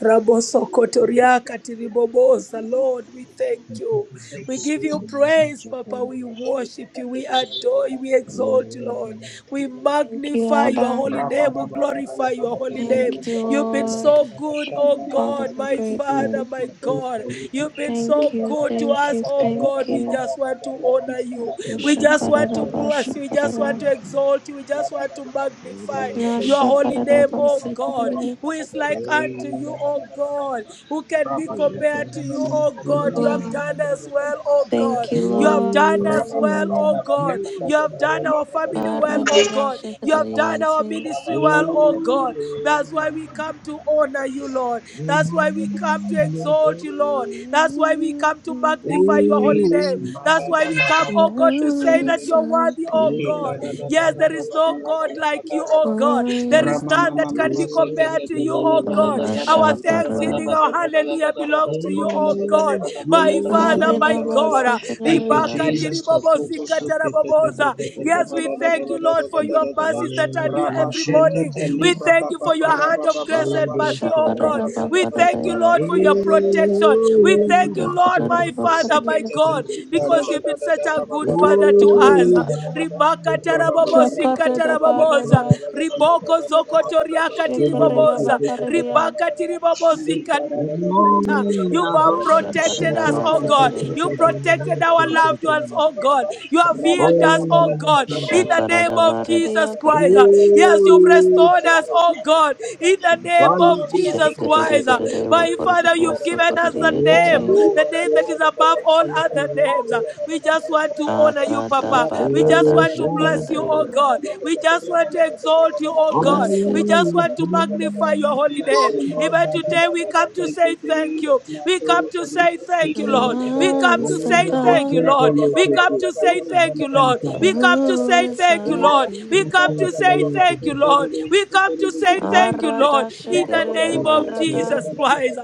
S2: Rabosokotoria katiribobosa. Lord, we thank you. We give you
S7: Thank you,
S2: praise, Papa.
S7: Japan.
S2: We
S8: Rabba
S2: worship you. We adore you. We
S7: Lord,
S2: exalt you, Lord. We
S3: Thank you,
S2: magnify your
S3: Abba.
S2: holy
S7: thank you,
S2: name. We
S7: Jesus.
S2: glorify your
S7: Thank you,
S2: holy name.
S3: Thank
S7: Father.
S3: you,
S2: You've been
S3: Lord.
S2: so good, oh
S3: Father,
S2: God,
S3: we're
S2: my Father,
S3: grateful.
S2: my God. You've been
S3: Thank
S2: so
S3: you,
S2: good to
S3: thank
S2: us,
S3: you,
S2: oh
S3: thank
S2: God. We
S3: you.
S2: just want to honor you.
S7: Thank
S2: We
S7: you,
S2: just want
S7: Father.
S2: to bless you. We
S7: Lord,
S2: just want
S3: Shakarabashakarara.
S7: Thank
S2: to
S7: you,
S2: exalt you. We just want to
S7: Father. We thank you. Lord,
S2: magnify
S7: we thank
S2: your
S7: you.
S2: holy name,
S8: Rabba
S2: oh God
S3: Nashakarabashakarara.
S2: who is like
S7: Lord,
S2: unto you, O God, who can be compared to you, O God. You
S7: we
S2: have
S3: Lord,
S2: done us well, O God.
S3: thank you,
S2: You have
S3: Lord.
S2: done us well, O God. You have done our
S7: Thank
S2: family
S7: you.
S2: well, O God. You have done our
S3: Karadabashakarariente.
S2: ministry well,
S7: Lord, we
S2: O God. That's why we come to honor you, Lord.
S7: thank you. Lord,
S2: That's why we come to
S7: we thank
S2: exalt you, Lord.
S7: you.
S2: That's why we come to
S8: Thank
S2: magnify
S8: you,
S2: your holy
S8: Jesus.
S2: name.
S7: Ooh,
S8: Ma
S2: That's
S8: ba
S2: why
S8: ba
S2: we
S8: ba ba
S2: come,
S8: ba
S2: O
S8: ba
S2: God, to
S8: she te
S2: say
S8: le le
S2: that
S8: le.
S2: you're worthy, O
S3: Nasaiti.
S8: Ki
S7: Lord,
S8: ka
S2: God.
S8: da da da
S2: Yes,
S8: ra
S2: there
S8: ba
S2: is
S8: ba ba
S2: no
S7: mercy,
S8: ra ba
S2: God
S8: le ba
S2: like
S8: ka
S2: you,
S8: ra
S2: O
S8: ba
S2: God.
S8: da.
S2: There
S3: Gloria.
S8: Ra
S2: is
S8: ma ma
S2: none
S8: ma
S2: that
S8: ma
S2: can
S8: ma
S2: be
S8: se ke
S7: Lord,
S2: compared
S8: te
S2: to
S8: te
S2: you,
S8: te le
S2: oh
S8: ba da
S2: God.
S8: da da ra
S2: Our
S8: ba da ra ba la
S2: thanksgiving,
S3: Abashakarara.
S8: ba da
S2: our
S8: ra ba la ba
S2: hallelujah
S8: da ra
S7: Lord,
S8: ba
S2: belongs
S8: da
S2: to
S8: ra
S2: you,
S8: ba la
S2: oh
S8: ba da ra
S2: God.
S7: Lord,
S8: ba da te le
S2: My
S8: ba da da
S2: Father,
S8: ra ba
S2: my
S8: la ba da da.
S2: God. uh,
S8: Thank you,
S3: Karidabashakarariarara.
S2: ribakati
S8: Jesus. Ka ku tu
S2: ribobozika
S8: su te te te te
S2: taraboboza.
S8: te te te
S2: Yes,
S8: ba
S2: we
S8: da da da
S2: thank
S8: ba
S2: you,
S8: da
S2: Lord,
S8: da da
S2: for
S8: da
S2: your
S8: da da da.
S2: mercies that are
S7: my
S8: Ra
S2: new
S8: ba
S2: every
S8: she te
S2: morning.
S8: te li
S2: We
S7: conclusion,
S8: bra ka
S2: thank you
S8: pa
S2: for
S8: pa
S2: your
S8: ra
S2: hand
S8: ba ba
S2: of
S8: ba
S2: grace
S8: ra
S2: and
S8: ba le
S7: Melody,
S2: mercy,
S8: ba ka
S2: oh
S8: ra
S2: God.
S8: ba da ra
S2: We
S8: ba le
S2: thank
S8: ba
S2: you,
S3: Shakararabakarara. Shakararabakarara.
S8: ra
S2: Lord,
S8: ba
S2: for
S8: da
S2: your
S8: ra ba le ba da. Ra
S2: protection.
S8: ma
S2: We
S8: ma
S7: oh,
S2: thank you,
S8: ma
S2: Lord,
S8: ma
S7: Master,
S2: my Father, my God,
S8: Rabba
S2: because you've been such a good
S7: oh,
S2: Father to us.
S3: Shakararabakarara.
S2: Ribaka ribakatarabobosi kataraboboza
S3: Shakararabarara.
S2: riboko
S7: my
S3: Shakarida
S2: zokotoriakatiriboboza
S7: conclusion, Melody,
S3: Bakaridia,
S2: ribakatiribobosi kata
S7: Oh,
S2: you
S3: a
S2: have
S7: my
S2: protected
S3: Shakarida
S2: us, oh God. You
S3: Basakarida,
S2: protected our loved ones, oh God. You have healed us, oh God, in the name
S3: Shakarida
S2: of Jesus
S3: Baridia
S2: Christ.
S3: Kardi,
S2: Yes, you've restored us, oh God, in the name of Jesus
S3: Shakarida
S2: Christ.
S3: Karida
S2: My
S3: Vakarida
S2: Father, you've given us the
S3: Vosakaridia
S2: name,
S3: Kati,
S2: the name that is above all other names. We just want to honor you,
S8: Mercy,
S3: Arada
S2: Papa. We just
S3: Barada
S2: want to bless you, oh
S3: Shakarida.
S2: God. We just want to exalt you, oh God.
S3: Bless
S2: We
S3: you.
S2: just want to magnify your holy name.
S8: Lord,
S2: Even
S8: Father,
S2: today, we come to
S8: thank
S2: say
S8: you, thee,
S2: thank you.
S8: that's my
S2: We come to
S8: portion.
S2: say
S8: He
S2: thank you, Lord.
S8: said,
S2: We come to
S3: Amongst the
S2: say thank you,
S3: God,
S2: Lord. We come to say thank you, Lord. We come to say
S3: who is
S2: thank you,
S3: like
S2: Lord. We
S3: thee?
S2: come to say thank you,
S7: God.
S2: Lord. We come to say thank you, Lord.
S3: Arada
S2: In the
S3: Shakarida
S7: Who
S2: name
S7: is
S2: of
S3: Barada,
S2: Jesus Christ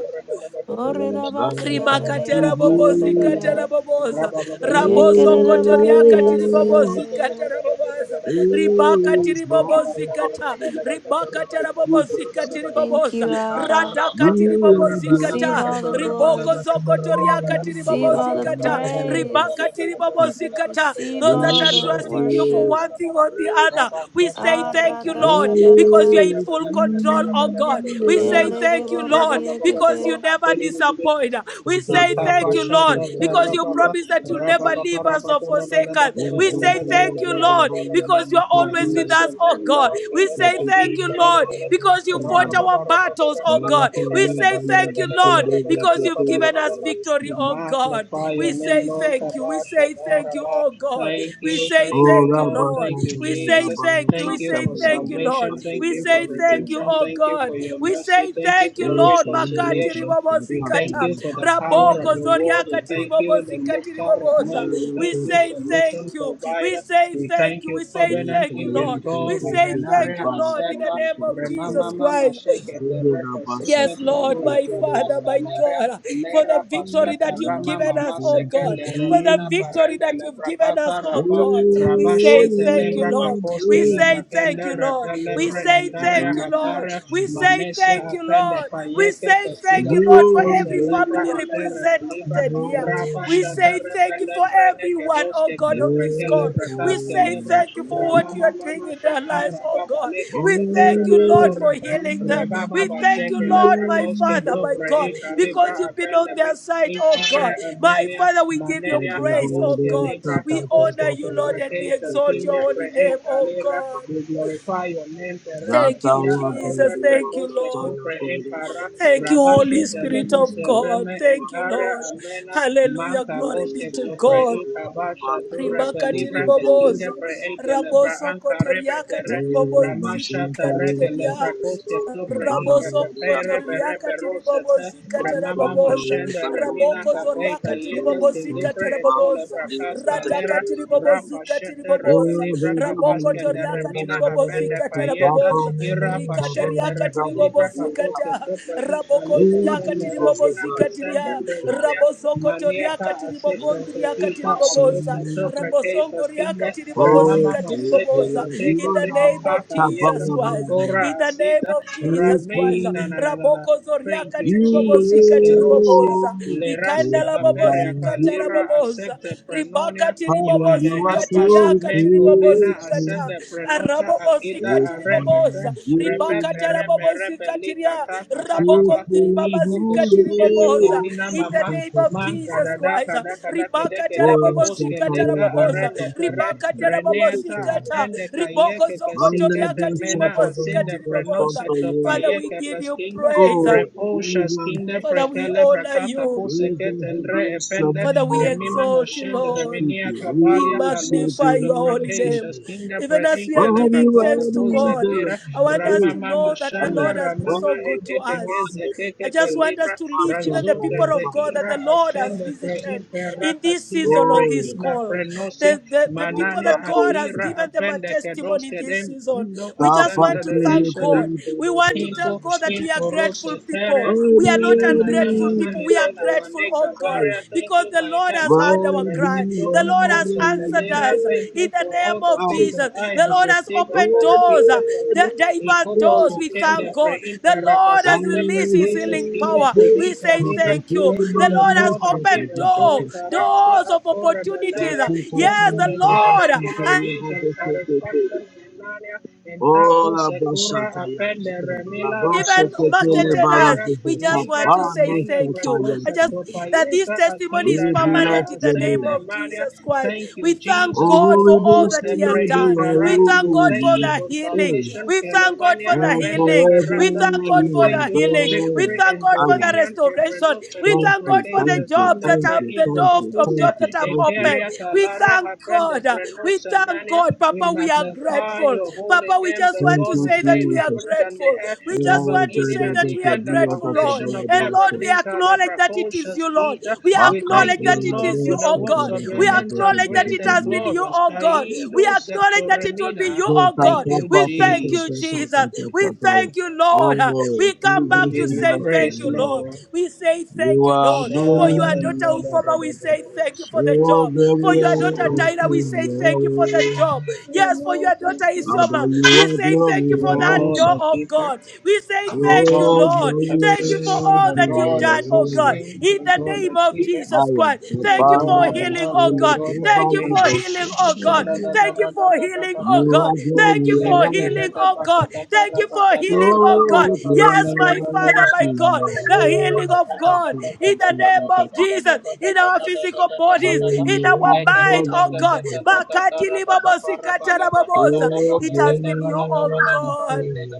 S3: Orida
S7: like
S3: Basia
S7: unto
S2: rimakatera bobozi
S7: thee?
S2: katera
S3: Ridia
S2: boboza
S7: O
S2: raboso
S8: Rabba
S3: yekerere
S2: kotoriaka
S7: Lord,
S2: tiribobozi katera boboza ribaka
S7: who
S2: tiri
S7: is like
S2: tiribobozi
S7: unto
S2: kata
S7: thee?
S2: rimaka tera bobozi
S7: Jesus,
S3: Thank
S2: katiriboboza
S3: you, Abba.
S2: radaka
S7: you are
S2: tiribobozi
S7: the only
S3: Receive
S2: kata
S3: all the
S2: riboko
S3: glory.
S2: zokotoriaka
S7: one who
S3: Receive all
S2: tiribobozi
S3: the
S7: can
S2: kata
S3: praise.
S2: Ribaka tiri tiribobozi
S7: ever
S2: kata
S3: Receive
S2: those that
S3: all
S2: are
S3: the
S7: Therefore,
S2: trusting you for
S3: worship.
S2: one thing on the
S7: praise
S2: other we say thank you lord because you are
S3: Aradashakarada.
S2: in
S7: only
S2: full control oh god we say
S7: you.
S2: thank you lord because you
S3: Yeredeboredeyekete.
S2: never
S8: Rabba
S2: disappoint destroyed. We
S7: Sada
S2: say
S7: bana
S2: thank
S8: Ikapa
S7: de,
S2: you, Lord,
S8: shata
S7: sada
S2: because
S7: bana
S8: tara
S2: you
S8: papa
S2: promised that you'll
S8: rapa
S2: never
S7: de,
S8: papa
S2: leave us
S8: rapa
S2: or
S8: to rapa
S2: forsake
S8: lapa
S2: us.
S8: to
S7: Thank
S2: We
S8: rapa
S2: say
S8: lapa to
S2: thank
S8: rapa
S2: you,
S8: to rapa
S2: Lord,
S8: to rapa
S2: because you're
S8: to.
S2: always with
S8: Bless your
S2: us, oh
S8: name,
S2: God.
S8: Lord.
S2: We say thank
S8: He
S2: you,
S8: shall
S2: Lord, because you fought
S8: rapa
S2: our
S8: papa rapa to
S2: battles, oh
S8: rapa lapa
S2: God.
S8: to
S2: We
S8: rapa
S2: say
S8: lapa to
S2: thank
S8: rapa
S2: you,
S8: lapa to
S2: Lord,
S8: rapa lapa
S2: because
S8: lapa
S2: you've
S8: to
S2: given
S8: rapa
S2: us
S8: lapa.
S2: victory,
S8: We
S2: oh God.
S8: magnify your
S2: We
S8: name,
S2: say
S8: Lord.
S2: thank you. We
S8: Kapa
S2: say
S8: shata
S2: thank you,
S8: rapa.
S2: oh God.
S8: Thank
S2: We
S8: you,
S2: say
S8: thank you,
S2: thank you,
S8: Lord.
S2: Lord.
S8: Thank you,
S2: We say
S8: Jesus.
S2: thank you. We
S8: Thank you
S2: say
S8: for
S2: thank you, Lord.
S8: salvation. Thank
S2: We
S8: you for
S2: say thank you,
S8: redemption.
S2: oh
S8: Thank you
S2: God.
S8: for your
S2: We
S8: mercy.
S2: say
S8: Thank you
S2: thank
S8: for
S2: you, Lord. Makati
S8: reconciliation.
S2: ribabo
S8: We thank
S2: zikata.
S8: you for the power of
S2: Raboko
S8: your word.
S2: zoriaka
S8: We thank you, the
S2: tiribobozika
S8: nectar of
S2: tiribobosa.
S8: man. We
S2: We
S8: thank you,
S2: say
S8: solution
S2: thank you. We
S8: provider.
S2: say
S8: We
S2: thank
S8: thank
S2: you.
S8: you,
S2: We say
S8: covenant
S2: thank you,
S8: keeping
S2: Lord. We
S8: God. We
S2: say thank
S8: venerate
S2: you, Lord, in the
S8: Haseka,
S2: name of
S7: you.
S2: Jesus
S8: Remama Mama
S2: Christ.
S8: Sheke,
S7: Thank
S8: the Refa Sister,
S2: Yes, Lord,
S8: Tukuna,
S2: my Father, my God, for
S8: Lera
S2: the victory
S8: pastata
S2: that you've
S8: rama
S2: given us,
S8: mama
S2: oh God,
S8: sekende
S2: for the
S8: remina
S2: victory
S8: parende
S2: that you've given us,
S8: lebrakata
S2: oh
S8: rapa
S2: God. We say
S8: rabashete
S2: thank you,
S8: lebra
S2: Lord.
S8: kaposke
S2: We say thank
S8: lebrakende
S2: you, Lord.
S8: repe
S2: We
S8: lebre
S2: say
S8: endaria
S2: thank you, Lord.
S8: hataria
S2: We say
S8: manesia
S2: thank you,
S8: apende
S2: Lord. We
S8: payete
S2: say thank
S8: pestinda
S2: you, Lord, for
S8: prekose
S2: every
S8: lebra
S2: family
S8: atere
S2: represented
S8: libra
S2: here.
S8: rapa
S2: We
S8: shata
S2: say
S8: repe
S2: thank you for
S8: lebre neke
S2: everyone, oh
S8: doske
S2: God, of this
S8: tebreke
S2: call.
S8: lebra
S2: We
S8: kaske
S2: say
S8: lebra
S2: thank you for what
S8: rama
S2: you
S8: mama
S2: are doing
S8: mama
S2: in their
S8: shata
S2: lives, oh
S8: rababa
S2: God.
S8: leke
S2: We thank
S8: tetere
S2: you, Lord, for
S8: petorebe
S2: healing them.
S8: rebaba
S2: We thank you,
S8: basheke
S2: Lord,
S8: lebra
S2: my
S8: koske
S2: Father, my
S8: topre
S2: God,
S8: Ica
S2: because
S8: Libra
S2: you've been on their
S8: Appendament,
S2: side, oh God.
S8: Intare
S2: My
S8: Armenia,
S2: Father, we give you
S8: Manenia
S2: praise, oh
S8: Caboske
S2: God.
S8: Libra
S2: We honor
S8: Caposke
S2: you, Lord, and we
S8: Proprecacia
S2: exalt
S8: Kinder
S2: your
S7: you.
S2: holy name,
S8: Create
S2: oh
S8: Alera,
S2: God.
S8: we glorify your name, Terre
S2: Thank you,
S8: Messia,
S7: Zataya
S8: Aronda
S2: Jesus.
S7: Baba
S2: Thank you,
S8: Precoce
S2: Lord.
S7: Sataya
S8: Copre
S7: Koda
S8: Impara,
S2: Thank you, Holy
S8: Rabashe
S2: Spirit of
S8: Telebose
S2: God.
S8: Reme
S2: Thank you,
S8: Encara
S2: Lord.
S8: Amena,
S2: Hallelujah.
S8: Manca
S2: Glory be
S8: Bosque
S2: to
S8: Copre
S2: God
S8: Incabasha Turre
S2: rimakati
S8: libra Kestinda
S2: riboboza
S8: Preate Lebra Anca Rebe
S2: rabosokotoriakati
S8: Terre, Ramasha Terre Lebra
S2: ribobozikateria
S8: Cosque Copre Inca Pere Pere
S2: rabosokotoriakati
S8: Perosata, Remama
S2: ribobozikataraboboza
S8: Mashenda, Remina Cabe,
S2: rabokozoriakati
S8: Cayeta, Tindipre, Ecola,
S2: ribobozikataraboboza
S8: Fracas, Calera,
S2: radakati
S8: Rapa
S2: ribobozikati
S8: Shete,
S2: riboboza
S8: Repelibra, Capas, Kenda,
S2: rabokotoriakati
S8: Remina, Apenda, Payeta,
S2: ribobozikataraboboza
S8: Ira Pashete,
S7: Thank
S2: rikatariakati
S8: Repelibra,
S7: you.
S8: Capos,
S2: kata
S8: Kedupra, Ishaleta,
S7: Oh,
S2: rabokondria
S8: Senda, Remina,
S2: katiribobozika
S8: Masenda,
S2: tiria
S8: Frenonia,
S2: rabozokotoria
S8: Maniaca, Aseta,
S2: katiribokondria
S8: Sedita,
S2: katiriboboza
S8: Aposta, Tupra, Keisa,
S2: rabosongoria
S8: Skinda, Remama
S2: katiribobozika
S8: Maseta,
S2: tiriboboza
S8: Teka,
S2: in the
S8: Teka,
S2: name of
S8: Paka,
S2: Jesus
S8: Yetam,
S2: Christ
S8: Gora,
S2: in the name
S8: Asita,
S2: of Jesus Christ
S8: Ramina, na na na na.
S2: Raboko rabokozoria
S8: Thank you,
S7: you
S8: Jesus.
S2: katiribobozika
S8: Erosia,
S2: tiriboboza
S7: Faithful,
S8: Lerasia,
S2: ikandala
S7: you Lord, faithful are
S8: Haperiaka,
S2: bobozika
S7: you.
S8: Lera,
S2: taraboboza
S8: Accepta,
S2: ribaka
S8: Prenonia. You
S7: Father,
S8: are the
S7: you are
S8: helpers of
S7: so
S2: katiriaka
S8: men, Comena,
S7: faithful.
S2: tiribobozikata
S8: Ascende, Prenota, Akita,
S7: Faithful are
S8: Arepete,
S2: arabobozikatiriboboza
S7: you.
S8: Repepe, Repe, Repe,
S2: ribakatarabobozikatiria
S8: Likata,
S7: Faithful
S8: Katakabako,
S7: are
S8: Iko,
S7: you,
S8: Kosunke,
S2: rabokontiribabazikatiriboboza
S7: Lord.
S8: Determina,
S2: in
S7: So
S2: the
S8: Mama,
S2: name of
S8: Man,
S7: faithful.
S2: jesus
S8: Kadada,
S2: christ
S8: Kada, Kada, Kede, Kede,
S7: Oh, I'm so
S8: Keboske, Leka,
S7: tired. I'm
S2: ribakatarabobozikataraboboza
S8: Arende,
S7: not
S8: Pere,
S7: so
S8: Reneata,
S7: tired.
S2: ribakatarabobozikata
S8: Apende, Kayeke,
S7: Manda
S8: Kesinke, Temena,
S7: bashata bana
S8: Ascende, Prenosa,
S2: ribokozokotoriakatiribobozikatiriboboza
S7: bashanta yenge
S2: father we
S8: Topayeke,
S7: bada.
S2: give you
S8: Lepeskinda,
S2: praise
S7: Oh,
S8: Reposha
S7: Jesus,
S8: Skinda,
S2: Father, we
S8: Frekele
S2: honor
S8: Brakaka
S2: you.
S8: Kuseket
S7: Jesus, we
S8: and Re
S7: bless your
S8: Epende,
S2: Father,
S7: name, O
S2: we
S8: Remima
S7: God. We
S2: exalt you,
S8: Mashend,
S2: Lord.
S7: worship
S8: Reminia
S7: you, we
S2: We
S8: Kabalia Kalo
S7: worship you,
S2: magnify
S8: Sector
S2: your
S7: we
S2: holy
S7: worship
S8: Brekesha
S2: name.
S7: you.
S8: Skinda,
S2: Even as we are
S8: Preekele
S7: Worthy,
S2: giving thanks
S8: Brakoko
S2: to
S7: worthy is
S2: God,
S7: the
S8: Kozekera,
S2: I
S7: Lamb.
S2: want us
S7: Oh,
S2: to
S8: Ramama
S2: know that the
S7: oh,
S2: Lord
S8: Mashanda,
S2: has been
S8: Ramama
S2: so good
S7: worthy,
S2: to
S8: Ekeke
S2: us.
S7: worthy is
S2: I
S8: Zekeke
S7: the
S2: just want us
S8: Libra,
S2: to
S7: Lamb.
S2: lift even the
S7: Bashata
S8: Razuka
S2: people of
S7: yenge
S2: God that the
S8: Zeira
S2: Lord has
S8: Ashenda,
S2: visited
S8: Preimpera
S2: in this
S8: Kaskinda,
S2: season on this
S7: Oh,
S8: Preina
S2: call.
S8: Prenosia,
S2: The, the, the people
S7: manda
S8: Manania
S2: that God has
S7: bashanta.
S8: Akira
S2: given them a
S8: Apende
S2: testimony in
S8: Kedoske
S2: this
S8: Dem
S2: season.
S8: Indo
S2: We just
S7: Tapa
S2: want
S8: Ascenda
S2: to
S7: to your
S2: thank
S8: Resha
S2: God.
S7: belly,
S2: We
S7: bada
S2: want to
S7: bada
S2: tell
S8: Pinto,
S2: God that
S7: bashanta.
S2: we are
S8: Imporo,
S2: grateful people.
S8: Setere,
S2: We
S7: Worthy,
S2: are not
S8: Mina,
S7: worthy
S8: Nana,
S2: ungrateful
S8: Nana,
S7: is
S2: people. We
S7: the
S2: are
S8: Nana,
S2: grateful, oh
S8: Manega,
S7: Lamb.
S2: God,
S8: Baria, thank
S2: because
S8: you,
S2: the the
S8: my
S2: Lord has
S8: helper,
S2: heard our cry.
S7: Worthy,
S8: Rajito,
S2: The Lord
S8: Paco,
S2: has
S7: worthy,
S2: answered
S8: Setelera,
S2: us
S8: thank
S2: in
S8: you
S2: the
S8: for
S2: name
S8: all the
S2: of
S7: our
S8: things that
S2: Jesus.
S8: I
S2: The
S8: have
S2: Lord has
S8: received and
S2: opened
S7: God,
S2: doors, uh,
S8: benefited from
S2: the
S8: you.
S2: diverse
S8: Ikoko,
S7: so
S2: doors. We thank
S8: Sukende,
S2: God.
S8: Prein,
S2: The Lord
S7: thou
S2: has
S8: Parapasita,
S2: released His
S8: Precatious,
S2: healing
S8: Kinder,
S7: hast
S2: power. We
S8: Prein,
S2: say
S8: calibre.
S2: thank you.
S8: Thank you,
S2: The
S8: the
S2: Lord has
S8: God that gave
S2: opened
S8: us
S2: doors,
S8: joy, Karasia,
S2: doors of
S8: Akora,
S2: opportunities.
S8: Dalaria. Thank
S2: Yes,
S8: you,
S2: the
S8: the God that
S2: Lord
S8: gave us peace and satisfaction, Emania, and Taco,
S7: Ola
S8: Sekura,
S7: basata ya
S8: Apende,
S7: kata bala
S8: Remila,
S7: bosha
S2: even
S8: Rako,
S7: kele
S8: Sekura,
S2: marketed
S7: bala
S2: us.
S8: Terra,
S2: We
S7: kata
S2: just
S8: Libra,
S2: want to say
S7: kapano
S8: Askenda,
S2: thank
S7: kata
S2: you.
S7: ya
S8: Preco,
S2: I just
S7: kata.
S2: that this
S8: Sekopaeta,
S2: testimony is
S7: We
S8: Askenda,
S7: bless
S2: permanent
S8: Daria,
S2: in the
S7: your
S2: name
S7: name.
S8: Ascende,
S2: of
S8: Maria.
S2: Jesus Christ.
S8: Thank
S2: We
S8: you,
S2: thank
S8: Jesus,
S2: God
S7: Oh, we
S2: for all
S8: Kotoso,
S7: bless
S2: that
S7: you,
S2: He has
S8: Tepre,
S7: Lord,
S2: done.
S7: you are
S2: We
S8: Inkara.
S2: thank
S8: We
S2: God
S8: thank
S2: for
S8: you
S7: holy.
S2: the
S8: for
S2: healing.
S7: Hey,
S8: salvation,
S2: We thank God for
S8: Kelemania,
S2: the
S7: And
S8: Apende,
S2: healing.
S7: forever
S2: We
S8: Perata.
S2: thank God
S8: We
S7: you
S2: for
S7: are
S8: thank
S2: the
S8: you for
S2: healing. We
S7: there.
S8: victory
S2: thank
S8: and
S2: God for
S7: Allah,
S2: the
S8: dominion sobre
S2: restoration. We
S7: thank
S2: thank
S8: nosotros,
S2: God
S7: you,
S2: for
S8: que
S2: the
S8: se
S7: thank you,
S2: jobs
S8: brinda
S2: that
S7: thank
S2: have
S8: pre
S7: you,
S2: the
S8: hijo
S7: thank
S2: door
S7: you,
S2: of
S7: thank
S8: popusia,
S2: jobs that
S7: you,
S2: have
S7: thank you,
S2: opened.
S8: eteria
S2: We
S8: calaria,
S2: thank
S8: aprende
S2: God.
S8: pre mania.
S2: We thank God,
S8: We
S2: Papa. We are
S8: magnify
S2: grateful.
S8: your holy
S2: Papa, we
S8: name,
S2: just
S8: the
S2: want
S7: thank
S2: to
S8: God
S7: you,
S8: who
S2: say that
S8: made
S2: we are
S7: Jesus.
S8: heavens and the
S2: grateful.
S8: earth,
S2: We
S8: the
S2: just
S7: Allah,
S2: want to
S7: God,
S8: beginning
S2: say
S7: I
S8: and
S2: that
S8: the
S7: bless
S2: we are
S7: you,
S8: end, the
S7: we are
S2: grateful,
S7: the
S2: Lord.
S8: foundation of
S2: And Lord,
S7: Babaladosa.
S2: we
S8: everything,
S2: acknowledge
S8: calabra
S2: that it is
S8: cautious
S2: you, Lord.
S8: Gita.
S2: We
S8: We
S7: Baka
S2: acknowledge
S8: thank you,
S2: that it
S8: Lord,
S2: is
S8: for
S2: you,
S8: the
S2: oh
S7: Baladosa,
S8: works
S2: God.
S8: of
S7: Bada
S8: your
S2: We
S8: hands
S7: Baladosa,
S8: are
S2: acknowledge that
S8: great
S7: Bada
S2: it
S8: and
S2: has been
S7: Baladosa.
S2: you,
S8: glorious.
S2: oh God. We
S8: Kaido
S2: acknowledge that it will be
S8: sectoremina.
S2: you, oh
S7: Zeta
S2: God.
S8: Thank you,
S2: We
S7: Kappa,
S2: thank
S7: Kappa,
S2: you,
S8: Jesus.
S7: Kappa,
S2: Jesus.
S7: Kappa,
S2: We
S7: Kappa.
S2: thank you, Lord. Lord. Uh,
S7: Oh,
S2: We come
S8: We
S2: back
S7: Jesus,
S2: to
S8: give
S7: we
S8: you
S2: say
S7: bless your
S2: thank
S8: praise,
S2: you,
S7: name.
S2: Lord.
S8: Lord.
S2: We say
S7: You
S2: thank you,
S7: are
S2: Lord. For your
S7: doing
S2: daughter
S8: Shalom.
S2: Ufoma, we say thank you for the
S7: so
S2: job. For
S8: Thank
S2: your
S8: you,
S2: daughter
S8: Lord.
S7: glorious
S2: Tyra, we
S7: in
S2: say
S7: your
S2: thank you for the
S7: way.
S2: job.
S8: Oh,
S2: Yes, for your
S8: Lord, thank
S2: daughter
S8: you.
S7: Father,
S2: Isoma,
S7: you
S2: we
S7: are
S2: say thank you
S8: You
S2: for
S8: are
S2: that
S7: glorious.
S8: God
S2: door,
S8: that
S2: oh
S8: keeper.
S2: God. We say
S8: You are
S2: thank you,
S8: God
S7: Oh,
S8: that
S2: Lord. Thank you for
S8: protects.
S7: glorious
S8: You
S2: all
S8: are
S2: that
S7: in
S2: you've
S8: God
S7: your
S8: that
S2: done, oh God.
S7: name.
S8: sustains.
S2: In
S8: You are
S2: the
S8: God
S2: name
S8: that
S2: of
S8: keeper.
S2: Jesus Christ.
S7: I am
S8: You are
S2: Thank you
S8: God
S2: for
S7: Papana
S8: that
S2: healing,
S8: help.
S2: oh
S8: You are
S7: Basile,
S2: God.
S8: God that
S2: Thank you
S7: Papana
S2: for
S8: favors.
S2: healing, oh God.
S7: Basile.
S2: Thank you for healing, oh
S8: Sha-da-da-da-da-da-da-da-da-da.
S7: You
S2: God.
S7: are
S2: Thank you for
S7: glorious.
S2: healing, oh God. Thank you for healing, oh God.
S7: Oh,
S2: Yes, my
S8: Le-da-da-da-da-ba-ka-da-da-da-ba-da-da-da-da-ba-ba-ba-da-da-da-da-da.
S2: Father,
S7: glorious
S2: my
S7: in
S8: Rabba
S2: God,
S7: your
S2: the healing
S7: name.
S2: of God in the name of Jesus, in our physical
S7: Oh,
S2: bodies, in
S7: you
S2: our
S7: are
S2: mind, oh God.
S7: glorious.
S2: Makati libabosi katarababosa.
S7: Oh,
S2: It has been you, oh
S7: glorious in your
S2: God.
S7: name.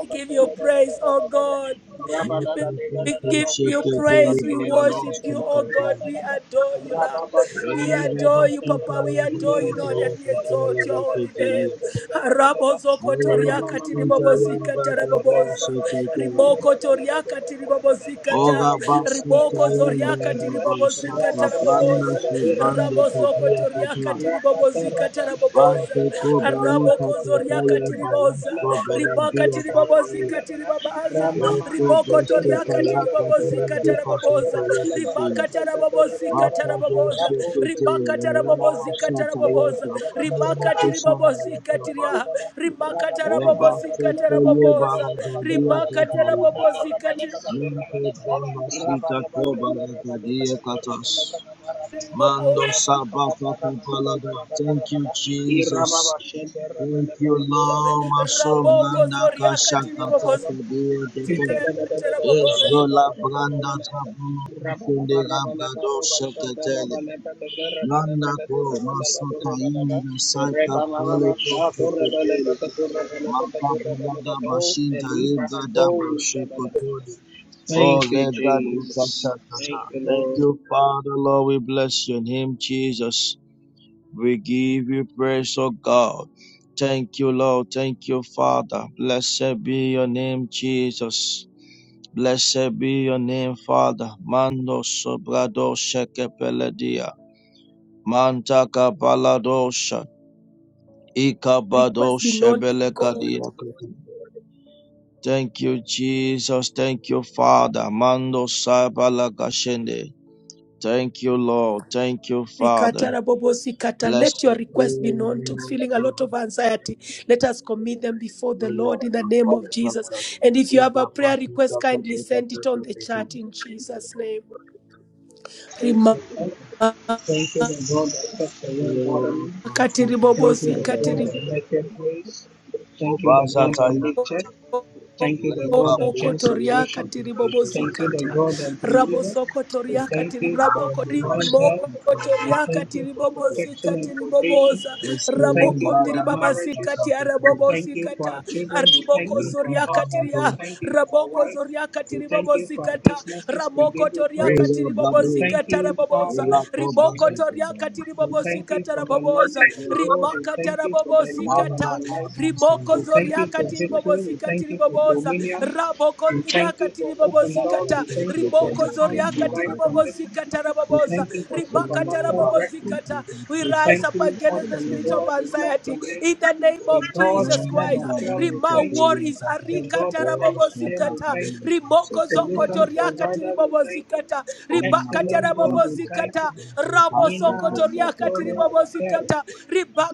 S2: We give you praise, oh God. We we give
S7: Shake
S2: you
S7: it,
S2: praise. We
S7: Lebanon,
S2: worship you, oh God.
S7: Oscar,
S2: We adore you, Lord.
S7: Ola
S8: Rama
S2: We
S7: basita
S2: adore you, Papa. We adore you, Lord, and we exalt your holy name. Harabo zoko katiri bobo zika
S7: yanda
S2: taraboboza. Riboko toriaka tiribobozikata. Riboko zoriaka
S7: da
S2: tiribobozikata
S7: basaka banda
S2: raboboza.
S7: subanda
S2: Rabozoko
S7: pedia
S2: toriaka
S7: kata
S2: tiribobozikata
S7: bante
S2: raboboza.
S7: ko baruka
S2: Araboko
S7: kata
S2: zoriaka
S7: ya bayas
S2: tiriboza.
S7: ko
S2: Ribaka
S7: beladia kata
S2: tiribobozika tiribabaza.
S7: ya ko
S8: mama
S2: Riboko
S7: baste
S2: toriaka
S7: kaya kata
S8: Rababa Shendra,
S7: ya
S2: tiribobozikata
S8: Rababa Katura,
S2: raboboza. Ribaka
S7: deka
S2: tarabobozika
S7: Mando
S2: taraboboza. Ribaka tarabobozika taraboboza. Ribaka tiribobozika tiriaha. Ribaka tarabobozika taraboboza rimakatara bobozi kati
S7: sabata kapalada. Thank you, Jesus.
S8: Rababa
S7: Thank you, Lord. Maso
S8: Katura, Rababa
S2: raboko
S7: blanda
S8: Mama
S2: zoriaka
S7: kashaka
S8: Sandra,
S2: tiribobozi
S7: kata
S8: Rababa
S7: dia
S8: Thank
S7: dete.
S2: katara
S7: Ezrola blanda tabu kufinde gabra do sheketele. Ranako, Masakaira, Saika, Paleko, Kepetele, Makabulada, Bashinda, Ibada, Basukotole, Oh,
S8: you,
S7: Reda, Duka,
S8: Jesus.
S7: Shakata.
S8: Thank you,
S7: Thank
S8: Lord.
S7: you, Father, Lord. We bless your name, Jesus. We give you praise, oh God. Thank you, Lord. Thank you, Father. Blessed be your name, Jesus. Blessed be your name, Father. Mando sobrado shekepeledia. Mantaka Baladosha. Ikabado
S2: request be known to God.
S7: Shebelekadia. Thank you, Jesus. Thank you, Father. Mando Sabalagashende. Thank you, Lord. Thank you, Father.
S2: Rikatara bobozi kata.
S7: Blessed
S2: Let your
S7: be
S2: request be known to feeling a lot of anxiety. Let us commit them before the
S7: our
S2: Lord in the name of Jesus. And if you have a prayer request, kindly send it on the chat
S7: consecration.
S2: in Jesus' name.
S8: Thank
S2: Rima-
S8: you, Lord. Thank you, the
S2: katiri
S8: God that kept the world
S7: Oh,
S8: bottom.
S7: consecration,
S8: Thank you,
S2: bobosi
S7: God,
S8: the
S7: God, God,
S8: God that
S7: God.
S8: made grace. Thank you, the
S7: Obasa
S8: God that
S7: Taya
S8: lifted. Thank you, the
S7: Lepa
S8: God that changed
S7: Puta Yin
S2: Kotoria
S8: situation.
S2: katiri
S7: Consecration,
S2: bobozi
S8: Thank you, the
S7: consecration,
S2: kata
S8: God that delivered.
S7: consecration.
S2: raboso
S8: We
S2: kotoria
S8: thank
S2: katiri.
S8: you for
S2: rabo
S7: Ah,
S8: divine
S7: Basta
S2: korimoko
S8: help.
S7: Kika
S8: We
S2: kotoria
S7: Leka.
S8: thank you
S2: katiri
S8: for
S2: bobozi
S8: protection and
S2: katiri
S8: provision.
S2: boboza
S7: Manda
S8: We
S2: Rabo
S8: thank you for our
S2: tiribobozikata babasi tiribrabokotorimokotoriaka tiribobozika tiriboboza rabokondiribabasika
S8: marriages. We thank you for
S2: tiarabobozikata
S8: our children. We thank you for our
S2: aribokozoriaka
S8: husbands. We thank you for our
S2: Raboko
S8: wife.
S2: zoriaka
S8: We thank
S2: tiribobo
S8: you for our
S2: zikata.
S8: businesses. We
S2: Ramoko
S8: give you
S2: toriaka
S8: praise.
S2: tiribobo
S8: We thank
S2: zikata
S8: you,
S2: raboboza.
S8: Father, for
S2: Riboko
S8: salvation.
S2: toriaka
S8: We
S2: tiribobo
S8: thank you
S2: zikata
S8: for the light
S2: raboboza.
S8: of the world. We
S2: Rimaka
S8: thank you for
S2: tarabobo
S8: the life and
S2: zikata.
S8: the light.
S2: Rimoko
S8: We thank you
S2: zoriaka
S8: for
S2: tiribobo
S8: victory. We
S2: zikata
S8: thank you for
S2: tiriboboza.
S8: dominion.
S2: Raboko
S8: We thank
S2: ndriaka
S8: you for
S2: tiribobo
S8: open doors.
S2: zikata.
S8: We thank you for
S2: Riboko
S8: divine,
S2: zoriaka
S8: divine
S2: tiribobo
S8: connection.
S2: zikata
S8: We
S2: raboboza.
S8: thank you for supernatural breakthrough.
S2: Rimakatarabobosikata. We
S8: We
S2: rise
S8: thank
S2: up
S8: you,
S2: against the
S8: awesome
S2: spirit of
S8: God. We bless the
S2: anxiety
S8: name.
S2: in the name
S8: The
S2: of
S8: God
S2: Jesus
S8: that
S2: Christ.
S8: never fails. We
S2: Rima
S8: thank you.
S2: worries.
S8: The God that never shame. We
S2: Arikatarabobosikata.
S8: thank you. Solution provider. We thank you.
S2: Rimokozokotoriakatiribobozikata.
S7: Omnibus
S8: Excellent
S7: people,
S8: God. We thank you.
S2: Ribakatarabobozikata.
S7: yeah, they pass
S8: Nina Satoria Akari.
S2: Rabosokotoriakatiribobozikata.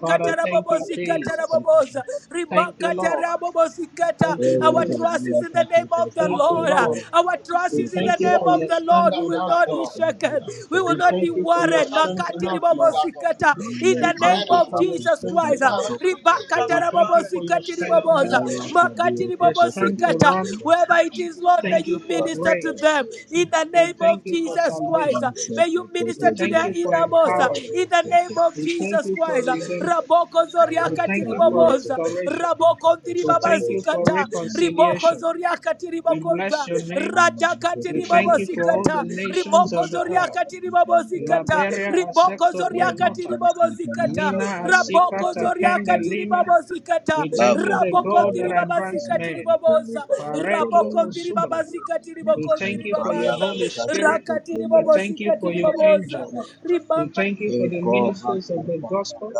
S8: Father, thank you, Jesus.
S7: the
S8: Thank you, Lord.
S2: Rimakatarabobosikata.
S8: Thank
S7: Oh,
S8: you,
S7: my
S2: Our
S8: Jesus.
S7: God, we
S2: trust is
S7: are
S2: in the name
S7: talking to
S2: of the
S7: you,
S8: Thank you,
S2: Lord.
S7: people,
S8: Lord.
S2: Our trust
S8: We
S2: is
S8: thank
S2: in
S7: people, people.
S2: the
S7: say, Oh,
S2: name of the Lord. We will not be
S7: my God,
S2: shaken.
S7: we are
S2: We will
S7: talking
S2: not
S7: to
S2: be worried. Makati
S8: you,
S2: ribobo
S8: Lord.
S7: you,
S2: zikata. In
S7: men,
S2: the name
S8: Thank you
S7: people,
S2: of
S8: for
S7: people, people,
S2: Jesus
S7: people,
S8: your
S2: Christ.
S7: talking
S8: love.
S7: to
S2: Ribakata
S7: people.
S8: Thank
S2: ribobo
S8: you for
S2: zikati
S8: strengthening
S7: Oh,
S2: riboboza.
S8: us,
S7: my God, we
S2: Makati
S7: are talking
S8: the
S7: to
S2: ribobo
S8: strength
S7: you,
S8: to
S2: zikata.
S8: run.
S2: Whoever
S7: I
S2: it is,
S7: am the
S2: Lord, may
S8: Thank you
S7: chief,
S2: you
S7: people, people,
S8: for
S2: minister
S7: people,
S2: to
S8: grace.
S2: them.
S7: people,
S2: In the
S7: people.
S8: We
S2: name
S8: thank
S2: of
S8: you for
S2: Jesus Christ.
S8: salvation.
S7: One
S2: May
S7: second,
S2: you
S7: talking to
S8: We
S2: minister to
S7: you,
S8: thank
S2: their
S8: you for
S7: talking
S2: innermost.
S8: empowerment.
S2: In the
S7: to
S2: name of
S8: We thank
S2: Jesus
S8: you for
S2: Christ.
S8: redemption.
S2: Raboko
S8: We
S2: zoriaka
S8: thank you
S7: be a
S8: for
S7: people,
S2: tiriboboza.
S8: restoration.
S7: people, people,
S2: Raboko
S7: people.
S8: We
S7: Oh, my God, we are talking to you, people, people,
S8: thank
S7: people,
S8: you for
S2: ndiribabazikata.
S7: people, people.
S2: Riboko
S8: reconciliation.
S2: zoriaka
S8: We
S2: tiribokonda
S8: bless your
S7: Oh,
S8: name.
S7: my God, we are talking
S2: radakati
S8: We
S7: to
S8: thank you
S7: you,
S8: for all
S7: people,
S8: the
S2: ribobozikata
S8: nations
S2: riboko
S8: of the earth.
S2: zoriakati
S7: people, people, people, people.
S2: ribobozikata
S8: Liberia,
S2: riboko
S8: Asekto,
S7: Thank
S2: zoriakati
S8: Prenota,
S2: ribobozikata
S8: Mina, Asika,
S2: raboko
S8: Takende,
S2: zoriakati
S8: Lima.
S2: ribobozikata
S8: We thank you, the
S2: raboko
S8: God that advanced
S2: ndiribabazikati
S8: man.
S2: riboboza
S8: Pareto,
S2: raboko
S8: Osubria.
S2: ndiribabazikati
S8: We
S2: riboko
S8: thank you for your
S2: ndiribabaza
S8: Holy Spirit.
S2: rakati
S8: We thank you
S2: ribobozikati
S8: for your
S2: riboboza
S8: angels. We
S2: ribakata
S8: thank you for the ministers of the gospel.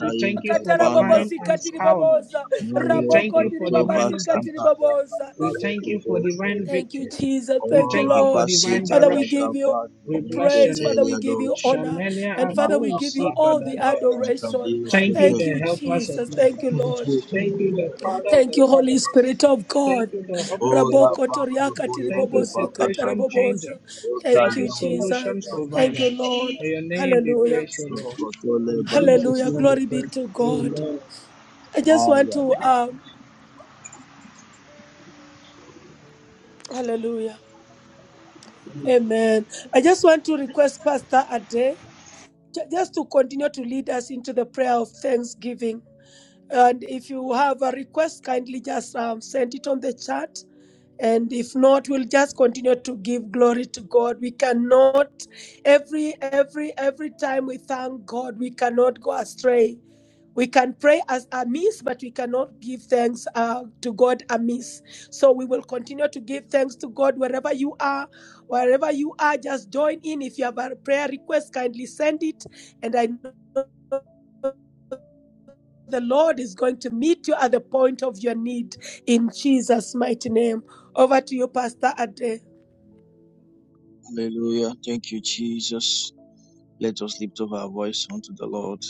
S8: We thank you for divine
S2: rabobozikati
S8: empowerment.
S2: riboboza
S8: We thank
S2: raboko
S8: you for divine
S2: ndiribabazikati
S8: victory.
S2: riboboza
S8: We thank you for divine
S2: Thank you,
S8: victory.
S2: Jesus.
S8: We
S2: Thank you,
S8: thank you for
S2: Lord.
S8: divine
S2: Father, we
S8: direction.
S2: give you
S8: We bless your
S2: praise. Father,
S8: name.
S2: we give you honor.
S8: Shamania
S2: And Father, we
S8: Ako
S2: give you
S8: Sika
S2: all the
S8: Dabayara.
S2: adoration.
S8: Thank you,
S7: you.
S2: Thank
S8: the
S2: you,
S8: helpers of
S2: Jesus.
S8: men.
S2: Thank you, Lord.
S8: Thank you, the father of
S2: Thank
S8: the
S2: you, Holy
S8: fatherless.
S2: Spirit of God.
S8: Thank you, the hope of the
S7: Ola
S2: Raboko
S8: hopeless.
S7: baka
S2: toriaka
S7: bola
S8: Thank
S7: de
S8: you,
S2: tiribobosi
S7: baka tam.
S8: situation changer.
S2: katarabobosa.
S7: Oka
S2: Thank
S8: Thank you,
S2: you,
S7: ya baka
S8: solution
S2: Jesus.
S7: baka.
S8: provider.
S2: Thank you, Lord.
S8: May your name be
S2: Hallelujah.
S8: praised, O
S7: Oso
S8: Lord.
S7: koto le
S8: In
S7: bala de
S8: Jesus'
S2: Hallelujah.
S8: name we
S2: Glory
S7: bala.
S2: be
S8: pray.
S2: to God.
S8: Amen.
S2: I just
S7: Ah,
S2: want
S7: yeah,
S2: to,
S7: yeah.
S2: um, hallelujah. Amen. I just want to request Pastor Ade. ju- just to continue to lead us into the prayer of thanksgiving. And if you have a request, kindly just um, send it on the chat. And if not, we'll just continue to give glory to God. We cannot every every every time we thank God, we cannot go astray. We can pray as amiss, but we cannot give thanks uh, to God amiss. So we will continue to give thanks to God wherever you are. Wherever you are, just join in. If you have a prayer request, kindly send it. And I know the Lord is going to meet you at the point of your need in Jesus' mighty name. Over to you, Pastor Ade.
S7: Hallelujah. Thank you, Jesus. Let us lift up our voice unto the Lord.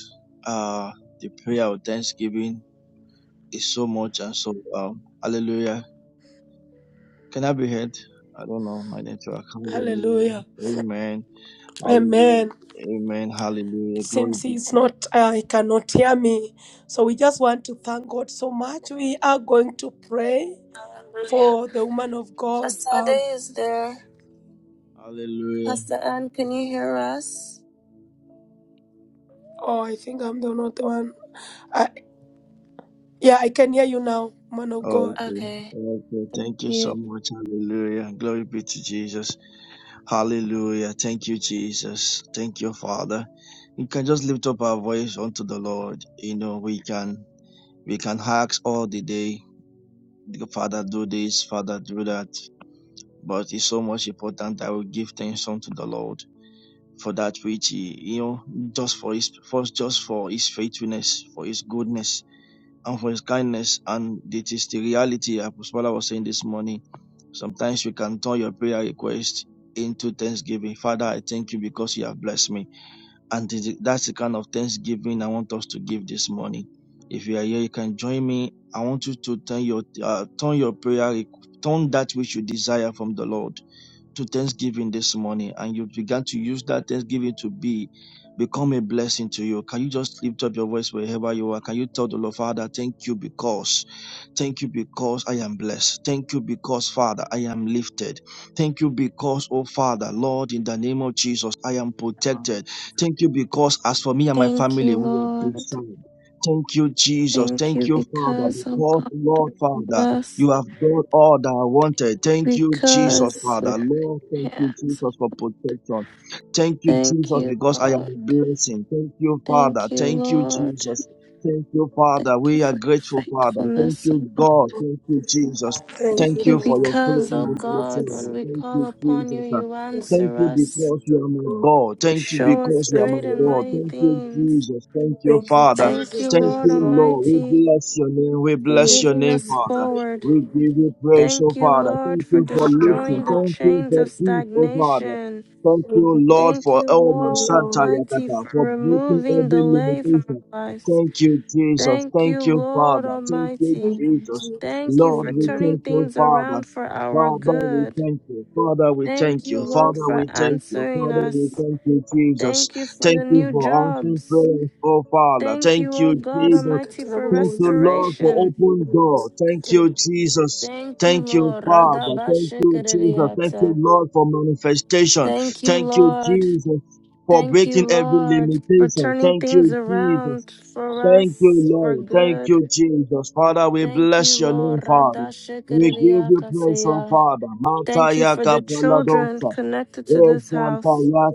S7: Ah, the prayer of thanksgiving is so much and so um hallelujah. Can I be heard? I don't know my network. Hallelujah.
S2: Hallelujah.
S7: Amen. Hallelujah.
S2: Amen.
S7: Amen.
S2: It
S7: Hallelujah. Glory
S2: seems
S7: be
S2: he's
S7: to you.
S2: not, uh, he cannot hear me. So we just want to thank God so much. We are going to pray.
S3: Hallelujah.
S2: for the woman of God. Um,
S3: Pasade is there.
S7: Hallelujah.
S3: Pastor Ann, can you hear us?
S2: oh, I think I'm the not the one. I, yeah, I can hear you now, man of God.
S7: Okay.
S3: Okay.
S7: Okay.
S3: Thank
S7: Thank you so
S3: you.
S7: much. Hallelujah. Glory be to Jesus. Hallelujah. Thank you, Jesus. Thank you, Father. We can just lift up our voice unto the Lord. You know, we can we can ask all the day, Father, do this, Father, do that. But it's so much important that we give thanks unto the Lord for that which he, you know, just for his for just for his faithfulness, for his goodness and for his kindness. And it is the reality, Apostle Paula was saying this morning. Sometimes you can turn your prayer request into thanksgiving. Father, I thank you because you have blessed me. And it is- that's the kind of thanksgiving I want us to give this morning. If you are here, you can join me. I want you to turn your uh, turn your prayer, requ- turn that which you desire from the Lord to Thanksgiving this morning and you began to use that Thanksgiving to be become a blessing to you. Can you just lift up your voice wherever you are? Can you tell the Lord, Father, thank you because, thank you because I am blessed. Thank you because, Father, I am lifted. Thank you because, oh Father, Lord, in the name of Jesus, I am protected. Thank you because, as for me and my
S3: Thank you,
S7: family, we are
S3: Lord.
S7: preserved. Thank you, Jesus.
S3: Thank
S7: Thank
S3: you
S7: you, Father,
S3: because, oh
S7: because,
S3: God, we
S7: Lord,
S3: are
S7: Father,
S3: blessed.
S7: you have done all that I wanted. Thank you, Jesus,
S3: because
S7: Father.
S3: we're
S7: Lord, thank
S3: here.
S7: you,
S3: So
S7: Jesus, for protection. Thank you,
S3: thank
S7: Jesus,
S3: you,
S7: because I am
S3: Lord.
S7: a blessing. Thank you, Father.
S3: Thank you,
S7: Thank you,
S3: Lord.
S7: Jesus. Thank you,
S3: Thank
S7: Father.
S3: you
S7: We are
S3: for your
S7: grateful, Father. Thank
S3: faithfulness, oh
S7: you,
S3: God.
S7: God. Thank you, Jesus.
S3: Thank
S2: Thank
S7: Thank
S2: you,
S3: you
S7: you for
S2: Lord.
S7: your
S3: because,
S2: Thank
S3: oh
S2: you,
S7: faithfulness, oh
S3: God,
S7: Father.
S2: Jesus.
S3: when we
S7: Thank
S3: call
S7: you,
S3: upon you,
S7: Jesus.
S3: you
S2: Thank you,
S7: Thank
S3: answer
S7: you
S3: us.
S7: because
S2: Spirit of
S7: you are my
S2: God.
S7: God. Thank you
S3: Show us
S7: because you are
S2: Thank
S7: my
S3: great
S2: you,
S3: and
S7: Lord.
S2: Lord.
S3: mighty
S7: Thank you,
S3: things.
S7: Jesus. Thank you,
S2: Thank you,
S7: Father.
S3: Thank
S2: Jesus.
S3: you,
S7: Thank
S2: Thank
S3: Lord
S2: you,
S7: you,
S2: Lord.
S7: Lord. We
S3: Almighty,
S7: bless your name. We
S3: for
S2: Thank
S7: bless your
S3: moving
S7: name,
S2: you,
S3: us
S2: Jesus.
S7: Father.
S2: Thank you,
S3: forward.
S7: We
S2: Lord.
S7: give you praise,
S3: Thank
S7: O
S3: you,
S7: Father.
S3: Lord,
S7: Thank
S3: for
S7: you for lifting.
S3: destroying the
S7: Thank you
S3: chains
S7: for
S3: of
S7: peace, O Father.
S3: stagnation.
S7: Thank
S2: Thank
S7: you, Lord,
S3: Thank
S7: for
S3: you,
S7: Elma
S2: you,
S3: Lord
S7: Santa
S2: Lord.
S3: Almighty,
S7: Yakata,
S3: for
S7: for breaking
S3: removing
S7: every
S3: delay from our
S7: limitation.
S3: lives.
S7: Thank you, Jesus.
S3: Thank you,
S7: Thank you,
S3: Lord
S7: Father. Thank you,
S3: Almighty.
S2: Thank you,
S7: Jesus.
S2: Jesus.
S3: Thank you
S7: Lord,
S2: Thank
S3: for
S7: we
S2: you,
S3: turning
S7: thank you,
S3: things
S7: Father.
S3: around for our
S7: Father, we
S3: good.
S7: thank you. Father, we
S3: Thank
S7: thank
S3: you,
S7: you.
S3: Lord,
S7: Father,
S2: Lord.
S3: for
S7: we thank you.
S3: answering
S7: Father, we
S3: us.
S7: thank you, Jesus.
S3: Thank you for
S7: Thank
S3: the
S7: you
S3: new
S7: for answering
S3: jobs.
S7: prayers, oh Father.
S3: Thank
S7: Thank
S3: you, O
S7: you,
S3: God
S7: Jesus.
S3: Almighty, for
S7: Thank
S2: Usikatarabobozi,
S7: you, Lord, for
S3: restoration.
S7: open door. Thank you,
S2: usikatarabobozi,
S7: Jesus.
S3: Thank you,
S7: Thank you,
S3: Lord.
S7: Father. Thank you, Jesus. Thank you,
S3: Radabashikiriata.
S7: Lord, for manifestation.
S3: Thank you,
S7: Thank you,
S3: Lord.
S7: Jesus, for
S3: Thank you,
S7: breaking every
S3: Lord, for
S7: limitation.
S3: turning
S7: Thank
S3: things
S7: you, Jesus.
S3: around for
S7: Thank you,
S3: us for
S7: Lord. Thank
S3: good.
S7: you, Jesus. Father, we
S3: Thank
S7: bless
S3: you,
S7: your
S3: Lord.
S7: name, Father. We give you praise, oh
S3: Radashikiriakaseya.
S7: Father.
S3: Thank you
S7: Mataya
S3: for the children
S7: kapaladosa.
S3: connected to this house.
S7: Exantaya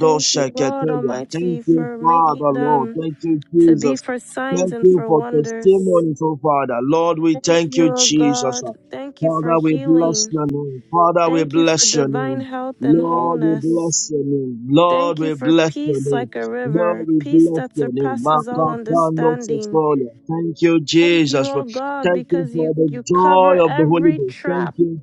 S3: Thank you, Lord
S7: ketelia. Thank
S3: Almighty,
S7: you,
S3: for making
S7: Father, Lord.
S3: them
S7: Thank you,
S3: to be
S7: Jesus.
S3: for signs
S7: Thank
S3: and
S7: you
S3: for
S7: for
S3: wonders.
S7: testimonies, oh Father. Lord, we
S3: Thank
S7: thank
S3: you,
S7: you,
S3: O
S7: Jesus.
S3: God. Thank you for
S7: Father, we bless
S3: healing.
S7: your name. Father, we
S3: Thank you for
S7: bless your
S3: divine
S7: name.
S3: health and
S7: Lord, we
S3: wholeness.
S7: bless your name. Lord,
S3: Thank you
S7: we
S3: for
S7: bless your
S3: peace
S7: name.
S3: like a
S7: Lord,
S3: river,
S7: we
S3: peace
S7: bless
S3: that
S7: your name.
S3: surpasses all understanding.
S7: Makapanotsofolia. Thank you,
S3: Thank you,
S7: Jesus. for-
S3: O God,
S7: Thank you
S3: because you,
S7: for the
S3: you
S7: joy
S3: cover
S7: of the Holy
S3: every
S7: Ghost. Thank
S3: trap
S7: you,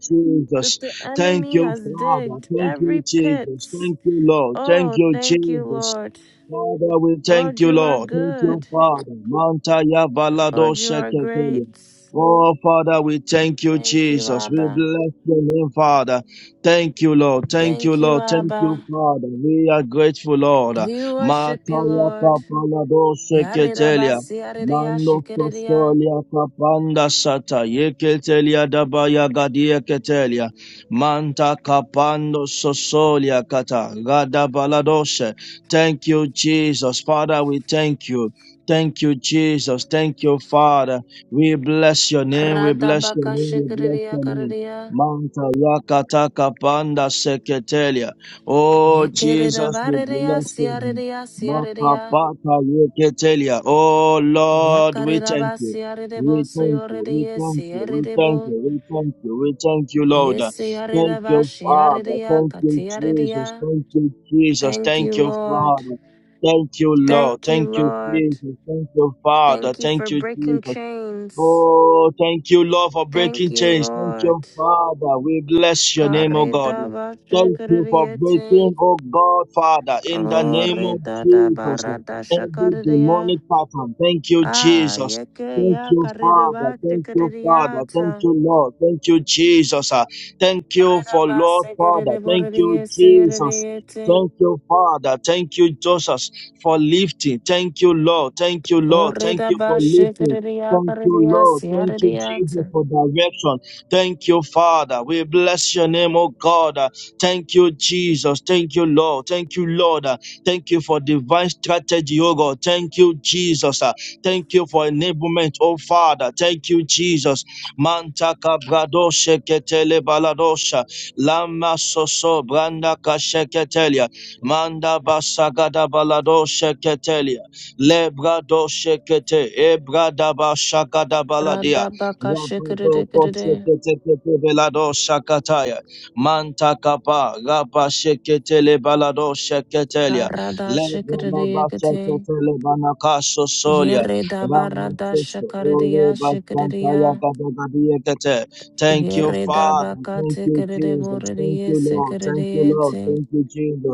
S3: that
S7: Jesus.
S3: the
S7: Thank
S3: enemy
S7: you,
S3: has
S7: Father.
S3: digged,
S7: Thank you,
S3: every pit.
S7: Jesus. Thank you, Lord. Thank
S3: Oh,
S7: you,
S3: thank you,
S7: Jesus.
S3: Lord.
S7: Father, we thank
S3: Lord,
S7: you,
S3: you are
S7: Lord. Thank you,
S3: good.
S7: Father. Mantaya balado
S3: Lord, you are
S7: shekekelia.
S3: great.
S7: Oh, Father, we thank you,
S3: Thank you,
S7: Jesus. We
S3: Abba.
S7: bless your name, Father. Thank you, Lord. Thank you,
S3: Thank you,
S7: Lord. Thank you,
S3: Abba.
S7: Father. We are grateful, Lord.
S3: We worship you,
S7: Mataya
S3: Lord.
S7: kapala doshe ketelia.
S3: Yarirabasi, yariria,
S7: Mando
S3: shikiriria.
S7: kostolia kapanda sata yeketelia dabaya gadia ketelia. Manta kapando sosolia kata gada baladoshe. Thank you, Jesus. Father, we thank you. Thank you, Jesus. Thank you, Father. We bless your name. We bless your
S3: Radabaka,
S7: name. We bless
S3: shikiriria,
S7: your name.
S3: kariria.
S7: Manta yakata kapanda seketelia. Oh,
S3: Yekerera
S7: Jesus, we
S3: barereya
S7: bless you.
S3: siyarereya siyarereya.
S7: Makapata yeketelia. Oh Lord, we
S3: Yakarera
S7: thank
S3: ba
S7: you.
S3: siyarerebo
S7: We thank you, we
S3: suyorereye
S7: thank you, we thank you,
S3: siyarerebo.
S7: we thank you, we thank you, Lord. Thank
S3: Yesiyarera ba
S7: you, Father. Thank you, Jesus. Thank you, Jesus.
S3: Thank
S7: Thank
S3: you,
S7: you,
S3: Lord.
S7: Father. Thank you, Lord.
S3: Thank you,
S7: Thank you,
S3: Lord.
S7: Jesus. Thank you, Father.
S3: Thank you
S7: Thank
S3: for
S7: you,
S3: breaking
S7: Jesus.
S3: chains.
S7: Oh, thank you, Lord, for
S3: Thank
S7: breaking
S3: you,
S7: chains. Thank
S3: Lord.
S7: you, Father. We bless your name, oh God.
S3: Kareda ba
S7: Thank you for breaking, oh God, Father, in the name of
S3: Oreda da
S7: Jesus.
S3: barada
S7: Every demonic
S3: shakarereya.
S7: pattern. Thank you,
S3: Ah,
S7: Jesus.
S3: yeke
S7: Thank
S3: ya
S7: you,
S3: kareda
S7: Father.
S3: ba
S7: Thank you, Father. Thank you, Lord. Thank you, Jesus. Thank you
S3: Korreda
S7: for Lord, Father.
S3: basekerere
S7: Thank you,
S3: borrediye
S7: Jesus.
S3: siyerereyete.
S7: Thank you, Father. Thank you, Jesus, for lifting. Thank you, Lord. Thank you, Lord. Thank
S3: Korreda
S7: you for lifting.
S3: basekereriya
S7: Thank you,
S3: karediya
S7: Lord. Thank you,
S3: siyerereyete.
S7: Jesus, for direction. Thank you, Father. We bless your name, oh God. Uh, Thank you, Jesus. Thank you, Lord. Thank you, Lord. Uh, Thank you for divine strategy, oh God. Thank you, Jesus. Uh, Thank you for enablement, oh Father. Thank you, Jesus. Manta kabradoshe ketele baladosha. Lama soso branda kasheketelia. Manda basagada baladoshe ketelia. Lebrado shekete, ebradaba shakadabaladia,
S3: Rada baka
S7: rabado
S3: şekerere kerere.
S7: koshekete kete belado shakataya, manta kapa, raba shekete lebalado sheketelia,
S3: Karada şekereriye
S7: lebalaba
S3: kete.
S7: shekete lebanakaso solia,
S3: Yerreda barada
S7: ramasoso, ole
S3: şekereriya
S7: bazantaya
S3: şekereriya.
S7: gadagadiekete. Thank you,
S3: Yerreda
S7: Father.
S3: baka
S7: Thank you,
S3: tekerere
S7: Jesus. Thank
S3: borrediye
S7: you, Lord. Thank you, Lord.
S3: sekerereyete.
S7: Thank you, Jesus.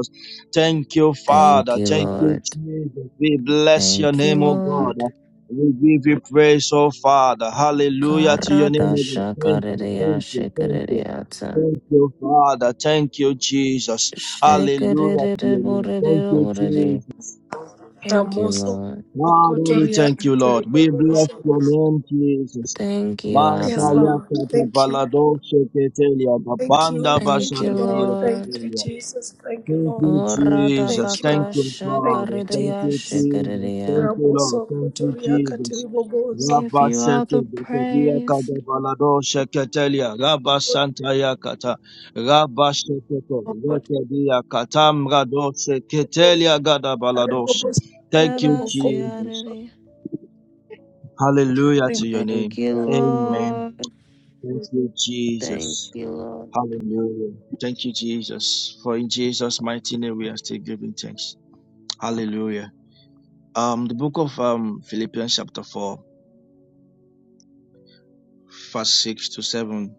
S7: Thank you,
S3: Thank
S7: Father.
S3: you,
S7: Thank you,
S3: Lord.
S7: Jesus. We bless your
S3: Thank
S7: name,
S3: you,
S7: O
S3: Lord.
S7: God. We give you praise, O Father. Hallelujah to your name,
S3: Karada
S7: O God. Thank you,
S3: şekereriya
S7: thank you, thank you.
S3: şekerereyete.
S7: Thank you, Father. Thank you, Jesus. Hallelujah to your name. Thank you,
S3: Shikadididibodididobodidi.
S7: Jesus.
S3: Thank you,
S2: Ramoso
S3: Lord.
S7: Father, we
S2: Kotoria
S7: thank you, Lord. We bless
S2: Katiribobozo.
S7: your name, Jesus.
S3: Thank you,
S7: Manta
S2: Yes,
S3: Abba.
S2: Lord.
S7: yakata
S2: Thank you.
S7: balado sheketelia,
S2: Thank
S7: babanda
S2: you.
S3: Thank
S2: Thank
S3: you,
S2: you, Lord.
S7: bashabadia
S2: Thank
S3: Lord.
S2: you, Jesus. Thank you,
S7: Thank
S2: Lord.
S7: you, Jesus.
S2: Thank you,
S7: Thank
S3: Oradabaka
S2: Lord.
S7: you,
S2: Thank
S7: Father.
S2: you,
S7: Thank
S3: shakaridiya
S7: you,
S2: Jesus.
S7: Jesus. Thank
S3: shikaridiya.
S7: you, Lord.
S2: Ramoso
S7: Thank you,
S2: Kotoria
S7: Jesus.
S2: Katiribobozo.
S3: Give
S7: Rabba
S3: you all
S7: Sheke
S3: the
S7: Bekodia
S3: praise.
S7: Kada Balado Sheketelia Rabba
S2: Ramoso
S7: Santa Yakata Rabba Shekeko
S2: Okotoria
S7: Lekedia Katam Rado Sheketelia Gada Baladoshi.
S2: Katiribobozo.
S7: Thank you, Jesus.
S3: Dabasiyaridi.
S7: Hallelujah to
S2: Rimoso
S7: your
S3: Thank
S7: name.
S3: you,
S2: Katiribobozo.
S7: Amen.
S3: Lord.
S7: Thank you,
S3: Thank
S7: Jesus.
S3: you, Lord.
S7: Hallelujah. Thank you, Jesus. For in Jesus' mighty name we are still giving thanks. Hallelujah. Um, the book of um, Philippians chapter 4, verse 6 to 7.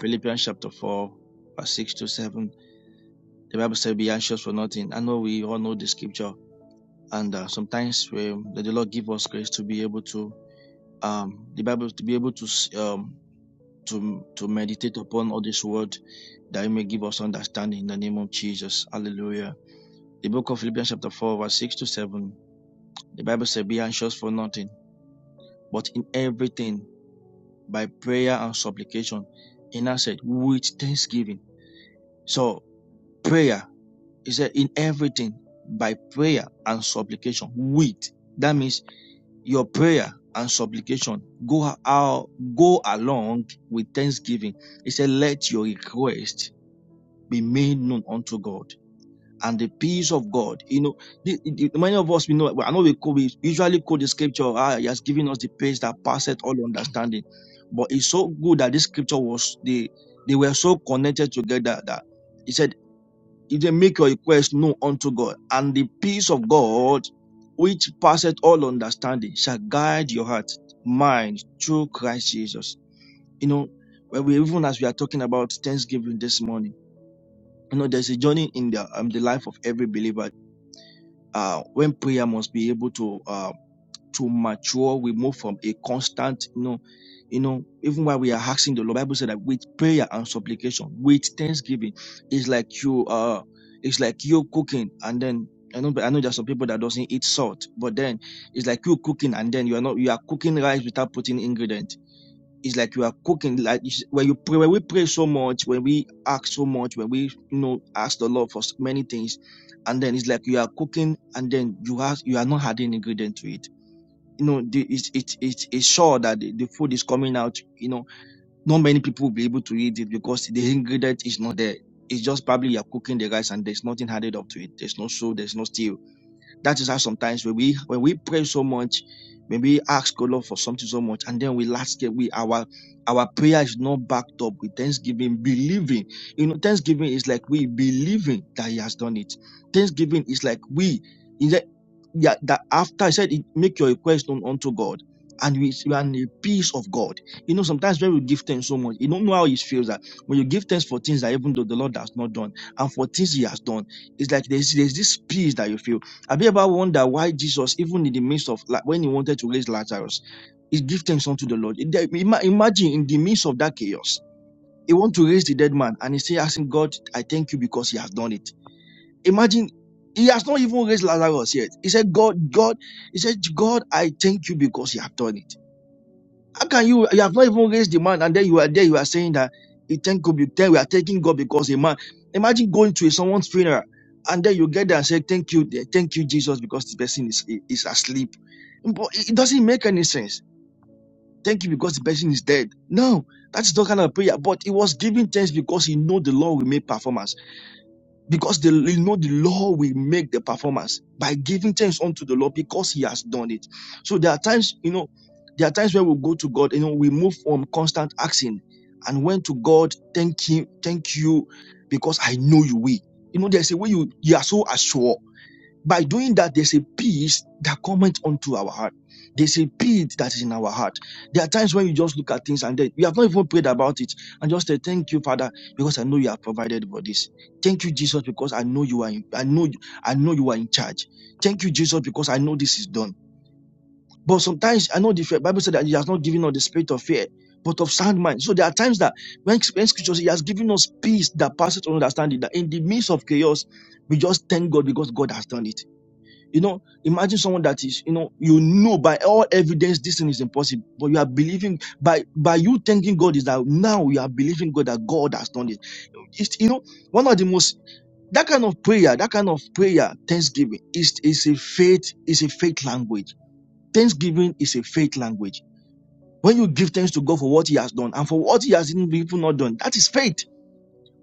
S7: Philippians chapter 4, verse 6 to 7. The Bible says, be anxious for nothing. I know we all know the scripture. And uh, sometimes we, the Lord give us grace to be able to, um, the Bible, to be able to, um, to, to meditate upon all this word that it may give us understanding in the name of Jesus. Hallelujah. The book of Philippians chapter 4, verse 6 to 7. The Bible says, be anxious for nothing, but in everything by prayer and supplication. And I said, with thanksgiving. So prayer, he said, in everything by prayer and supplication with. That means your prayer and supplication go out, go along with thanksgiving. He said, let your request be made known unto God and the peace of God. You know, the, the- many of us we know. I know we, quote, we usually quote the scripture. Ah, he has given us the peace that passeth all understanding. But it's so good that this scripture was the they were so connected together that he said, "If they make your request known unto God, and the peace of God, which passeth all understanding, shall guide your heart, mind through Christ Jesus." You know, when we even as we are talking about Thanksgiving this morning, you know, there's a journey in the um, the life of every believer uh, when prayer must be able to uh, to mature, we move from a constant, you know, you know, even while we are asking the Lord, Bible said that with prayer and supplication, with thanksgiving, it's like you uh it's like you cooking and then I know I know there's some people that doesn't eat salt, but then it's like you cooking and then you are not you are cooking rice without putting ingredient it's like you are cooking. Like when you pray, when we pray so much, when we ask so much, when we you know ask the Lord for many things, and then it's like you are cooking, and then you have you are not adding ingredient to it. You know, the, it's it's it's it's sure that the, the food is coming out. You know, not many people will be able to eat it because the ingredient is not there. It's just probably you're cooking the rice and there's nothing added up to it. There's no salt, there's no stew that is how sometimes when we when we pray so much, when we ask God Lord for something so much, and then we last get we our our prayer is not backed up with thanksgiving, believing. You know, thanksgiving is like we believing that He has done it. Thanksgiving is like we yeah, that after I said, it, make your request known unto God, and we and the peace of God. You know, sometimes when we give thanks so much, you don't know how it feels that when you give thanks for things that even though the Lord has not done, and for things He has done, it's like there's there's this peace that you feel. Have you ever wondered why Jesus, even in the midst of like when He wanted to raise Lazarus, He give thanks unto the Lord. It- ima- Imagine in the midst of that chaos. He want to raise the dead man, and he say, asking God, "I thank you because He has done it." Imagine he has not even raised Lazarus yet. He said, God, God, he said, God, I thank you because you have done it. How can you, you have not even raised the man and then you are there, you are saying that he thank you, be- then we are thanking God because a man. Imagine going to someone's funeral and then you get there and say, thank you, dear. thank you, Jesus, because the person is, is asleep. But it doesn't make any sense. Thank you because the person is dead. No, that's not kind of prayer. But he was giving thanks because he know the Lord will make performance because they you know the Lord will make the performance by giving thanks unto the Lord because He has done it. So there are times, you know, there are times where we go to God, you know, we move from constant asking and went to God, thank Him, thank you, because I know you will. You know, there's a way you you are so assured. By doing that, there's a peace that comes onto our heart. There's a peace that is in our heart. There are times when you just look at things and then you have not even prayed about it and just say, Thank you, Father, because I know you have provided for this. Thank you, Jesus, because I know you are in, I know you- I know you are in charge. Thank you, Jesus, because I know this is done. But sometimes I know the fear- Bible said that He has not given us the spirit of fear, but of sound mind. So there are times that when, when scriptures He has given us peace that passes all understanding, that in the midst of chaos, we just thank God because God has done it. You know, imagine someone that is, you know, you know by all evidence this thing is impossible, but you are believing by by you thanking God is that now you are believing God that God has done it. It's you know one of the most that kind of prayer, that kind of prayer, thanksgiving is is a faith is a faith language. Thanksgiving is a faith language. When you give thanks to God for what He has done and for what He has even not done, that is faith.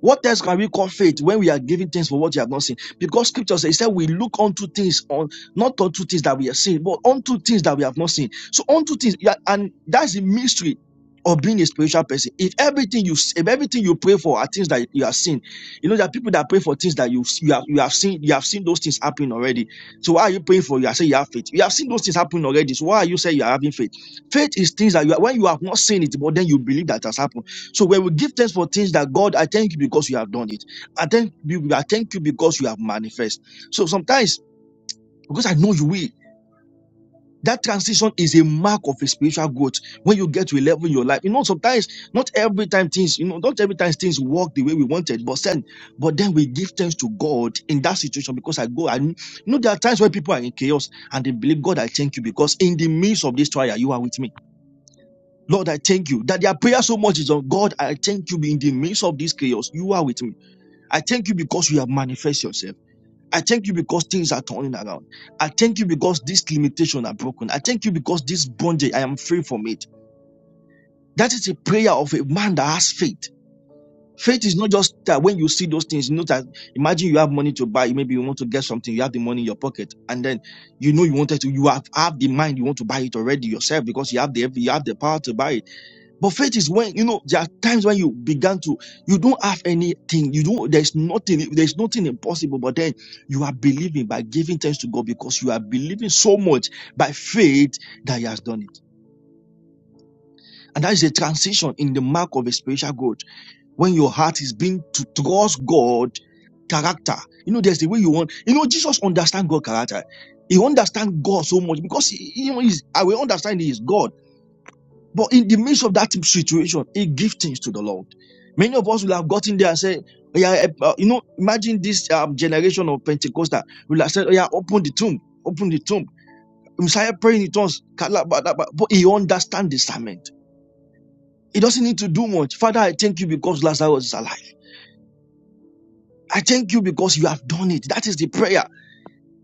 S7: What else can we call faith when we are giving things for what you have not seen? Because scripture says, it said we look unto things on not unto things that we have seen, but unto things that we have not seen. So unto things, yeah, and that's the mystery of being a spiritual person. If everything you if everything you pray for are things that you have seen, you know there are people that pray for things that you you have you have seen you have seen those things happen already. So why are you praying for? You are saying you have faith. You have seen those things happen already. So why are you saying you are having faith? Faith is things that you are, when you have not seen it, but then you believe that has happened. So when we give thanks for things that God, I thank you because you have done it. I thank you, I thank you because you have manifest. So sometimes, because I know you will, that transition is a mark of a spiritual growth. When you get to a level in your life, you know, sometimes not every time things, you know, not every time things work the way we wanted, but then, but then we give thanks to God in that situation because I go and you know there are times when people are in chaos and they believe God, I thank you because in the midst of this trial, you are with me. Lord, I thank you that their prayer so much is on God. I thank you in the midst of this chaos. You are with me. I thank you because you have manifested yourself. I thank you because things are turning around. I thank you because this limitation are broken. I thank you because this bondage, I am free from it. That is a prayer of a man that has faith. Faith is not just that when you see those things, you know that imagine you have money to buy, maybe you want to get something, you have the money in your pocket, and then you know you wanted to, you have, have the mind, you want to buy it already yourself because you have the you have the power to buy it but faith is when, you know, there are times when you began to, you don't have anything, you don't, there's nothing, there's nothing impossible, but then you are believing by giving thanks to God because you are believing so much by faith that He has done it. And that is a transition in the mark of a spiritual growth. When your heart is being to, towards God character. You know, there's the way you want. You know, Jesus understand God character. He understand God so much because he, he- you know, I will understand he is God. But in the midst of that situation, he gives things to the Lord. Many of us will have gotten there and said, "Oh yeah, eh, uh, you know, imagine this um, generation of Pentecostal will have said, oh yeah, open the tomb, open the tomb. Messiah praying in tongues, kalabadaba. but he understands discernment. He doesn't need to do much. Father, I thank you because Lazarus is alive. I thank you because you have done it. That is the prayer.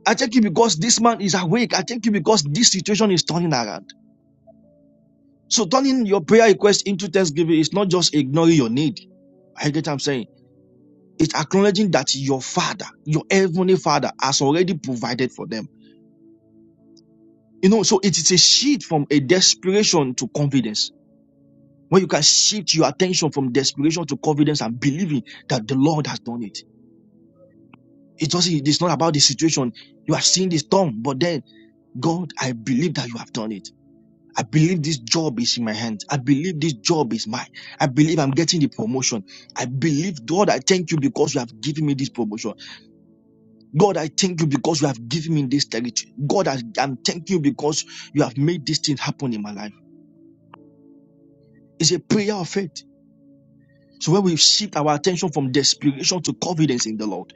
S7: I thank you because this man is awake. I thank you because this situation is turning around. So turning your prayer request into thanksgiving is not just ignoring your need. I get what I'm saying. It's acknowledging that your father, your heavenly father, has already provided for them. You know, so it is a shift from a desperation to confidence. When you can shift your attention from desperation to confidence and believing that the Lord has done it. It doesn't, it's not about the situation. You have seen this storm, but then God, I believe that you have done it. I believe this job is in my hands. I believe this job is mine. I believe I'm getting the promotion. I believe, God, I thank you because you have given me this promotion. God, I thank you because you have given me this territory. God, I, I'm thanking you because you have made this thing happen in my life. It's a prayer of faith. So when we shift our attention from desperation to confidence in the Lord,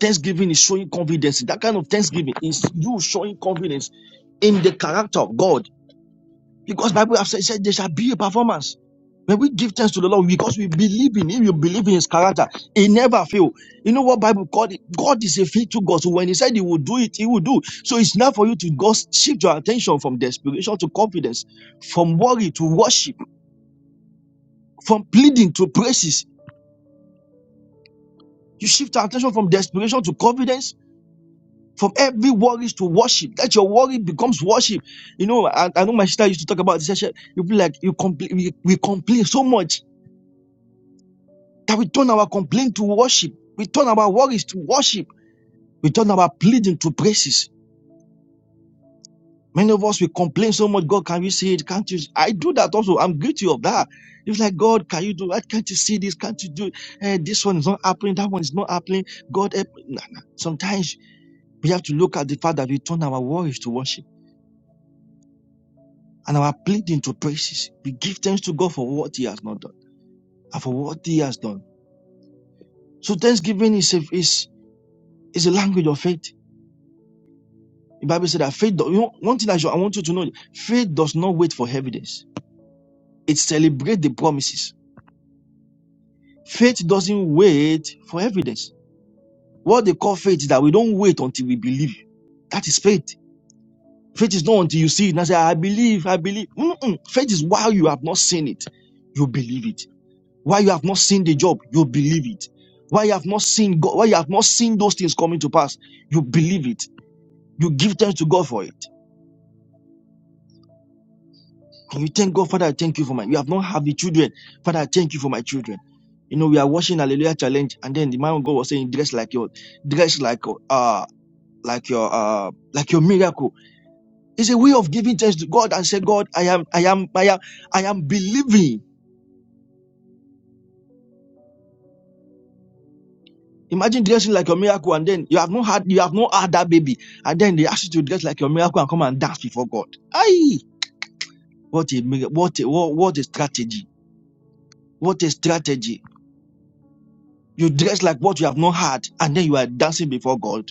S7: thanksgiving is showing confidence. That kind of thanksgiving is you showing confidence in the character of God Because Bible have said, said there shall be a performance. When we give thanks to the Lord, because we believe in Him, you believe in His character, He never fail. You know what Bible called it? God is a faithful God. So when He said He will do it, He will do. So it's not for you to go shift your attention from desperation to confidence, from worry to worship, from pleading to praises. You shift your attention from desperation to confidence, from every worries to worship. That your worry becomes worship. You know, I, I know my sister used to talk about this. She- You feel like you complain, we, we complain so much That we turn our complaint to worship. We turn our worries to worship. We turn our pleading to praises. Many of us, we complain so much. God, can you see it? Can't you? I do that also. I'm guilty of that. It's like, God, can you do that? Can't you see this? Can't you do eh, this one is not happening? That one is not happening. God, help. me." Nah, nah. sometimes we have to look at the fact that we turn our worries to worship and our pleading to praises. We give thanks to God for what He has not done and for what He has done. So thanksgiving is a, is, is a language of faith. The Bible said that faith, do- you know, one thing that I want you to know, faith does not wait for evidence. It celebrates the promises. Faith doesn't wait for evidence. What they call faith is that we don't wait until we believe. That is faith. Faith is not until you see it and say, I believe, I believe. Mm-mm. Faith is while you have not seen it, you believe it. While you have not seen the job, you believe it. While you have not seen God, while you have not seen those things coming to pass, you believe it. You give thanks to God for it. And you thank God, Father, I thank you for my, you have not had the children. Father, I thank you for my children. You know, we are watching Hallelujah Challenge, and then the man of God was saying, dress like your, dress like, uh, like your, uh, like your miracle. It's a way of giving thanks to God and say, God, I am, I am, I am, I am believing. Imagine dressing like your miracle, and then you have not had, you have not had that baby, and then they ask you to dress like your miracle and come and dance before God. Aye, what a, what a, what, what a strategy! What a strategy! You dress like what you have not had, and then you are dancing before God.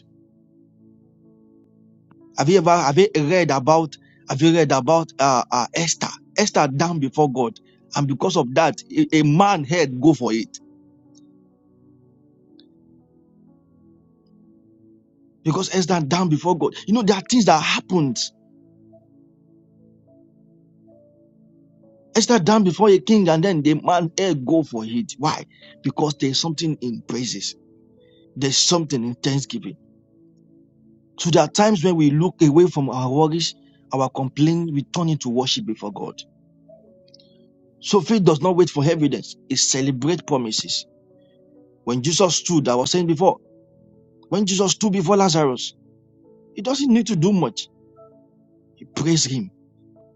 S7: Have you ever have you read about have you read about uh, uh, Esther? Esther down before God, and because of that, a, a man head go for it because Esther down before God. You know there are things that happened. Esther down before a king, and then the man head go for it. Why? Because there's something in praises. There's something in thanksgiving. So there are times when we look away from our worries, our complaint, we turn into worship before God. So faith does not wait for evidence. It celebrates promises. When Jesus stood, I was saying before, when Jesus stood before Lazarus, he doesn't need to do much. He praised him.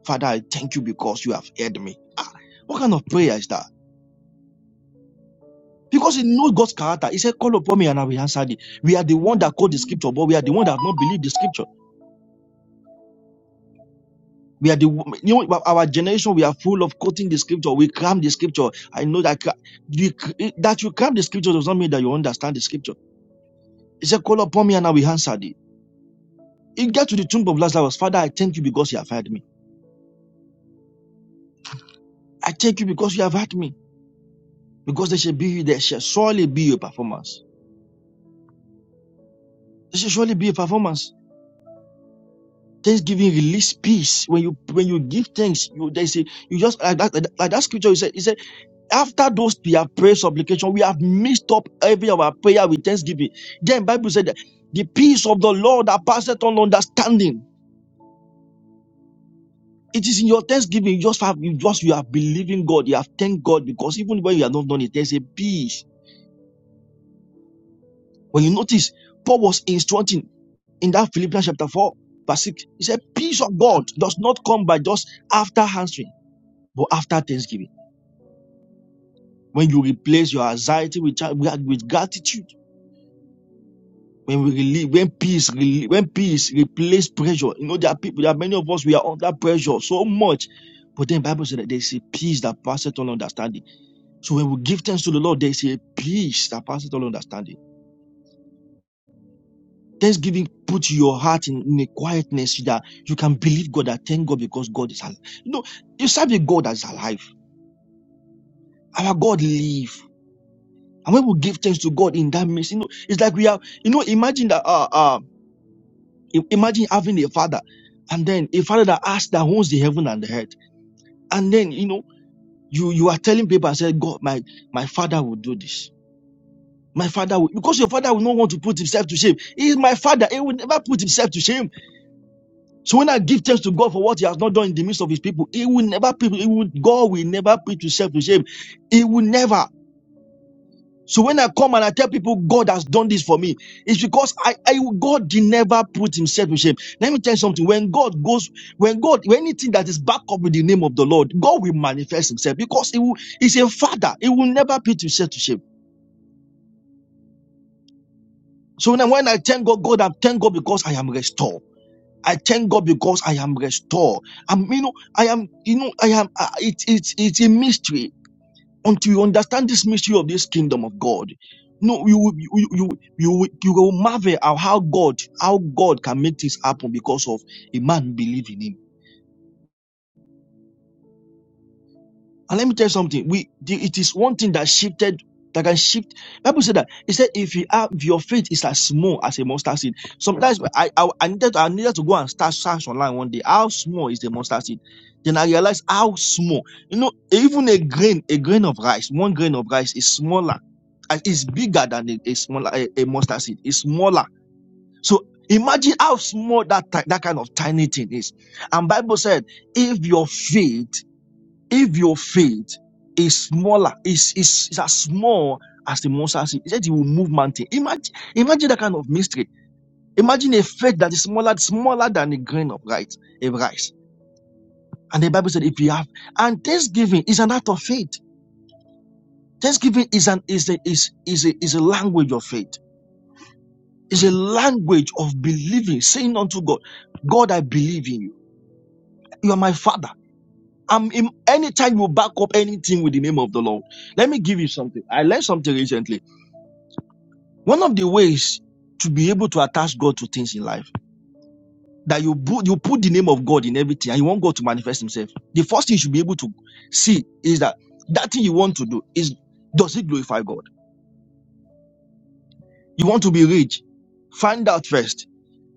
S7: Father, I thank you because you have heard me. Ah, what kind of prayer is that? Because he knows God's character. He said, call upon me and I will answer thee. We are the one that quote the scripture, but we are the one that have not believed the scripture. We are the, you know, our generation, we are full of quoting the scripture. We cram the scripture. I know that you, that you cram the scripture does not mean that you understand the scripture. He said, call upon me and I will answer thee. He got to the tomb of Lazarus. Father, I thank you because you have heard me. I thank you because you have heard me. Because there shall be, there shall surely be a performance. There shall surely be a performance. Thanksgiving release peace. When you when you give thanks, you they say you just like that like that scripture you said, he said, after those we have prayed supplication, we have mixed up every of our prayer with thanksgiving. Then Bible said that the peace of the Lord that passeth on understanding. It is in your thanksgiving. You just have you just you have believing God. You have thanked God because even when you have not done it, there's a peace When you notice, Paul was instructing in that Philippians chapter 4, verse 6. He said, Peace of God does not come by just after answering, but after thanksgiving. When you replace your anxiety with, with gratitude, when we relieve, when peace, relieve, when peace replace pressure. You know, there are people, there are many of us, we are under pressure so much. But then the Bible said that there is a peace that passes all understanding. So when we give thanks to the Lord, there is a peace that passes all understanding Just giving, put your heart in, in a quietness so that you can believe God that thank God because God is alive. You know, you serve a God that's alive. Our God live. And when we give thanks to God in that midst, you know, it's like we have, you know, imagine that, uh, uh, i- imagine having a father and then a father that asks that owns the heaven and the earth. And then, you know, you, you are telling people, I said, God, my, my father will do this. My father will, because your father will not want to put himself to shame. He is my father. He will never put himself to shame. So when I give thanks to God for what He has not done in the midst of His people, He will never He will God will never put Himself to shame. He will never. So when I come and I tell people God has done this for me, it's because I, I God did never put Himself to shame. Let me tell you something. When God goes, when God, when anything that is backed up with the name of the Lord, God will manifest Himself because He will. He's a Father. He will never put Himself to shame. So when I, when I thank God, God, I thank God because I am restored. I thank God because I am restored. I'm, you know, I am, you know, I am, uh, it's, it's, it's a mystery until you understand this mystery of this kingdom of God. No, you will, you, you, you, you will you will marvel at how God, how God can make this happen because of a man believing him. And let me tell you something. We the, it is one thing that shifted that can shift. Bible said that it said if you have if your faith is as small as a mustard seed. Sometimes I I, I needed to- I needed to go and start search online one day. How small is the mustard seed? Then I realized how small. You know, even a grain a grain of rice, one grain of rice is smaller. and It's bigger than a, a smaller a, a mustard seed. It's smaller. So imagine how small that ti- that kind of tiny thing is. And Bible said if your faith if your faith is smaller, is, is, is as small as the mustard seed, he said he will move mountain. Imagine, imagine that kind of mystery. Imagine a faith that is smaller, smaller than a grain of rice, a rice. And the Bible said, if you have, and thanksgiving is an act of faith. Thanksgiving is an is a is is a, is a language of faith. It's a language of believing, saying unto God, God, I believe in you. You are my father. I'm in, anytime you back up anything with the name of the Lord. Let me give you something. I learned something recently. One of the ways to be able to attach God to things in life that you put you put the name of God in everything and you want God to manifest Himself. The first thing you should be able to see is that that thing you want to do is does it glorify God? You want to be rich? Find out first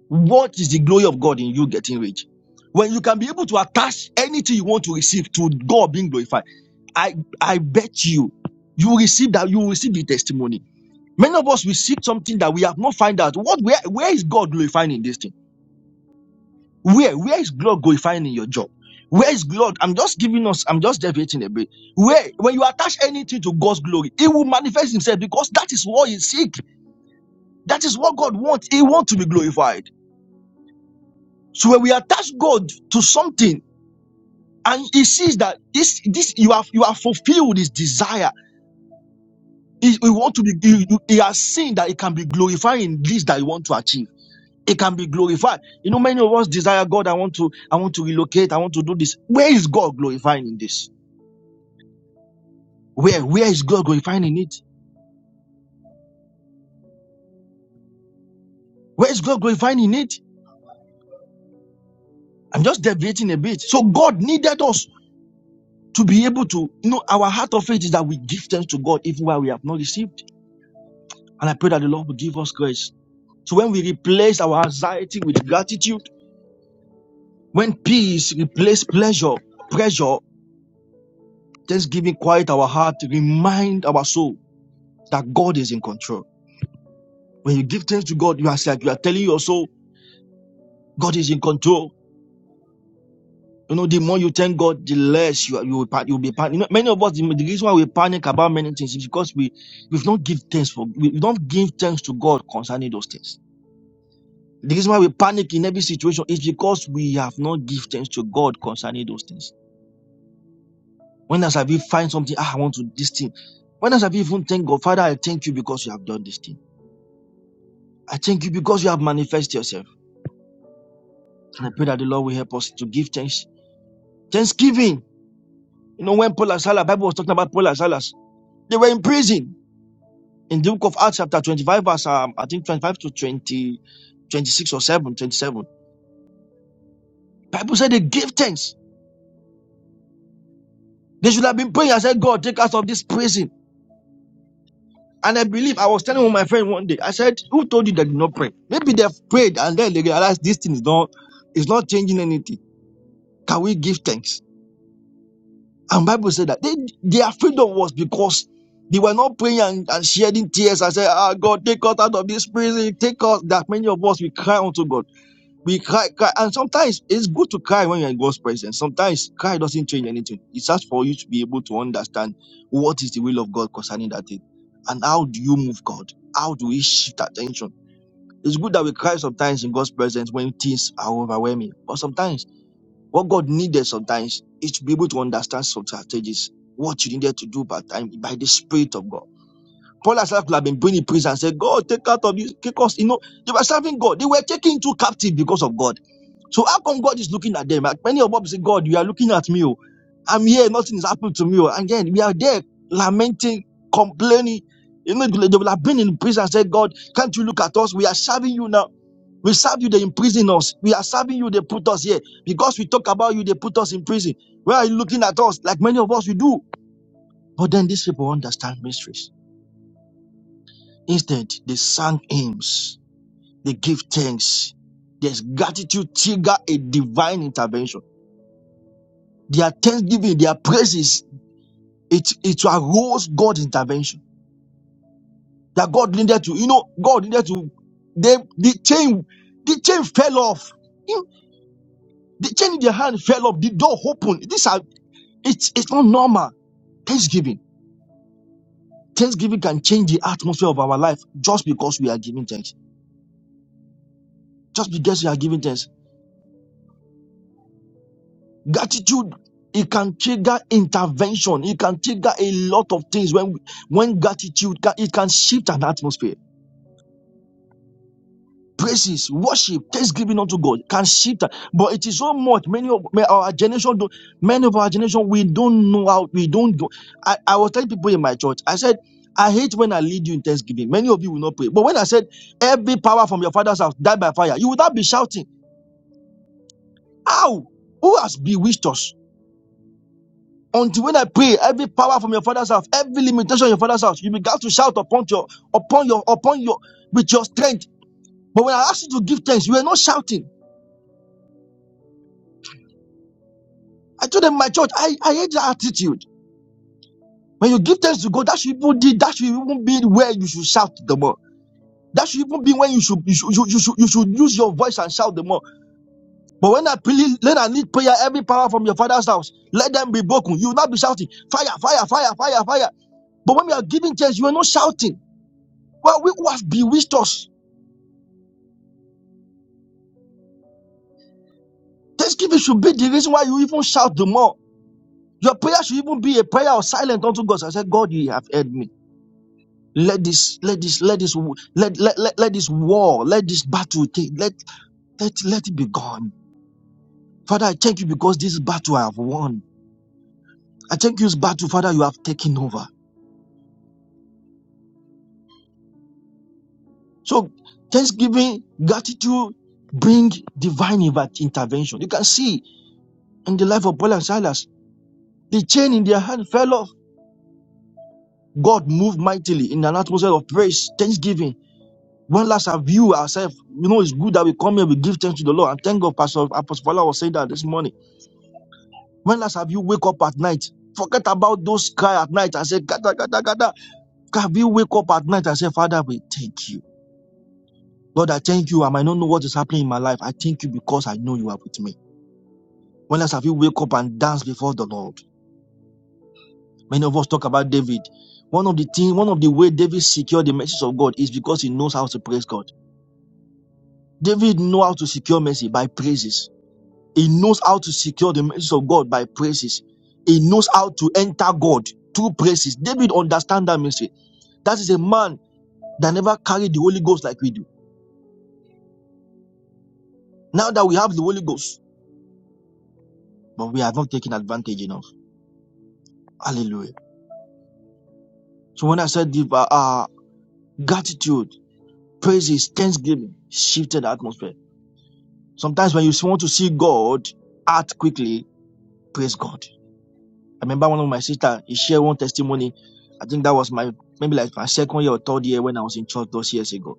S7: what is the glory of God in you getting rich. When you can be able to attach anything you want to receive to God being glorified, I I bet you you will receive that you will receive the testimony. Many of us we seek something that we have not find out. What where where is God glorifying in this thing? Where where is God glorifying in your job? Where is God? I'm just giving us, I'm just deviating a bit. Where when you attach anything to God's glory, it will manifest himself because that is what he seeks. That is what God wants. He wants to be glorified. So when we attach God to something and he sees that this this you have you have fulfilled his desire. He, he want to be he, he has seen that it can be glorified in this that you want to achieve. It can be glorified. You know, many of us desire God, I want to, I want to relocate, I want to do this. Where is God glorifying in this? Where, where is God glorifying in it? Where is God glorifying in it? I'm just deviating a bit. So God needed us to be able to, you know, our heart of faith is that we give thanks to God even while we have not received. And I pray that the Lord will give us grace. So when we replace our anxiety with gratitude, when peace replaces pleasure, pressure, thanksgiving quiet our heart, remind our soul that God is in control. When you give thanks to God, you are it's like you are telling your soul, God is in control. You know, the more you thank God, the less you are- you will pan- you'll be panic. You know, many of us, the, the reason why we panic about many things is because we we've not give thanks for we, we don't give thanks to God concerning those things. The reason why we panic in every situation is because we have not give thanks to God concerning those things. When else have you find something? Ah, I want to this thing. When else have you even thank God, Father? I thank you because you have done this thing. I thank you because you have manifested yourself. And I pray that the Lord will help us to give thanks. Thanksgiving. You know, when Paul and Silas, Bible was talking about Paul and Silas, they were in prison. in the book of Acts chapter 25 verse um, I think 25 to 20, 26 or 7, 27. Bible said they gave thanks they should have been praying I said God take us of this prison and I believe I was telling one of my friend one day I said who told you they did not pray maybe they have prayed and then they realized this thing is not is not changing anything can we give thanks and Bible said that they, their freedom was because they were not praying and, and shedding tears. I said, Ah, God, take us out of this prison. Take us. That many of us we cry unto God. We cry, cry, and sometimes it's good to cry when you're in God's presence. Sometimes cry doesn't change anything. It's just for you to be able to understand what is the will of God concerning that thing, and how do you move God? How do we shift attention? It's good that we cry sometimes in God's presence when things are overwhelming, but sometimes what God needed sometimes is to be able to understand some strategies, what you needed to do by time by the Spirit of God. Paul himself could have been bringing prison and said, God, take out of you, because You know, they were serving God. They were taken into captive because of God. So how come God is looking at them? Like many of us say, God, you are looking at me. Oh. I'm here. Nothing is happening to me. Oh. And then we are there lamenting, complaining. You know, they would have been in prison and said, God, can't you look at us? We are serving you now. We serve you, they imprison us. We are serving you, they put us here. Because we talk about you, they put us in prison. Where are you looking at us? Like many of us, we do. But then these people understand mysteries. Instead, they sang hymns. They give thanks. There's gratitude trigger a divine intervention. Their thanksgiving, their praises, it, it arose God's intervention. That God needed to, you know, God needed to, they, the chain, the chain fell off. You know, The chain in their hand fell off. The door opened. These are, it's, it's not normal. Thanksgiving. Thanksgiving can change the atmosphere of our life just because we are giving thanks. Just because we are giving thanks. Gratitude, it can trigger intervention. It can trigger a lot of things when, when gratitude, can- it can shift an atmosphere praises, worship, thanksgiving unto God can shift. that. But it is so much. Many of may our generation, do, many of our generation, we don't know how we don't go. I, I was telling people in my church, I said, I hate when I lead you in thanksgiving. Many of you will not pray. But when I said, every power from your father's house died by fire, you would not be shouting, How? Who has bewitched us? Until when I pray, every power from your father's house, every limitation in your father's house, you began to shout upon your, upon your, upon your, with your strength. But when I asked you to give thanks, you were not shouting. I told them my church, I, I hate that attitude. When you give thanks to God, that should even be, that should even be where you should shout the more. That should even be when you should you should, you should you should use your voice and shout the more. But when I plead, when I need prayer, every power from your father's house, let them be broken. You will not be shouting fire, fire, fire, fire, fire. But when we are giving thanks, you are not shouting. Well, we who has bewitched us. Thanksgiving should be the reason why you even shout the more. Your prayer should even be a prayer of silence unto God. So I said, God, you have heard me. Let this, let this, let this, w- let, let, let, let this war, let this battle take, let, let, let it be gone. Father, I thank you because this battle I have won. I thank you, this battle, Father, you have taken over. So thanksgiving, gratitude bring divine inv- intervention. You can see in the life of Paul and Silas, the chain in their hand fell off. God moved mightily in an atmosphere of praise, thanksgiving. When last have you ourselves, you know, it's good that we come here, we give thanks to the Lord. And thank God, Pastor Apostle Fala was saying that this morning When last have you wake up at night? Forget about those cry at night and say, gada, gada, gada. Have you wake up at night and say, Father, we thank you. Lord, I thank you. I might not know what is happening in my life. I thank you because I know you are with me. When last have you wake up and dance before the Lord? Many of us talk about David. One of the thing, one of the way David secured the message of God is because he knows how to praise God. David know how to secure mercy by praises. He knows how to secure the message of God by praises. He knows how to enter God through praises. David understand that mystery. That is a man that never carried the Holy Ghost like we do. Now that we have the Holy Ghost, but we are not taking advantage enough. Hallelujah. So when I said give uh, uh, gratitude, praises, thanksgiving, shifted the atmosphere. Sometimes when you want to see God act quickly, praise God. I remember one of my sister, he shared one testimony. I think that was my maybe like my second year or third year when I was in church those years ago.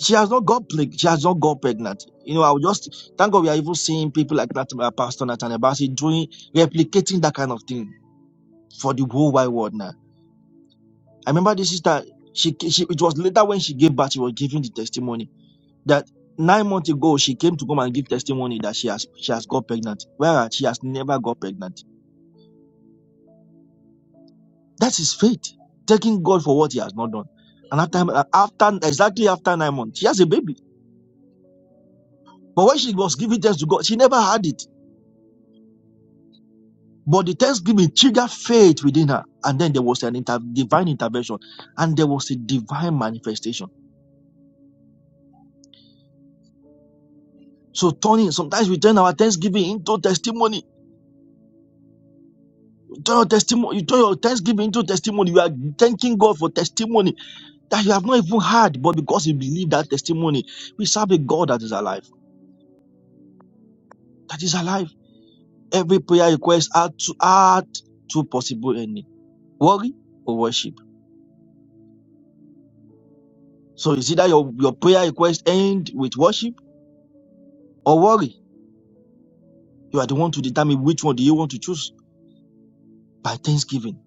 S7: she has not got plague. She has not got pregnant. You know, I will just thank God we are even seeing people like that, uh, Pastor Nathaniel Bassi doing replicating that kind of thing for the whole wide world now. I remember this sister. She, she it was later when she gave birth, she was giving the testimony that nine months ago she came to come and give testimony that she has she has got pregnant, whereas she has never got pregnant. That is faith, taking God for what He has not done. And after after exactly after nine months, she has a baby. But when she was giving test to God, she never had it But the thanksgiving triggered faith within her. And then there was an inter- divine intervention and there was a divine manifestation. So turning, sometimes we turn our thanksgiving into testimony. You turn your testimony, you turn your thanksgiving into testimony. You are thanking God for testimony that you have not even heard, but because you believe that testimony, we serve a God that is alive. That is alive. Every prayer request had to add two possible ending. Worry or worship. So is either your, your prayer request end with worship or worry You are the one to determine which one do you want to choose by thanksgiving.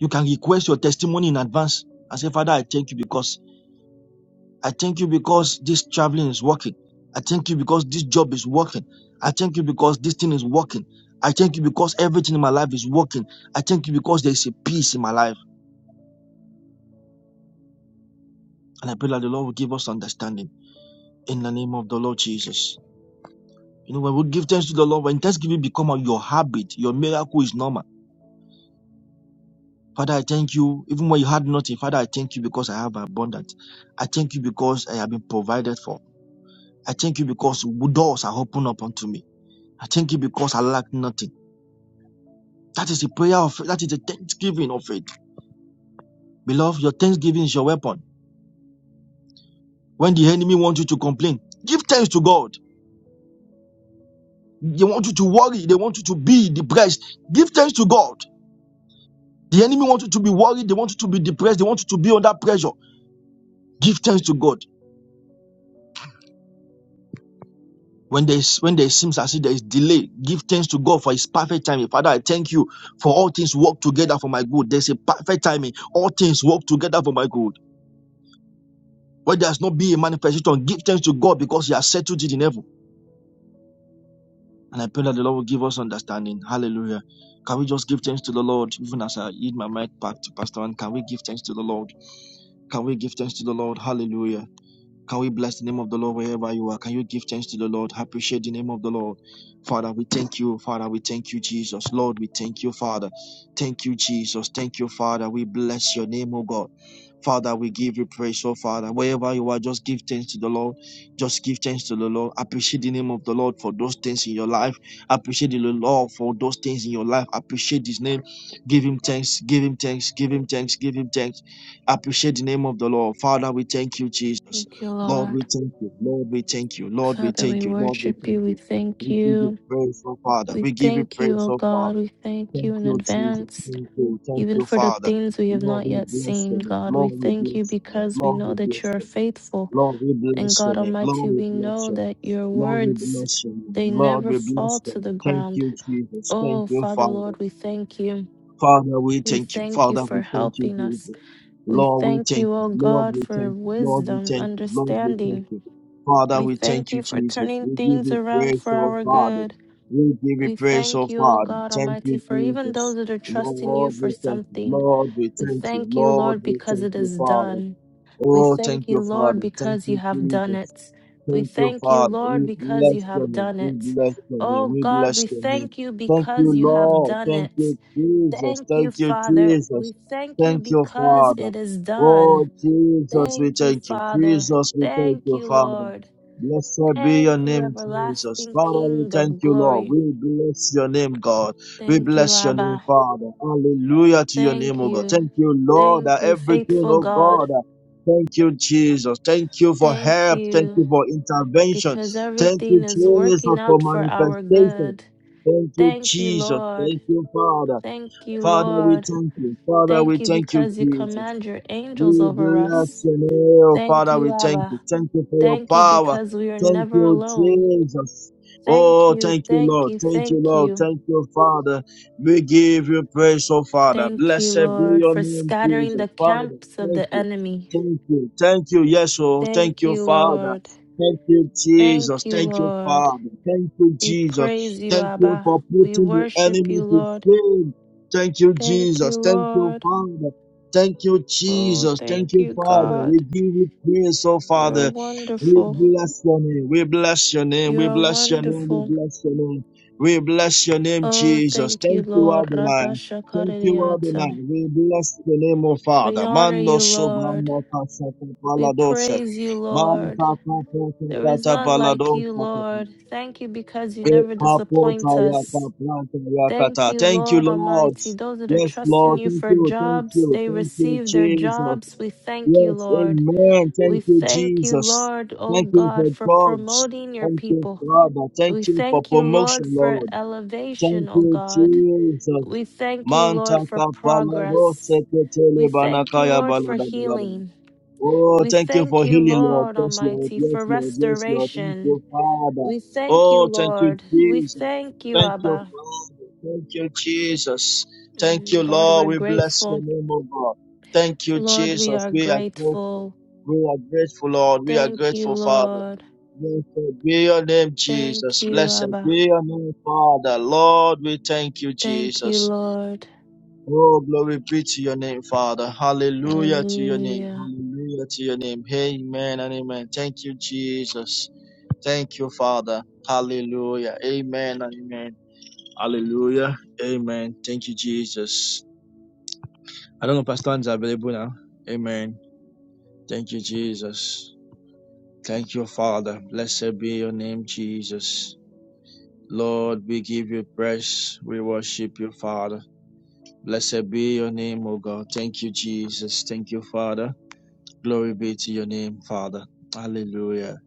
S7: You can request your testimony in advance and say, Father, I thank you because I thank you because this traveling is working. I thank you because this job is working. I thank you because this thing is working. I thank you because everything in my life is working. I thank you because there is a peace in my life. And I pray that the Lord will give us understanding in the name of the Lord Jesus. You know, when we give thanks to the Lord, when thanksgiving become your habit, your miracle is normal Father, I thank you. Even when you had nothing, Father, I thank you because I have abundance. I thank you because I have been provided for. I thank you because doors are opened up unto me. I thank you because I lack nothing. That is the prayer of that is the thanksgiving of faith. Beloved, your thanksgiving is your weapon. When the enemy wants you to complain, give thanks to God. They want you to worry, they want you to be depressed. Give thanks to God. The enemy wants you to be worried, they want you to be depressed, they want you to be under pressure. Give thanks to God. when there is when there seems as if there is delay give thanks to god for his perfect timing father i thank you for all things work together for my good there's a perfect timing all things work together for my good where there has not been a manifestation give thanks to god because he has settled it in heaven and i pray that the lord will give us understanding hallelujah can we just give thanks to the lord even as i yield my mic back to pastor and can we give thanks to the lord can we give thanks to the lord hallelujah Can we bless the name of the Lord wherever you are? Can you give thanks to the Lord? Appreciate the name of the Lord. Father, we thank you. Father, we thank you, Jesus. Lord, we thank you, Father. Thank you, Jesus. Thank you, Father. We bless your name, O God. Father, we give you praise, oh Father. Wherever you are, just give thanks to the Lord. Just give thanks to the Lord. Appreciate the name of the Lord for those things in your life. Appreciate the Lord for those things in your life. Appreciate his name. Give him thanks. Give him thanks. Give him thanks. Give him thanks. Appreciate the name of the Lord. Father, we thank you, Jesus.
S3: Thank you,
S7: Lord, we
S3: Lord.
S7: thank you. Lord, we thank you. Lord, we
S3: Father, we
S7: thank you. Lord, we
S3: worship
S7: thank
S3: you. We
S7: you. We
S3: thank
S7: give you
S3: you.
S7: praise, oh Father.
S3: We
S7: We give you
S3: thank you,
S7: praise,
S3: O
S7: oh
S3: God.
S7: Father.
S3: We thank
S7: Thank
S3: you in
S7: you, Jesus.
S3: advance.
S7: Thank you. Thank
S3: Even
S7: you,
S3: for the
S7: Father.
S3: things we have
S7: Lord,
S3: not
S7: we
S3: yet
S7: bless your
S3: seen,
S7: name.
S3: God, we
S7: Lord, we
S3: thank you
S7: bless your name.
S3: because we
S7: Lord,
S3: know
S7: we
S3: that you
S7: bless
S3: are
S7: your name.
S3: faithful.
S7: Lord, we
S3: And
S7: bless your
S3: God
S7: name.
S3: Almighty,
S7: Lord, we
S3: we
S7: bless
S3: know
S7: your name.
S3: that your
S7: Lord, we
S3: words,
S7: bless your name.
S3: they
S7: Lord,
S3: never
S7: we
S3: fall
S7: bless your
S3: to the
S7: name. Thank
S3: ground.
S7: you, Jesus. Thank
S3: Oh,
S7: you,
S3: Father
S7: Father.
S3: Lord, we thank you.
S7: Father, we
S3: We
S7: thank you.
S3: thank you
S7: Father, we
S3: for
S7: thank you,
S3: helping us.
S7: Jesus.
S3: We
S7: Lord, we
S3: thank
S7: thank
S3: you,
S7: you.
S3: O
S7: Lord,
S3: God,
S7: we
S3: for
S7: thank you. Lord, we
S3: wisdom,
S7: thank you. Lord, we thank
S3: understanding.
S7: you. Father,
S3: We
S7: we
S3: thank
S7: thank you,
S3: you for
S7: Jesus.
S3: turning
S7: We give
S3: things
S7: you
S3: around
S7: praise,
S3: for
S7: oh
S3: our
S7: Father.
S3: good.
S7: We give you
S3: We
S7: praise,
S3: thank
S7: oh
S3: you, O
S7: Father.
S3: God
S7: Thank
S3: Almighty,
S7: you,
S3: for even
S7: Jesus.
S3: those that are trusting you
S7: Lord,
S3: for
S7: we thank you.
S3: something.
S7: Lord, we
S3: We
S7: thank you.
S3: thank you,
S7: Lord,
S3: Lord,
S7: we
S3: because
S7: thank
S3: it
S7: you,
S3: is
S7: Father.
S3: done. We
S7: Oh, thank
S3: thank you,
S7: you,
S3: Lord,
S7: Father. Thank
S3: because you
S7: you,
S3: have done
S7: Jesus.
S3: it. We
S7: Thank you,
S3: thank you,
S7: Father.
S3: Lord,
S7: We
S3: because
S7: bless
S3: you
S7: your
S3: have
S7: name.
S3: done
S7: We
S3: it.
S7: bless your name.
S3: Oh
S7: We
S3: God,
S7: bless
S3: we
S7: your name.
S3: thank you
S7: Thank you,
S3: because you have
S7: Lord.
S3: done
S7: Thank
S3: it.
S7: you, Jesus.
S3: Thank
S7: Thank
S3: you,
S7: you,
S3: Father.
S7: Jesus.
S3: We thank you
S7: Thank you,
S3: because
S7: Father.
S3: it is
S7: Oh,
S3: done.
S7: Jesus, we
S3: Thank you,
S7: thank you.
S3: Father.
S7: Jesus, we thank
S3: Thank
S7: you,
S3: you,
S7: Father.
S3: Lord.
S7: Blessed be your
S3: Thank you,
S7: name, Jesus.
S3: everlasting
S7: Father, we
S3: King
S7: thank
S3: of
S7: you, Lord.
S3: glory.
S7: We bless your name, God. We
S3: Thank you,
S7: bless your name,
S3: Abba.
S7: Father. Hallelujah to your
S3: Thank
S7: name, O God.
S3: you.
S7: Thank you, Lord, that
S3: Thank you,
S7: everything,
S3: faithful
S7: oh
S3: God.
S7: God, Thank you, Jesus. Thank you for
S3: Thank
S7: help. Thank
S3: you.
S7: you for intervention.
S3: because
S7: Thank you,
S3: everything is
S7: Jesus,
S3: working
S7: for
S3: out for our
S7: manifestation.
S3: good.
S7: Thank you,
S3: Thank you,
S7: Jesus.
S3: Lord.
S7: Thank you, Father.
S3: Thank you,
S7: Father, we
S3: Lord.
S7: thank you. Father,
S3: Thank
S7: we
S3: you
S7: thank you,
S3: because you
S7: Jesus.
S3: command your angels
S7: We
S3: over
S7: bless
S3: us.
S7: your name,
S3: Thank
S7: Father. We
S3: you,
S7: thank you.
S3: Abba.
S7: Thank you for your
S3: Thank you
S7: power.
S3: because we are
S7: Thank
S3: never
S7: you,
S3: alone.
S7: Jesus.
S3: Thank
S7: Oh,
S3: you,
S7: thank you,
S3: thank
S7: Lord.
S3: you,
S7: Thank you,
S3: thank
S7: Lord.
S3: you.
S7: Thank you, Father. We give you praise, oh Father.
S3: Thank you,
S7: Blessed be
S3: Lord,
S7: your
S3: for
S7: name,
S3: scattering
S7: Jesus.
S3: the
S7: Father,
S3: camps of
S7: thank
S3: the
S7: you.
S3: enemy.
S7: Thank you. Thank you. Yes, oh, thank
S3: Thank
S7: you,
S3: you,
S7: Father.
S3: Lord.
S7: Thank you, Jesus.
S3: Thank you,
S7: Thank you,
S3: Lord.
S7: Father. Thank you,
S3: We
S7: Jesus.
S3: praise you,
S7: Thank you
S3: Abba.
S7: for
S3: We
S7: putting the
S3: worship
S7: enemy
S3: you,
S7: to
S3: Lord.
S7: shame. Thank you,
S3: Thank
S7: Jesus.
S3: you,
S7: Thank you,
S3: Lord.
S7: Father. Thank you,
S3: Oh,
S7: Jesus. Thank
S3: thank
S7: you,
S3: you,
S7: Father. We
S3: God.
S7: give you praise, oh
S3: You are
S7: Father. We
S3: wonderful.
S7: bless your name. We bless your name.
S3: You
S7: We
S3: are
S7: bless your name. We
S3: wonderful.
S7: bless your name. We bless your name,
S3: Oh,
S7: Jesus.
S3: thank you,
S7: Thank you,
S3: Lord.
S7: Adonai. Thank you, Adonai.
S3: Radashakariata.
S7: We bless the name, of
S3: We
S7: Father.
S3: honor
S7: Mando
S3: you, Lord.
S7: sobrano pasata
S3: We
S7: paladosa.
S3: praise you, Lord.
S7: Manta kata
S3: There is
S7: kata
S3: none like you,
S7: paladosa.
S3: Lord. Thank you because you
S7: Eh,
S3: never
S7: kapota
S3: disappoint
S7: ya
S3: us.
S7: kapata ya
S3: Thank
S7: kata.
S3: you,
S7: Thank you,
S3: Lord
S7: Lord.
S3: Almighty. Those that are
S7: Yes,
S3: trusting
S7: Lord.
S3: you
S7: Thank
S3: for
S7: you. Thank
S3: jobs,
S7: you.
S3: they
S7: Thank you,
S3: receive their
S7: Jesus.
S3: jobs. We thank you,
S7: Yes,
S3: Lord.
S7: amen.
S3: We
S7: Thank you,
S3: thank you,
S7: Jesus.
S3: Lord, oh
S7: Thank you for
S3: God, for
S7: jobs.
S3: promoting your
S7: Thank you,
S3: people.
S7: Father. Thank
S3: We
S7: you for
S3: thank you, Lord,
S7: promotion,
S3: for
S7: Lord. Thank
S3: elevation, O
S7: you,
S3: God.
S7: Jesus.
S3: We thank you,
S7: Manta
S3: Lord, for
S7: kapala rose
S3: progress.
S7: ketele
S3: We thank you,
S7: banakaya
S3: Lord, for
S7: balada balada.
S3: healing.
S7: Oh,
S3: We
S7: thank you for
S3: thank you,
S7: healing, Lord.
S3: Lord
S7: Yes, Lord.
S3: Almighty,
S7: Yes,
S3: for
S7: Lord. Yes, Lord. Thank
S3: restoration.
S7: you, Father.
S3: We thank you,
S7: Oh, thank you,
S3: Lord. We
S7: Jesus.
S3: thank you,
S7: Thank you,
S3: Abba.
S7: Father. Thank you, Jesus. Thank
S3: Mm,
S7: you,
S3: God,
S7: Lord.
S3: we're
S7: We bless your
S3: grateful.
S7: name, oh God. Thank you,
S3: Lord, we
S7: Jesus.
S3: are
S7: We are grateful.
S3: grateful.
S7: We are grateful, Lord. We are
S3: Thank you,
S7: grateful, Father.
S3: Lord.
S7: Blessed be your name,
S3: Thank
S7: Jesus.
S3: you,
S7: Blessed
S3: Abba.
S7: be your name, Father. Lord, we thank you,
S3: Thank you,
S7: Jesus.
S3: Lord.
S7: Oh, glory be to your name, Father. Hallelujah to your name.
S3: Hallelujah.
S7: Hallelujah to your name. Amen and amen. Thank you, Jesus. Thank you, Father. Hallelujah. Amen and amen. Hallelujah. Amen. Thank you, Jesus. I don't know, Pastor Ann is available now. Amen. Thank you, Jesus. Thank you, Father. Blessed be your name, Jesus. Lord, we give you praise. We worship you, Father. Blessed be your name, O God. Thank you, Jesus. Thank you, Father. Glory be to your name, Father. Hallelujah.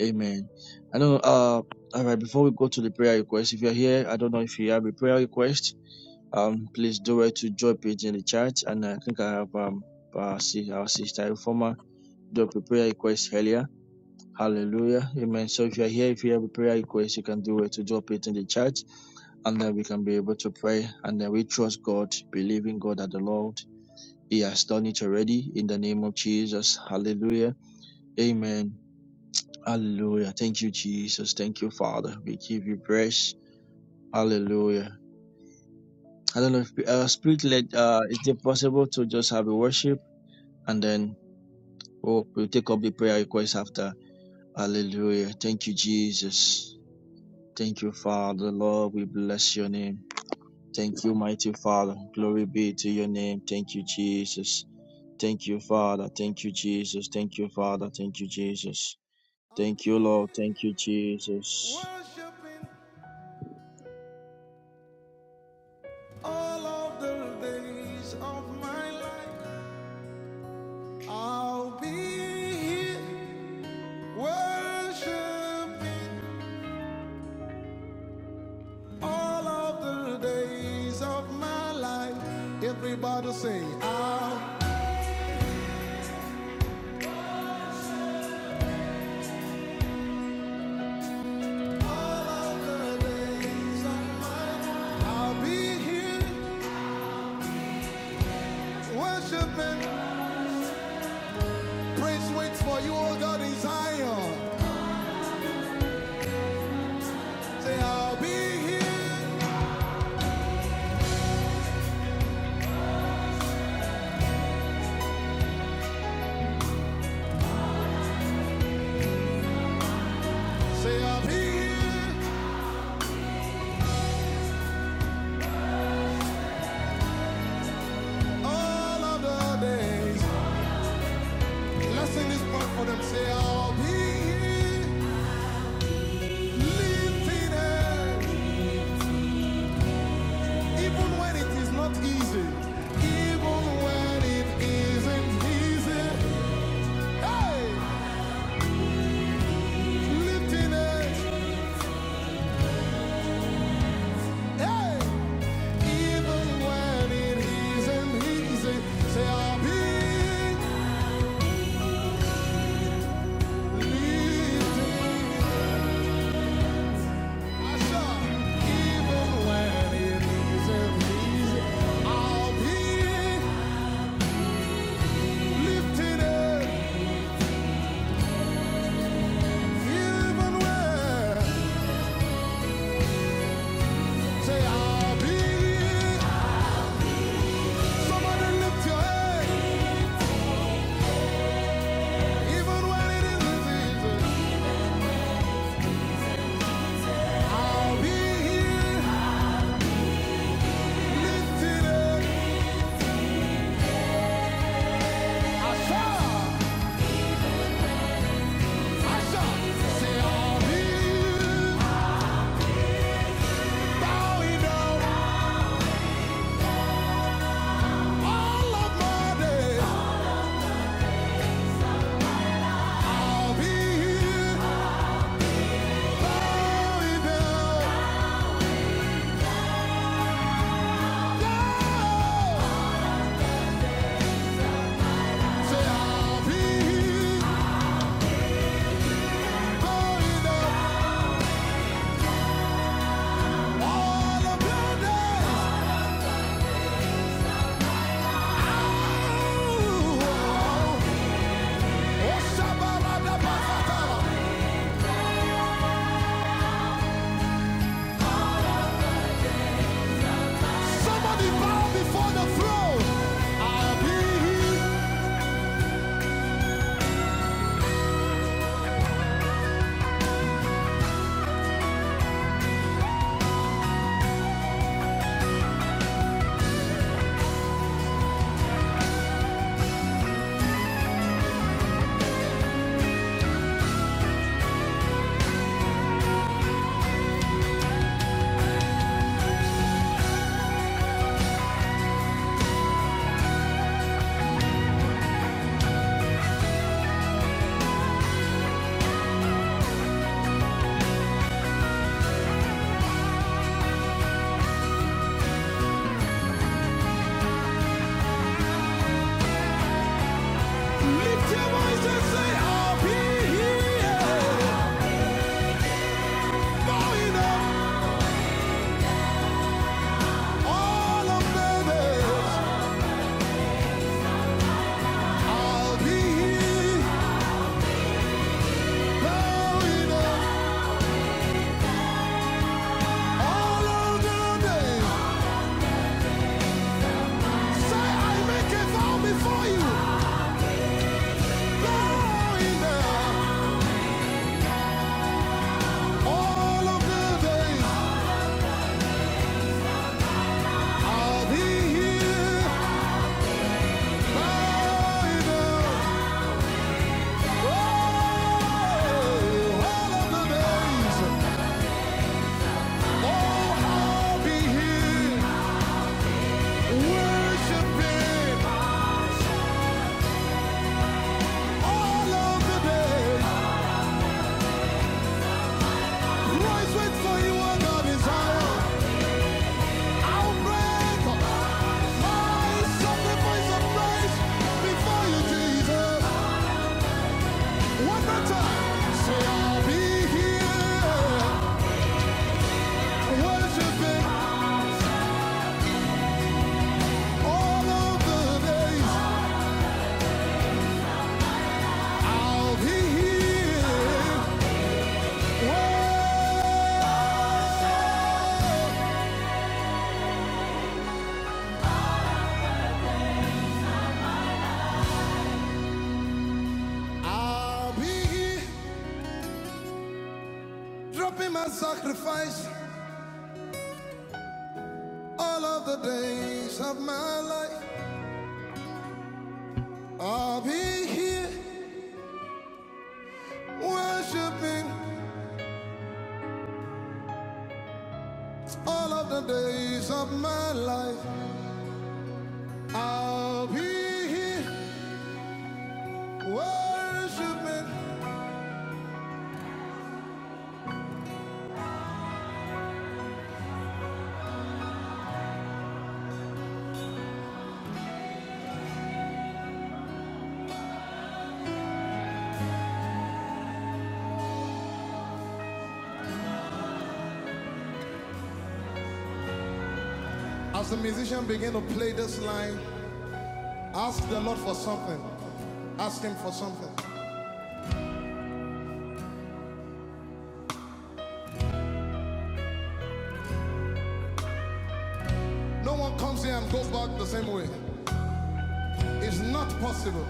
S7: Amen. I know, uh, all right, before we go to the prayer request, if you're here, I don't know if you have a prayer request, um, please do it to drop it in the chat. And I think I have, um, uh, see our sister reformer drop a prayer request earlier. Hallelujah. Amen. So if you're here, if you have a prayer request, you can do it to drop it in the chat and then we can be able to pray. And then we trust God, believe in God that the Lord, He has done it already in the name of Jesus. Hallelujah. Amen. Hallelujah. Thank you, Jesus. Thank you, Father. We give you praise. Hallelujah. I don't know if uh, spirit led, uh, is it possible to just have a worship and then we'll, we'll take up the prayer request after. Hallelujah. Thank you, Jesus. Thank you, Father. Lord, we bless your name. Thank you, mighty Father. Glory be to your name. Thank you, Jesus. Thank you, Father. Thank you, Jesus. Thank you, Father. Thank you, Jesus.
S5: I'll
S7: Thank
S5: be
S7: you, Lord. Thank you, Jesus.
S5: worshiping all of the days of my life. I'll be here worshiping all of the days of my life. Everybody say, I'll. all of the days of my life. I'll be here worshiping Praise waits for you, oh God, in Zion. Say, I'll be here. Say, I'll be here all of the days. Let's sing this part for them. Say, I'll be here, lifting hand, even when it is not easy. Even when it isn't easy. Hey, lifting hand, hey, even when it isn't easy. Say, I'll be here. Say I'll be bowing down all of my days. I'll be here. Bowing down. Down. Say, I'll be here. Bowing down. All of your days. Ooh. Oh, Shabarabakatala. Somebody bow before the throne. I'll be here. Lift your voice and say, I'll be here. Bowing down all of the I'll be here. I'll break Sacrifice all of the days of my life. I'll be here worshiping all of the days of my life. I'll be here worshiping. As the musician begin to play this line, ask the Lord for something. Ask Him for something. No one comes here and goes back the same way. It's not possible.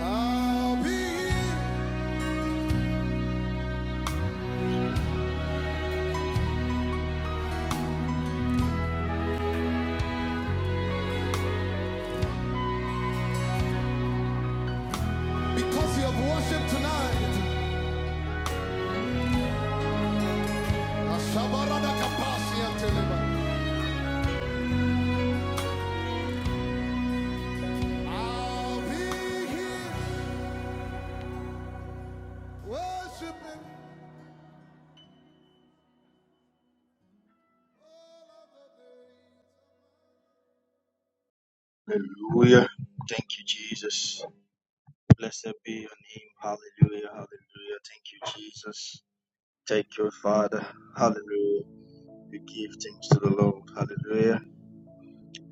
S5: I'll be here because you have worshipped tonight. Ashabaradakapasi anteleba. I'll be here worshiping all of the day.
S7: Hallelujah. Thank you, Jesus. Blessed be your name. Hallelujah. Hallelujah. Thank you, Jesus. Thank you, Father. Hallelujah. We give thanks to the Lord. Hallelujah.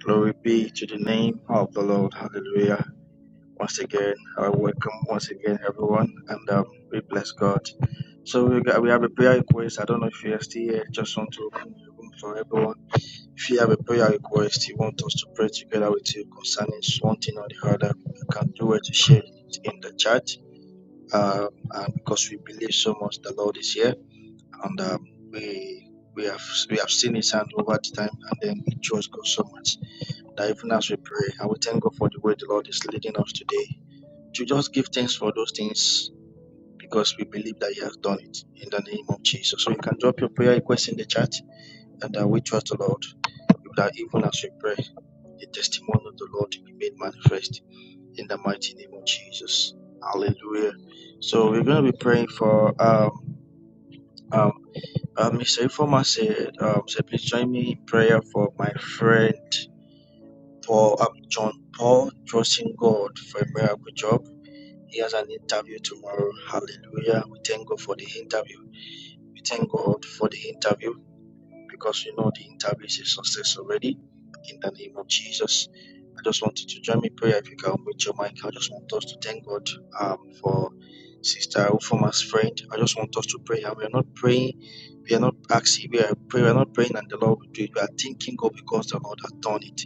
S7: Glory be to the name of the Lord. Hallelujah. Once again, I welcome once again everyone, and um, we bless God. So we got, we have a prayer request. I don't know if you are still here. Just want to open the room for everyone. If you have a prayer request you want us to pray together with you concerning one thing or the other, you can do it to share it in the chat. Um, and because we believe so much the Lord is here, and um, we we have we have seen His hand over the time, and then we trust God so much that even as we pray, and we thank God for the way the Lord is leading us today. To just give thanks for those things because we believe that He has done it in the name of Jesus. So you can drop your prayer request in the chat, and uh, we trust the Lord that even as we pray. the testimony of the Lord be made manifest in the mighty name of Jesus. Hallelujah. So we're going to be praying for um um um Mr. Informa said um said please join me in prayer for my friend Paul um, John Paul trusting God for a miracle job. He has an interview tomorrow. Hallelujah. We thank God for the interview. We thank God for the interview because we know the interview is a success already in the name of Jesus. I just want you to join me in prayer if you can unmute your mic. I just want us to thank God um, for Sister Ufoma's friend. I just want us to pray. And we are not praying, we are not asking, we are praying, we are not praying and the Lord will do it. We are thanking God because the Lord has done it.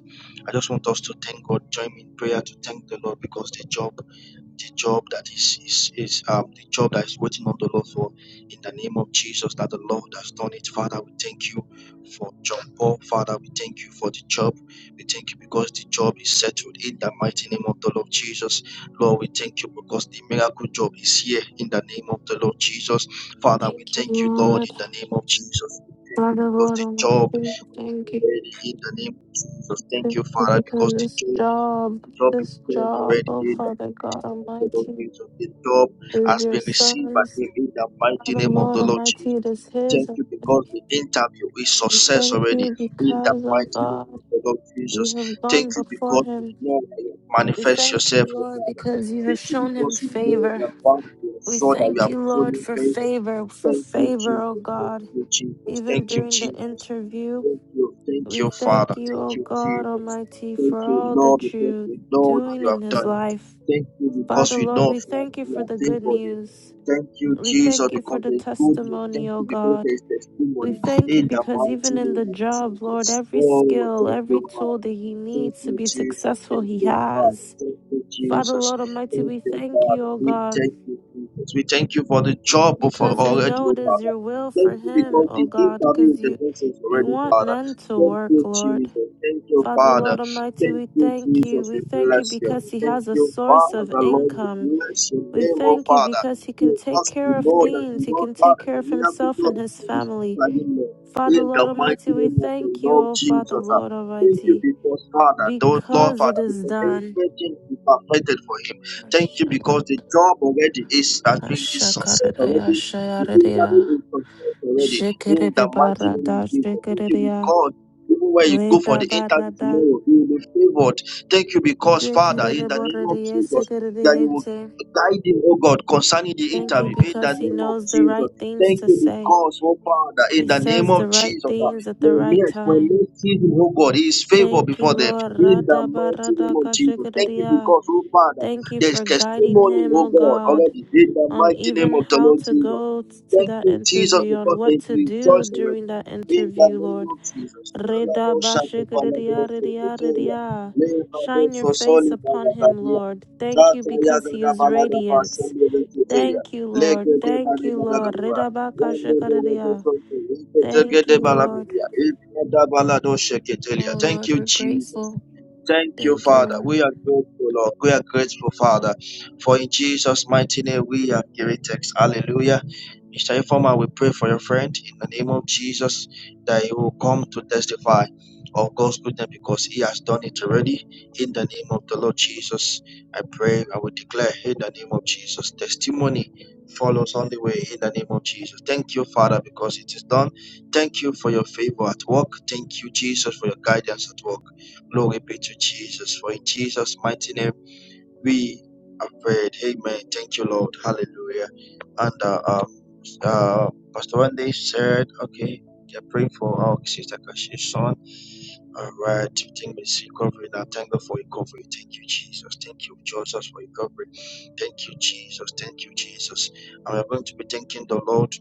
S7: I just want us to thank God. Join me in prayer to thank the Lord because the job the job that is is, is um, the job that is waiting on the Lord for in the name of Jesus that the Lord has done it. Father, we thank you for John Paul. Father, we thank you for the job. We thank you because the job is settled in the mighty name of the Lord Jesus. Lord, we thank you because the miracle job is here in the name of the Lord Jesus. Father, we
S3: Thank you,
S7: thank you, Lord,
S3: Lord.
S7: in the name of Jesus. We thank you
S3: Father
S7: because
S3: Lord
S7: the
S3: Almighty,
S7: job is
S3: thank you
S7: already in the name of Jesus. Thank
S3: thank
S7: you,
S3: you
S7: Father, because
S3: because
S7: the
S3: this
S7: job
S3: job,
S7: job is
S3: this
S7: throne
S3: job,
S7: already
S3: oh
S7: in the
S3: Father
S7: mighty
S3: God
S7: name of the Lord
S3: Almighty,
S7: Jesus. The job
S3: is
S7: has
S3: your
S7: been received by
S3: son's.
S7: him in the mighty
S3: Father
S7: name of
S3: Lord
S7: the Lord
S3: Almighty,
S7: Jesus.
S3: it is his
S7: Thank you
S3: already.
S7: because the interview is
S3: We
S7: success
S3: thank
S7: already
S3: you
S7: in the
S3: because, oh
S7: mighty name
S3: God,
S7: of the Lord Jesus.
S3: you have
S7: Thank
S3: gone
S7: you
S3: before
S7: because you
S3: him.
S7: know that you
S3: We
S7: manifest
S3: thank you,
S7: yourself, O
S3: Lord,
S7: Father.
S3: because you
S7: Thank
S3: have
S7: you
S3: shown him
S7: because you know
S3: favor.
S7: that Father, you are
S3: We
S7: sure that you
S3: thank
S7: have
S3: you, Lord,
S7: truly
S3: for
S7: favor.
S3: favor, for
S7: Thank you,
S3: favor, oh
S7: Jesus.
S3: God,
S7: Thank you, Jesus.
S3: even
S7: Thank you,
S3: during the
S7: Jesus.
S3: interview.
S7: Thank you, thank
S3: We
S7: you, Father.
S3: thank you,
S7: Thank
S3: O
S7: you,
S3: God
S7: Jesus.
S3: Almighty,
S7: Thank
S3: for
S7: you,
S3: all
S7: Lord,
S3: that
S7: because
S3: you're
S7: we know that
S3: doing
S7: you
S3: in
S7: have
S3: his
S7: done it.
S3: life.
S7: Thank you because
S3: Father,
S7: we
S3: Lord,
S7: know,
S3: we
S7: Father,
S3: thank you
S7: we
S3: for
S7: are
S3: the good
S7: thankful. Dear.
S3: news.
S7: Thank you,
S3: We
S7: Jesus,
S3: thank you for
S7: because
S3: the
S7: there is good news.
S3: testimony,
S7: Thank
S3: O
S7: you because there
S3: God.
S7: is
S3: We
S7: testimony
S3: thank you
S7: in the
S3: because even
S7: mighty
S3: in the
S7: name of
S3: job, Lord,
S7: Jesus.
S3: every
S7: Oh,
S3: skill,
S7: thank
S3: every
S7: you, Father.
S3: tool that he
S7: Thank
S3: needs to
S7: you,
S3: be
S7: Jesus.
S3: successful,
S7: Thank
S3: he
S7: you, Father.
S3: has.
S7: Thank you,
S3: Father,
S7: Jesus.
S3: Lord Almighty,
S7: Thank
S3: we
S7: you,
S3: thank you,
S7: Father.
S3: O
S7: We
S3: God,
S7: thank you, Jesus. We thank you for the job of our
S3: because we
S7: already,
S3: know
S7: oh
S3: it is
S7: Father.
S3: your will
S7: Thank
S3: for
S7: you
S3: him,
S7: because the
S3: O God,
S7: interview with
S3: because
S7: the
S3: you,
S7: person is
S3: you
S7: already,
S3: want
S7: Father.
S3: men to
S7: Thank
S3: work,
S7: you,
S3: Lord.
S7: Jesus. Thank you,
S3: Father,
S7: Father.
S3: Lord Almighty,
S7: Thank
S3: we
S7: you,
S3: thank you.
S7: Jesus.
S3: We
S7: We
S3: thank you
S7: bless you.
S3: because He
S7: Thank
S3: has a
S7: you,
S3: source
S7: Father.
S3: of
S7: Lord, we
S3: income.
S7: bless your
S3: We
S7: name, oh
S3: thank you
S7: Father.
S3: because He can take
S7: Because we
S3: care of
S7: know that you
S3: things. He
S7: know,
S3: can take
S7: Father,
S3: care
S7: the
S3: of
S7: miracle
S3: Himself
S7: God
S3: and His
S7: is in this
S3: family.
S7: Lord.
S3: Father,
S7: In
S3: Lord
S7: the mighty
S3: Almighty, we
S7: name of the
S3: thank you,
S7: Lord
S3: O Father,
S7: Jesus.
S3: Lord
S7: Thank you
S3: Almighty,
S7: because Father, those Lord
S3: because it
S7: Father,
S3: is
S7: because
S3: done.
S7: everything is perfected for him. Thank you because the job already is has been is success
S3: Ashakaradaya,
S7: already. The
S3: shayaradaya,
S7: interview is success already in the mighty
S3: shikeredebarada,
S7: name of Jesus. Thank you
S3: shikeredeya,
S7: because even where you go for the interview
S3: redabarada,
S7: tomorrow, you will be favored. Thank you because Father, in the name of
S3: shikeredeborede,
S7: Jesus, that you will
S3: sekeredeyente.
S7: guide him, oh God, concerning the
S3: Thank you
S7: interview in the
S3: because he
S7: name of
S3: knows the
S7: Jesus.
S3: right things
S7: Thank
S3: to
S7: you
S3: say.
S7: because, oh Father, in
S3: He
S7: the name
S3: says the
S7: of
S3: right
S7: Jesus. uh,
S3: things at the
S7: when
S3: right
S7: men, when
S3: time.
S7: men see him, oh God, he is favor
S3: Thank you,
S7: before them
S3: Lord.
S7: in the mighty name of Jesus. Thank you
S3: Ratabaradakashikadadiya.
S7: because, oh Father,
S3: Thank you
S7: there's
S3: for guiding
S7: testimony,
S3: him,
S7: oh
S3: O
S7: God,
S3: God,
S7: already in the
S3: on
S7: mighty name
S3: even
S7: of the
S3: how
S7: Lord
S3: to
S7: Jesus.
S3: go t- to
S7: Thank
S3: that
S7: you, Jesus,
S3: interview, on
S7: because
S3: what
S7: there's
S3: to do
S7: rejoice
S3: during
S7: already
S3: that
S7: in the
S3: interview,
S7: name
S3: Lord.
S7: of Jesus. Lord, oh, shout out, Father,
S3: Redabashikadadiya,
S7: those who are in
S3: radiya,
S7: the
S3: radiya.
S7: area. Lord, oh,
S3: Shine your
S7: so
S3: face
S7: solid,
S3: upon him,
S7: Father,
S3: Lord. Thank you
S7: Satya
S3: because he is
S7: Gadabalaga
S3: radiant.
S7: Sendhi Venkataya.
S3: Thank you, Lord.
S7: Leke
S3: Thank
S7: Devani
S3: you, Lord.
S7: Gadagava. Wande Devego
S3: Ridabakashikaridia.
S7: Soto.
S3: Thank
S7: Venkatagede
S3: you, Lord.
S7: Balagavia. Ilkada Balado
S3: Oh,
S7: Sheketelia. Thank
S3: Lord,
S7: you,
S3: we're
S7: Jesus.
S3: grateful.
S7: Thank you,
S3: Thank you,
S7: Father.
S3: Lord.
S7: We are grateful, Lord. We are grateful, Father. For in Jesus' mighty name we are giving thanks. Hallelujah. Mr. Informer, we pray for your friend in the name of Jesus that he will come to testify of God's goodness because he has done it already. In the name of the Lord Jesus, I pray, I will declare in the name of Jesus. Testimony follows on the way in the name of Jesus. Thank you, Father, because it is done. Thank you for your favor at work. Thank you, Jesus, for your guidance at work. Glory be to Jesus. For in Jesus' mighty name, we have prayed. Amen. Thank you, Lord. Hallelujah. And uh, uh, uh, Pastor one day said, okay, they're praying for our sister Kashi's son. All right, we think it's recovery now. Thank God for recovery. Thank you, Jesus. Thank you, Jesus, for recovery. Thank you, Jesus. Thank you, Jesus. And we're going to be thanking the Lord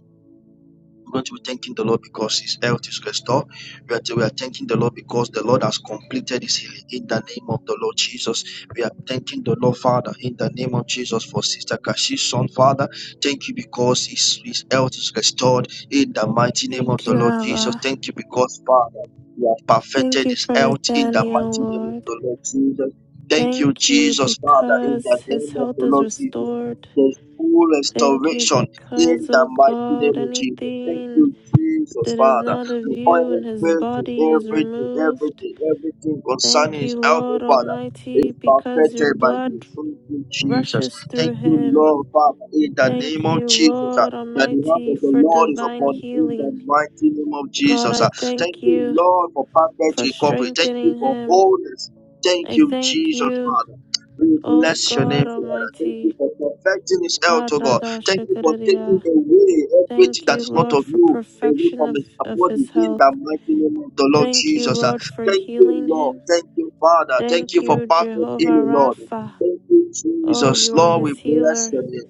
S7: we're going to be thanking the Lord because His health is restored. We are, we are thanking the Lord because the Lord has completed His healing in the name of the Lord Jesus. We are thanking the Lord, Father, in the name of Jesus for Sister Kashi's son, Father. Thank you because His, his health is restored in the mighty name of
S3: Thank
S7: the
S3: you,
S7: Lord Jesus.
S3: Abba.
S7: Thank you because, Father, you have
S3: Thank
S7: perfected
S3: you
S7: His
S3: for
S7: health in the
S3: Nathaniel,
S7: mighty name of
S3: Lord.
S7: the Lord Jesus. Thank you,
S3: Thank you
S7: Jesus, Father, in the
S3: because his
S7: name of
S3: health
S7: the
S3: is
S7: Lord Jesus.
S3: restored.
S7: There's full
S3: Thank you
S7: restoration in
S3: because,
S7: the
S3: oh
S7: mighty mighty
S3: God,
S7: name of Jesus. Thank
S3: anything
S7: you, Jesus,
S3: that is
S7: Father.
S3: not of
S7: We
S3: you
S7: oil
S3: in his body
S7: to
S3: is
S7: everything,
S3: removed.
S7: everything, everything
S3: Thank
S7: concerning his
S3: you,
S7: health, oh,
S3: Lord
S7: Father. Is
S3: Almighty, because your
S7: perfected by
S3: blood
S7: you. Thank you, Jesus.
S3: rushes
S7: Thank
S3: through
S7: you,
S3: him.
S7: Lord, Father, in the name
S3: Thank
S7: of
S3: you,
S7: Jesus. ah,
S3: Lord
S7: That the hand
S3: Almighty,
S7: of the
S3: for
S7: Lord is
S3: divine
S7: upon you in the
S3: healing.
S7: mighty name of
S3: God,
S7: Jesus. ah.
S3: I
S7: Thank
S3: thank
S7: you,
S3: you
S7: Lord, for perfect
S3: for
S7: recovery. Thank you
S3: strengthening
S7: for
S3: him.
S7: wholeness. Thank
S3: I
S7: you,
S3: thank
S7: Jesus,
S3: you,
S7: Father. We
S3: O
S7: bless your name,
S3: God
S7: Father. Thank you
S3: Almighty.
S7: for perfecting his health, oh God.
S3: Arada
S7: Thank you for taking
S3: shakararia.
S7: away everything
S3: Thank
S7: that
S3: you,
S7: is not
S3: Lord,
S7: of
S3: for
S7: you away
S3: perfection
S7: from
S3: of,
S7: his
S3: of
S7: body
S3: his
S7: in
S3: health.
S7: the mighty name of the Lord
S3: Thank you,
S7: Jesus. Uh,
S3: Lord, for
S7: Thank you,
S3: healing
S7: Lord.
S3: him.
S7: Thank you, Father. Thank
S3: Thank
S7: you for
S3: you,
S7: perfect
S3: Jehovah
S7: healing, Lord.
S3: Rapha.
S7: In
S3: Oh,
S7: Jesus,
S3: you are
S7: Lord, we
S3: his
S7: bless
S3: healer.
S7: your name.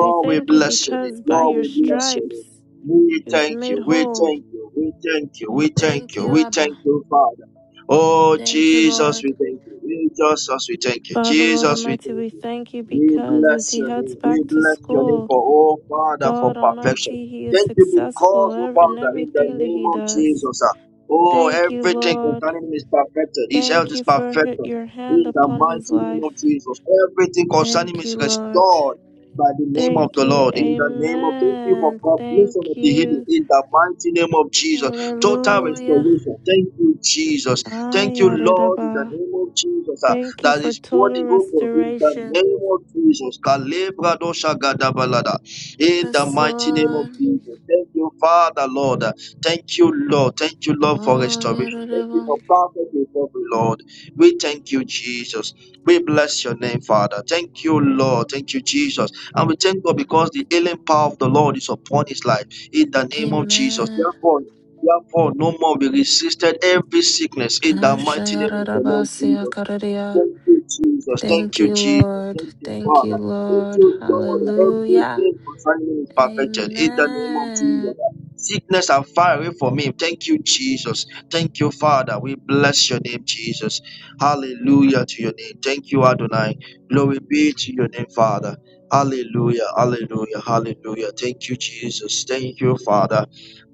S3: We
S7: we
S3: thank you
S7: bless your name.
S3: because by
S7: Lord,
S3: your
S7: we bless your
S3: stripes
S7: name. We
S3: he was
S7: thank
S3: made
S7: you. We
S3: whole.
S7: thank you. We thank you. We thank
S3: Thank
S7: you.
S3: you,
S7: We thank
S3: Abba.
S7: you, Father. Oh,
S3: Thank you,
S7: Jesus,
S3: Lord.
S7: we thank you. Jesus, we thank you.
S3: Father, Lord
S7: Jesus, we thank you.
S3: Almighty, we thank you
S7: We
S3: because as
S7: bless
S3: he
S7: your
S3: heads
S7: name. We
S3: back to
S7: bless your name
S3: school,
S7: for all, Father, for
S3: God
S7: perfection.
S3: Almighty, he is
S7: Thank you
S3: successful
S7: because, oh
S3: ev- in
S7: Father, in the
S3: everything that
S7: name
S3: he
S7: of
S3: does.
S7: Jesus, ah, oh,
S3: Thank you,
S7: everything
S3: Lord.
S7: concerning him is perfected. His health
S3: Thank
S7: is
S3: you for h-
S7: perfected.
S3: your hand
S7: In the
S3: upon his
S7: mighty name of
S3: life.
S7: Jesus, everything concerning him
S3: Thank
S7: is
S3: you, Lord.
S7: restored by the name of
S3: Thank
S7: the
S3: you.
S7: Lord. In the name of thank you for
S3: Amen.
S7: completion
S3: Thank
S7: of the healing.
S3: you.
S7: In the mighty name of Jesus, total
S3: Hallelujah.
S7: restoration. Thank you, Jesus. Thank you, Lord, in the
S3: Ayaredaba.
S7: name of Jesus. ah
S3: Thank you
S7: that
S3: for
S7: is
S3: total
S7: pouring over in the
S3: restoration.
S7: name of Jesus. Kalebra dosha gadabalada. In the
S3: Yes,
S7: mighty name of
S3: Lord.
S7: Jesus. Thank you, Father, Lord. Thank you, Lord. Thank you, Lord, for restoration. Thank you
S3: Oh,
S7: for perfect recovery, Lord. We thank you, Jesus. We bless your name, Father. Thank you, Lord. Thank you, Jesus. And we thank God because the healing power of the Lord is upon his life. In the name of Jesus.
S3: Amen.
S7: Therefore, Therefore, no more be resisted every sickness in the mighty name of the Lord Jesus.
S3: Ashayarabasiakararia.
S7: Thank you, Jesus. Thank
S3: Thank
S7: you,
S3: you,
S7: Jesus.
S3: Lord.
S7: Thank you,
S3: Thank you,
S7: Father. Thank
S3: Lord.
S7: you, Lord.
S3: Hallelujah.
S7: Everything concerning me is perfected in the name of Jesus.
S3: Amen.
S7: Sickness are far away from me. Thank you, Jesus. Thank you, Father. We bless your name, Jesus. Hallelujah to your name. Thank you, Adonai. Glory be to your name, Father. Hallelujah, hallelujah, hallelujah. Thank you, Jesus. Thank you, Father.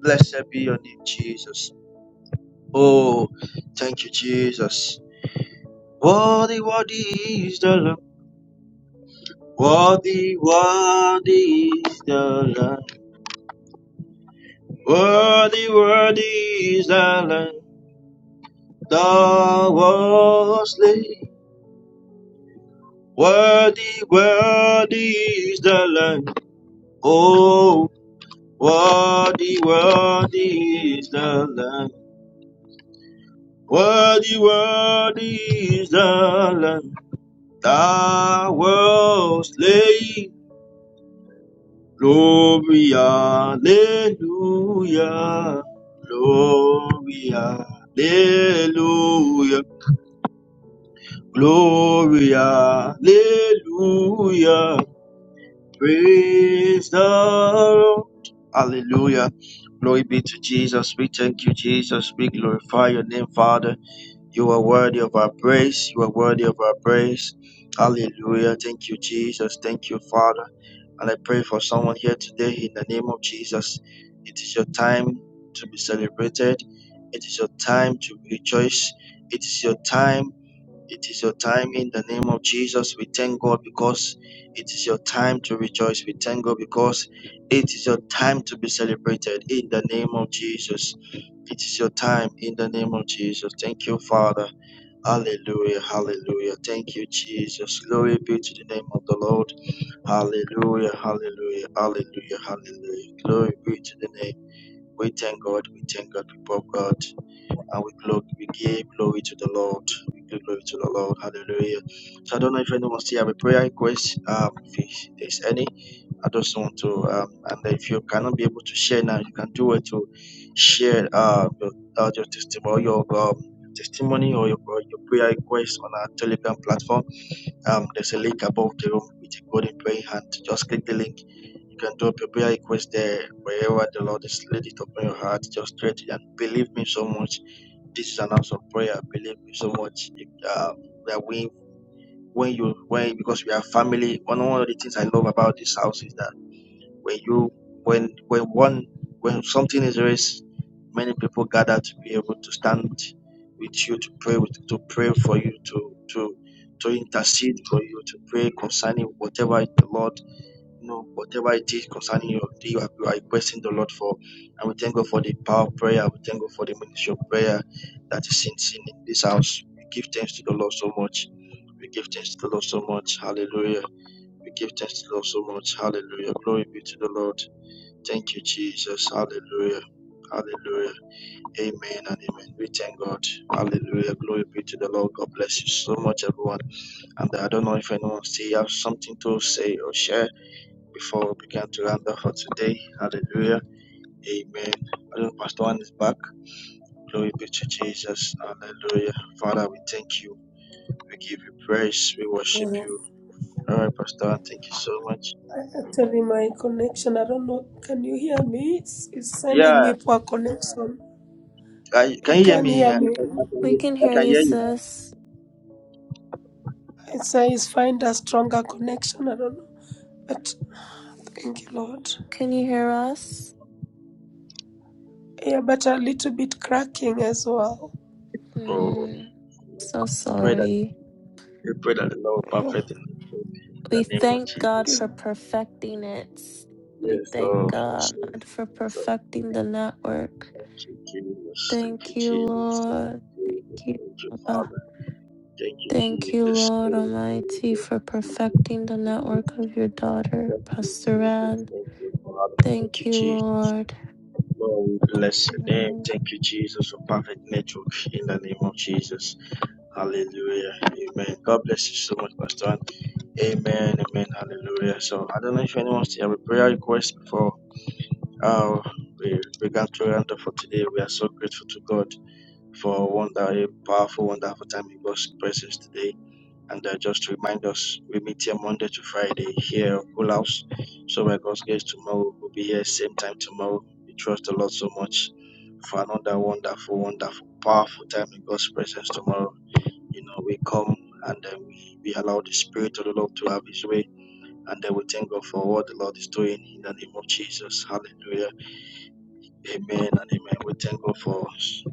S7: Blessed be your name, Jesus. Oh, thank you, Jesus. Worthy, worthy is the Lamb. Worthy, worthy is the Lamb. Worthy, worthy is the Lamb. Thou was slain. Worthy, worthy is the Lamb. Oh, worthy, worthy is the Lamb. Worthy, worthy is the Lamb. Thou was slain. Glory, hallelujah. Glory, hallelujah. Glory, hallelujah. Praise the Lord. Hallelujah. Glory be to Jesus. We thank you, Jesus. We glorify your name, Father. You are worthy of our praise. You are worthy of our praise. Hallelujah. Thank you, Jesus. Thank you, Father. And I pray for someone here today in the name of Jesus. It is your time to be celebrated. It is your time to rejoice. It is your time. It is your time in the name of Jesus. We thank God because it is your time to rejoice. We thank God because it is your time to be celebrated in the name of Jesus. It is your time in the name of Jesus. Thank you, Father. Hallelujah. Hallelujah. Thank you, Jesus. Glory be to the name of the Lord. Hallelujah, hallelujah, hallelujah, hallelujah. Glory be to the name. We thank God, we thank God, people of God, and we glory, we give glory to the Lord. We give glory to the Lord. Hallelujah. So I don't know if anyone still have a prayer request. Um, if there's any, I just want to um, and if you cannot be able to share now, you can do it to share uh your, uh, your testimony, your um, testimony or your, or your prayer request on our Telegram platform. Um, there's a link above the room with a golden praying hand. Just click the link you can do prepare a prayer request there wherever the Lord is laid it upon your heart. Just pray to and believe me so much. This is an house of prayer. Believe me so much. If, uh, that we when you when because we are family. One one of the things I love about this house is that when you when when one when something is raised, many people gather to be able to stand with you to pray with, to pray for you to to to intercede for you to pray concerning whatever the Lord you know, whatever it is concerning your day, you are, you are requesting the Lord for. And we thank God for the power of prayer. We thank God for the ministry of prayer that is seen, seen in this house. We give thanks to the Lord so much. We give thanks to the Lord so much. Hallelujah. We give thanks to the Lord so much. Hallelujah. Glory be to the Lord. Thank you, Jesus. Hallelujah. Hallelujah. Amen and amen. We thank God. Hallelujah. Glory be to the Lord. God bless you so much, everyone. And I don't know if anyone still have something to say or share before we begin to round off for today. Hallelujah. Amen. Hallelujah. Pastor One is back. Glory be to Jesus. Hallelujah. Father, we thank you. We give you praise. We worship you. All right, Pastor One, thank you so much.
S2: Actually, my connection, I don't know. Can you hear me? It's, it's sending
S7: Yeah,
S2: me poor connection.
S7: I, can
S2: You
S7: you hear
S2: can
S7: me?
S2: hear
S7: I,
S2: me.
S3: We can
S7: I
S3: hear
S7: can
S3: you,
S7: hear you.
S3: sis.
S2: It says find a stronger connection. I don't know. But thank you, Lord.
S3: Can you hear us?
S2: Yeah, but a little bit cracking as well.
S7: Oh,
S3: Hmm. so
S7: pray that
S3: sorry.
S7: in
S2: Yeah.
S7: the
S3: We
S7: name of
S3: thank God
S2: Yeah.
S7: Jesus.
S3: for perfecting it.
S7: Yes,
S3: We thank
S7: oh, yes,
S3: God
S7: oh,
S3: for
S7: yes, oh.
S3: perfecting the network.
S7: Thank you, Jesus. Thank you,
S3: Thank you,
S7: Jesus. Thank
S3: Lord.
S7: you, Jesus.
S3: Thank
S7: Thank you,
S3: you.
S7: Father. Thank you,
S3: Thank you,
S7: Jesus.
S3: Lord Almighty,
S7: Hallelujah.
S3: for
S7: Thank
S3: perfecting the
S7: you, Jesus.
S3: network of your daughter,
S7: Thank you,
S3: Pastor
S7: Jesus.
S3: Ann.
S7: Thank you, Father. Thank
S3: Thank
S7: you,
S3: you,
S7: Jesus.
S3: Lord.
S7: Lord, we bless your name.
S3: Lord,
S7: Thank you, Jesus, for perfect network in the name of Jesus. Hallelujah. Amen. God bless you so much, Pastor. Amen. Amen. Hallelujah. So I don't know if anyone still have a prayer request before uh, we began to render for today. We are so grateful to God for a wonder, a powerful, wonderful time in God's presence today. And uh, just to remind us, we meet here Monday to Friday here at Cool House. So by God's grace, tomorrow we'll be here same time tomorrow. We trust the Lord so much for another wonderful, wonderful, powerful time in God's presence tomorrow. You know, we come and then we, we allow the Spirit of the Lord to have His way. And then we thank God for what the Lord is doing in the name of Jesus. Hallelujah. Amen and amen. We thank God for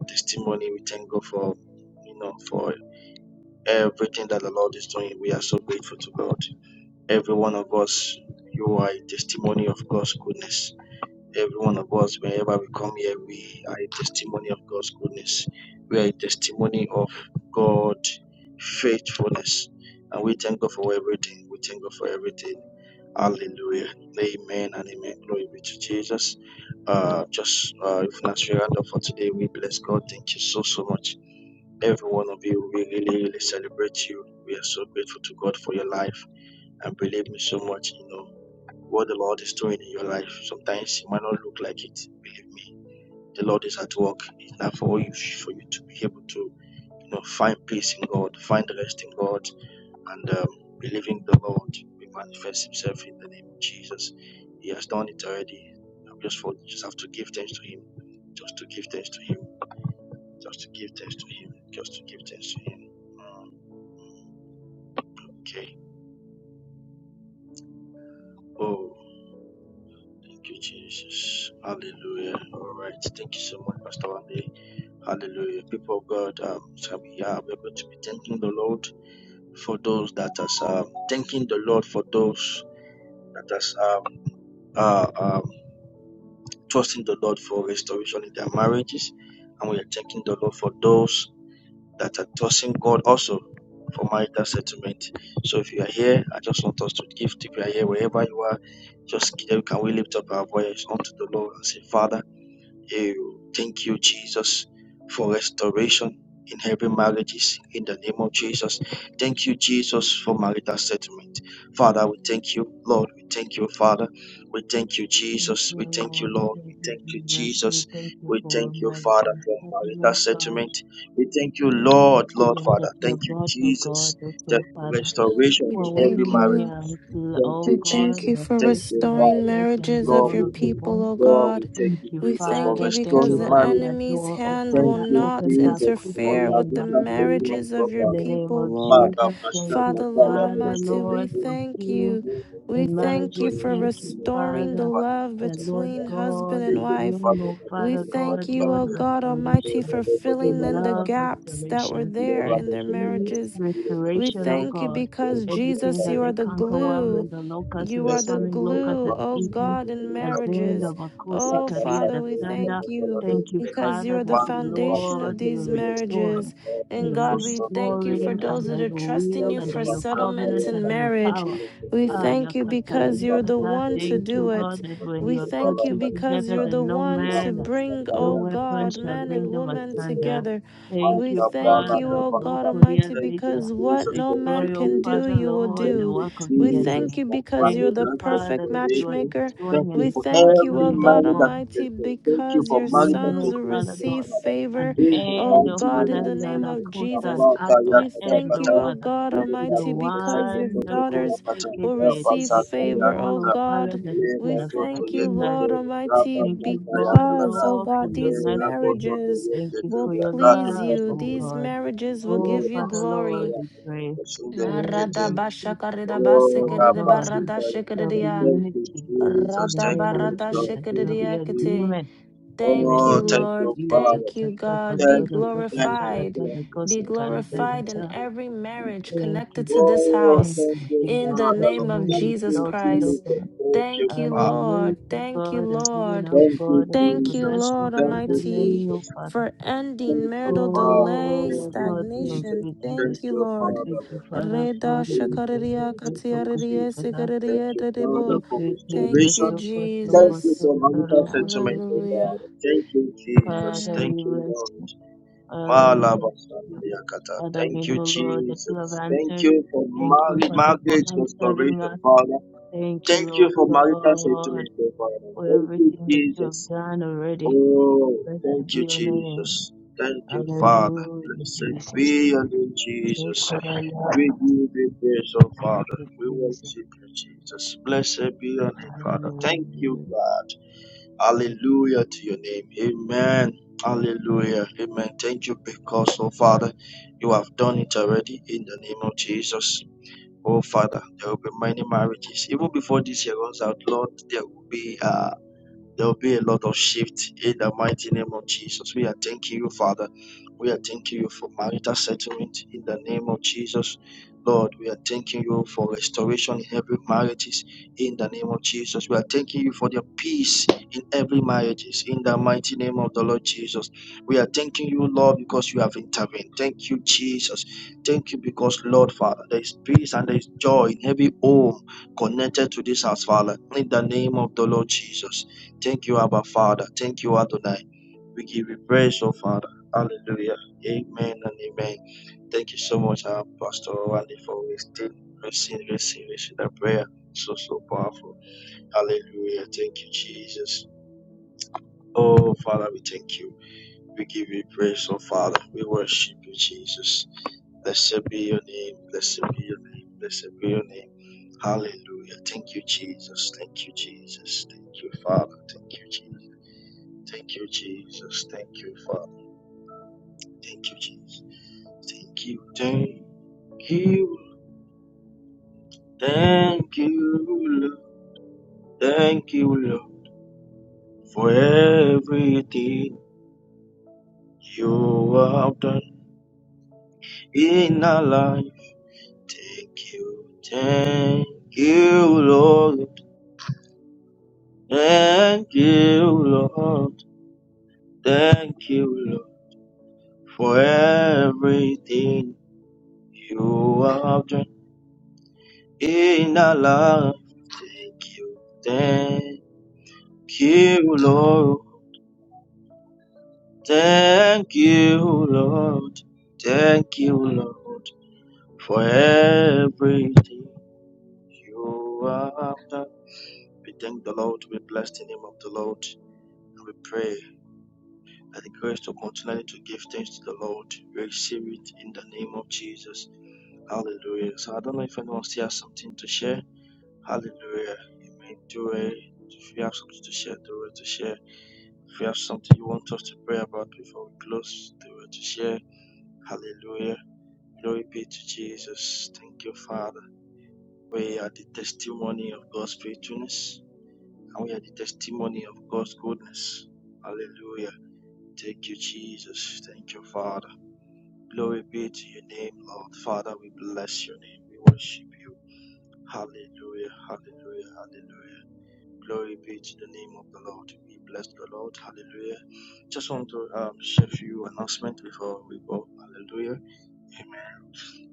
S7: testimony. We thank God for, you know, for everything that the Lord is doing. We are so grateful to God. Every one of us, you are a testimony of God's goodness. Every one of us, whenever we come here, we are a testimony of God's goodness. We are a testimony of God's faithfulness. And we thank God for everything. We thank God for everything. Hallelujah. Amen and amen. Glory be to Jesus. Uh, just uh, if not your up for today, we bless God. Thank you so, so much. Every one of you, we really, really celebrate you. We are so grateful to God for your life and believe me so much, you know what the Lord is doing in your life. Sometimes it might not look like it. Believe me, the Lord is at work. It's not for you for you to be able to you know find peace in God, find rest in God, and um, believing the Lord will manifest Himself in the name of Jesus. He has done it already. We just for just have to give thanks to Him, just to Him, just to give thanks to Him, just to give thanks to Him. Okay. Oh, thank you, Jesus. Hallelujah. All right. Thank you so much, Pastor Andy. Hallelujah. People of God, um, shall we are we are going to be thanking the Lord. for those that um, thank Lord for those that are um, trusting in their marriages, and we are thanking the Lord for those that are trusting for marital settlement. So here, I just want us to give to prayer here wherever you are. Just can we lift up our voice unto the Lord and say, Father. You. Thank you, Jesus, for restoration in every marriages in the name of Jesus. Thank you, Jesus, for marital settlement. Father, we thank you, Lord. We thank you, Father. We thank you,
S6: Thank
S7: Jesus.
S6: you,
S7: We thank you,
S6: Lord.
S7: Lord. We
S6: Thank you,
S7: thank you,
S6: Jesus. We
S7: Jesus.
S6: thank you
S7: We
S6: for
S7: thank you,
S6: my
S7: Father, for marital
S6: sacrament, God.
S7: settlement. We thank you, Lord,
S6: Thank
S7: Lord,
S6: you, Lord, that
S7: Father.
S6: you are
S7: Thank you,
S6: God, oh
S7: Jesus,
S6: God, oh
S7: that
S6: so
S7: for
S6: Father.
S7: restoration
S3: We
S7: in
S6: We're
S7: every
S3: thank
S6: waiting on
S7: marriage.
S3: you.
S6: you, little,
S7: Thank
S6: oh
S3: We
S7: you,
S6: God,
S3: thank
S7: Jesus.
S3: you
S6: the
S3: for
S7: Thank
S6: flesh,
S7: you,
S6: the
S3: restoring
S7: Father.
S6: flesh and
S3: marriages
S6: the
S3: of
S7: Lord,
S6: bone
S3: your
S7: we
S6: of the
S7: thank you.
S3: people,
S6: bone.
S3: O
S7: Lord, we
S3: God.
S7: thank
S6: Thank
S7: you,
S6: you,
S3: We
S7: Jesus, for
S3: thank you
S6: Father. Thank you,
S3: because
S7: restoring
S3: the
S6: Lord, that
S7: marriage.
S6: that
S3: enemy's
S6: door, oh
S3: hand will
S7: Thank
S6: Father,
S7: you,
S3: not
S6: opens up
S7: Jesus, for
S3: interfere
S6: quickly
S7: the
S6: and
S3: with the
S7: recent
S6: mightily
S7: document
S3: marriages of
S7: of
S3: your
S6: in
S7: our
S6: the name
S3: people,
S6: of
S3: Lord.
S7: Maka
S6: Jesus.
S7: Pasha
S6: Thank you,
S3: Father, Lord
S7: Kapala
S6: Father,
S3: Almighty,
S7: Bosheke.
S3: we
S6: Lord, for
S3: thank
S6: healing
S3: you. We
S6: in
S3: thank
S6: marriages.
S3: you for
S6: Thank you,
S3: restoring the
S6: Father,
S3: love
S6: that Lord
S3: between husband
S6: God,
S3: and
S6: you
S3: wife.
S6: bring, oh
S3: We
S6: Father
S3: thank
S6: God,
S3: you,
S6: Lord,
S3: O God Almighty,
S6: restoration
S3: for filling
S6: in
S3: in the
S6: love,
S3: gaps that were
S6: restoration
S3: there
S6: in
S3: in their
S6: peace,
S3: marriages. We
S6: restoration, oh
S3: thank you
S6: God.
S3: because
S6: Everything
S3: Jesus,
S6: that
S3: you
S6: the
S3: are the
S6: cankerworm
S3: glue.
S6: and the locust and
S3: You
S6: the
S3: are the
S6: swarming locust
S3: glue,
S6: has
S3: oh
S6: eaten,
S3: God,
S7: Thank
S3: in
S6: as vain
S7: you.
S3: marriages.
S6: of a course, the
S7: Thank
S3: Oh
S6: career,
S3: Father,
S6: the
S3: we
S6: thunder.
S3: thank you
S6: Thank you,
S3: because you
S6: Father,
S3: are
S6: that
S3: the foundation of
S6: Lord, you're
S3: these
S6: restoring
S3: marriages.
S6: and
S3: And
S6: you're
S3: God, we thank you for
S6: restoring
S3: those
S6: under
S3: that are
S6: your
S3: trusting
S6: will,
S3: you
S6: under
S3: for
S6: your covenant,
S3: settlements in
S6: under your
S3: marriage.
S6: power.
S3: We
S6: Ah,
S3: thank you because you're the
S6: Yakatalika,
S3: one to
S6: thank you,
S3: do it.
S6: God, that when
S3: We
S6: you are put
S3: thank you
S6: two
S3: because
S6: together,
S3: you're the
S6: then no
S3: one to
S6: man,
S3: bring,
S6: no
S3: oh
S6: weapon
S3: God,
S6: shall
S3: man
S6: bring
S3: and
S6: them
S3: woman
S6: asunder.
S3: together.
S6: Thank
S3: We
S6: you,
S3: thank you,
S6: Father.
S3: oh
S6: No
S3: God
S6: couriers
S3: Almighty,
S7: you,
S6: data.
S3: because what
S7: Jesus.
S3: no
S7: Thank
S3: man
S7: you,
S6: Destroy, O
S3: can
S7: Jesus.
S3: do,
S6: Father,
S3: you will
S6: Lord,
S7: Thank
S6: the
S3: do.
S7: you,
S6: work of
S3: We
S6: the
S7: Jesus,
S3: thank
S6: enemy.
S3: you
S7: for
S3: because
S6: Thank
S3: you're
S6: you,
S3: the
S7: marital
S6: Father,
S3: perfect
S6: that you are
S7: restoration.
S3: matchmaker.
S7: Thank
S6: destroying and
S7: you
S3: We
S7: for
S3: thank you,
S7: every
S3: O
S6: dismantling, O
S3: God
S7: marriage that
S6: God.
S7: is
S3: Almighty,
S7: restored. Thank you
S3: because
S7: for
S3: your
S6: Bring, me,
S7: marital
S3: sons
S6: oh
S3: will
S7: settlement,
S6: Father
S7: oh
S6: God,
S3: receive
S7: Father.
S3: favor,
S6: an
S7: In the
S3: O
S6: end, oh
S7: mighty
S3: God,
S7: name
S3: in
S6: Father,
S3: the
S7: of
S6: Lord,
S3: name
S6: a
S7: Jesus.
S3: of
S6: course, an
S3: Jesus.
S7: Rabata
S6: utter
S3: We
S7: yakata
S6: end,
S3: thank
S6: oh
S7: kata.
S3: you, O
S6: Father,
S3: God
S6: to
S7: Leba
S6: the
S3: Almighty,
S7: koto
S3: because
S7: soto
S3: your
S6: one,
S7: koto
S6: oh God,
S7: kuya
S3: daughters
S6: take
S7: kata.
S6: it,
S3: will
S6: eh,
S7: Raba
S6: to
S3: receive
S6: the
S7: saka
S3: favor,
S6: evil,
S3: O
S6: oh
S7: yakata.
S6: Father,
S3: God.
S6: that has
S7: Leba
S6: been
S3: We
S7: koto
S3: thank you,
S6: affecting us.
S7: yekete.
S3: Lord
S7: Raba
S3: Almighty,
S6: Thank you,
S7: saka
S6: God,
S3: because,
S7: yabalada.
S3: O
S6: Lord, for
S3: God,
S6: your
S3: these
S7: Leba
S6: mercy.
S7: koto to
S3: marriages
S6: Thank you
S7: yekete.
S3: will
S6: for your
S7: Rato
S3: please
S6: love,
S3: you.
S7: kasa
S6: oh
S7: kaya.
S3: These
S6: God.
S3: marriages will give
S6: Oh,
S3: you
S7: Leba
S6: Father,
S7: saka
S3: glory.
S6: Lord, we
S7: yakata.
S6: pray
S7: Shunde
S6: that there will
S7: yekete.
S3: Rada
S6: be
S3: basha
S6: peace,
S3: karida basa
S7: Oh,
S6: oh
S3: karida
S6: God.
S7: Rabasita,
S3: barada
S6: There will
S7: Rabasita.
S6: be
S3: shikaridia.
S7: Thank you,
S6: unity in
S7: Jesus.
S6: the
S3: Rada
S7: Thank
S6: name of
S7: you,
S3: barada
S7: Lord.
S6: Jesus.
S7: Thank
S6: There will
S7: you,
S6: be
S3: shikaridia kate.
S7: Jesus.
S6: agreement. In the
S3: Thank
S7: Oh,
S3: you,
S6: name of
S7: thank
S3: Lord.
S7: you,
S6: Jesus,
S7: Father.
S3: Thank you,
S6: the God
S3: God. Be
S7: Thank
S6: of
S7: you,
S6: the
S7: thank you,
S6: Father,
S3: glorified.
S6: God
S7: thank
S6: the
S7: you,
S6: Ghost
S3: Be
S6: of
S7: thank you, thank
S3: glorified
S7: you.
S3: in
S6: Karagadaza.
S7: thank
S3: every
S7: you.
S3: marriage
S6: Thank
S3: connected
S6: you,
S3: to this
S7: Oh,
S6: thank
S3: house.
S7: thank
S6: you,
S7: you,
S3: In
S6: Jesus.
S3: the
S6: Let
S7: Father,
S6: your
S3: name
S7: Lord.
S3: of
S6: name
S7: Thank
S6: be
S3: Jesus
S7: you,
S6: exalted, O
S7: Jesus.
S3: Christ.
S6: God.
S7: Thank you,
S3: Thank
S6: As
S3: you,
S7: Father.
S6: we wait,
S3: Lord.
S6: O
S3: Thank you,
S6: God, as
S3: Lord.
S6: even our
S7: Thank you,
S6: God, as we
S3: Thank you,
S6: bless,
S7: Jesus.
S6: O
S3: Lord
S7: Thank
S6: Father,
S7: you,
S3: Almighty,
S6: many, O
S7: Jesus.
S6: Father.
S3: for ending
S7: Thank you,
S3: marital
S7: Father.
S3: delay,
S7: Thank
S6: Oh
S7: you,
S6: God, thank
S7: Jesus.
S3: stagnation.
S6: you, Jesus.
S7: Thank
S3: Thank you,
S7: you,
S3: Lord.
S7: Father,
S6: Thank you,
S7: Lord.
S6: Father God,
S3: Reda
S7: Amen.
S6: because we thank
S3: shakariria
S6: you
S7: Thank
S6: for
S7: you,
S6: good
S3: katiaririe
S7: Jesus.
S6: because I
S7: Thank
S3: sikaririe
S7: you, Father,
S3: dedebo.
S6: thank
S7: for
S6: you, thank you,
S3: Thank
S7: restoration
S3: you,
S6: so God, so
S7: Thank
S6: God,
S7: you
S3: Jesus.
S6: so
S7: for having
S6: God,
S7: us
S6: so God, so
S7: into my
S6: God, so God.
S7: God.
S3: Hallelujah.
S7: Thank you, Jesus.
S3: Amen.
S6: Father,
S7: Thank
S6: we
S7: you,
S6: bless
S7: Lord.
S6: you. Father, we worship
S7: Malabasana
S6: you.
S7: yakata.
S6: Father, we
S7: Thank you,
S6: know, Lord, that you have
S7: Jesus. Thank
S6: answered.
S7: you for
S6: Thank you,
S7: mar-
S6: Father, for
S7: marriage
S6: answering
S7: restoration,
S6: us.
S7: Father.
S6: Thank you,
S7: Thank you
S6: Lord
S7: for marital
S6: God,
S7: settlement, oh Father.
S6: for
S7: Thank you,
S6: everything that you have
S7: Jesus.
S6: done already.
S7: Oh,
S6: Blessed
S7: thank
S6: be
S7: you,
S6: your name.
S7: Jesus. Thank you, Father.
S6: Hallelujah,
S7: Blessed
S6: Jesus.
S7: be unto
S6: Thank
S7: Jesus.
S6: you, Lord.
S7: We give you praise, oh
S6: Thank
S7: Father.
S6: you,
S7: We worship
S6: Jesus.
S7: you, Jesus. Blessed be unto Father. Thank you,
S6: Hallelujah.
S7: God. Hallelujah to your name. Amen. Hallelujah. Amen. Thank you because, oh Father, you have done it already in the name of Jesus. Oh Father, there will be many marriages. Even before this year goes out, Lord, there will be uh, there will be a lot of shift in the mighty name of Jesus. We are thanking you, Father. We are thanking you for marital settlement in the name of Jesus. Lord, we are thanking you for restoration in every marriages in the name of Jesus. We are thanking you for your peace in every marriages in the mighty name of the Lord Jesus. We are thanking you, Lord, because you have intervened. Thank you, Jesus. Thank you because, Lord, Father, there is peace and there is joy in every home connected to this house, Father, in the name of the Lord Jesus. Thank you, Abba Father. Thank you, Adonai. We give you praise, oh Father. Hallelujah. Amen and amen. Thank you so much, our Pastor Randy, for wasting, receiving, receiving, receiving that prayer. So, so powerful. Hallelujah. Thank you, Jesus. Oh, Father, we thank you. We give you praise, oh Father. We worship you, Jesus. Blessed be your name. Blessed be your name. Blessed be your name. Hallelujah. Thank you, Jesus. Thank you, Jesus. Thank you, Father. Thank you, Jesus. Thank you, Jesus. Thank you, Father. Thank you, Jesus. Thank you. Thank you. Thank you, Lord. Thank you, Lord, for everything you have done in our life. Thank you. Thank you, Lord. Thank you, Lord. Thank you, Lord, for everything you have done in our life. Thank you, Lord. Thank you, Lord. Thank you, Lord, for everything you have done. We thank the Lord. We bless the name of the Lord. We pray that the grace to continually to give thanks to the Lord. We receive it in the name of Jesus. Hallelujah. So I don't know if anyone still has something to share. Hallelujah. May do it. If you have something to share, do it to share. If you have something you want us to pray about before we close, do it to share. Hallelujah. Glory be to Jesus. Thank you, Father. We are the testimony of God's faithfulness and we are the testimony of God's goodness. Hallelujah. Thank you, Jesus. Thank you, Father. Glory be to your name, Lord. Father, we bless your name. We worship you. Hallelujah. Hallelujah. Hallelujah. Glory be to the name of the Lord. We bless the Lord. Hallelujah. Just um, people, hallelujah.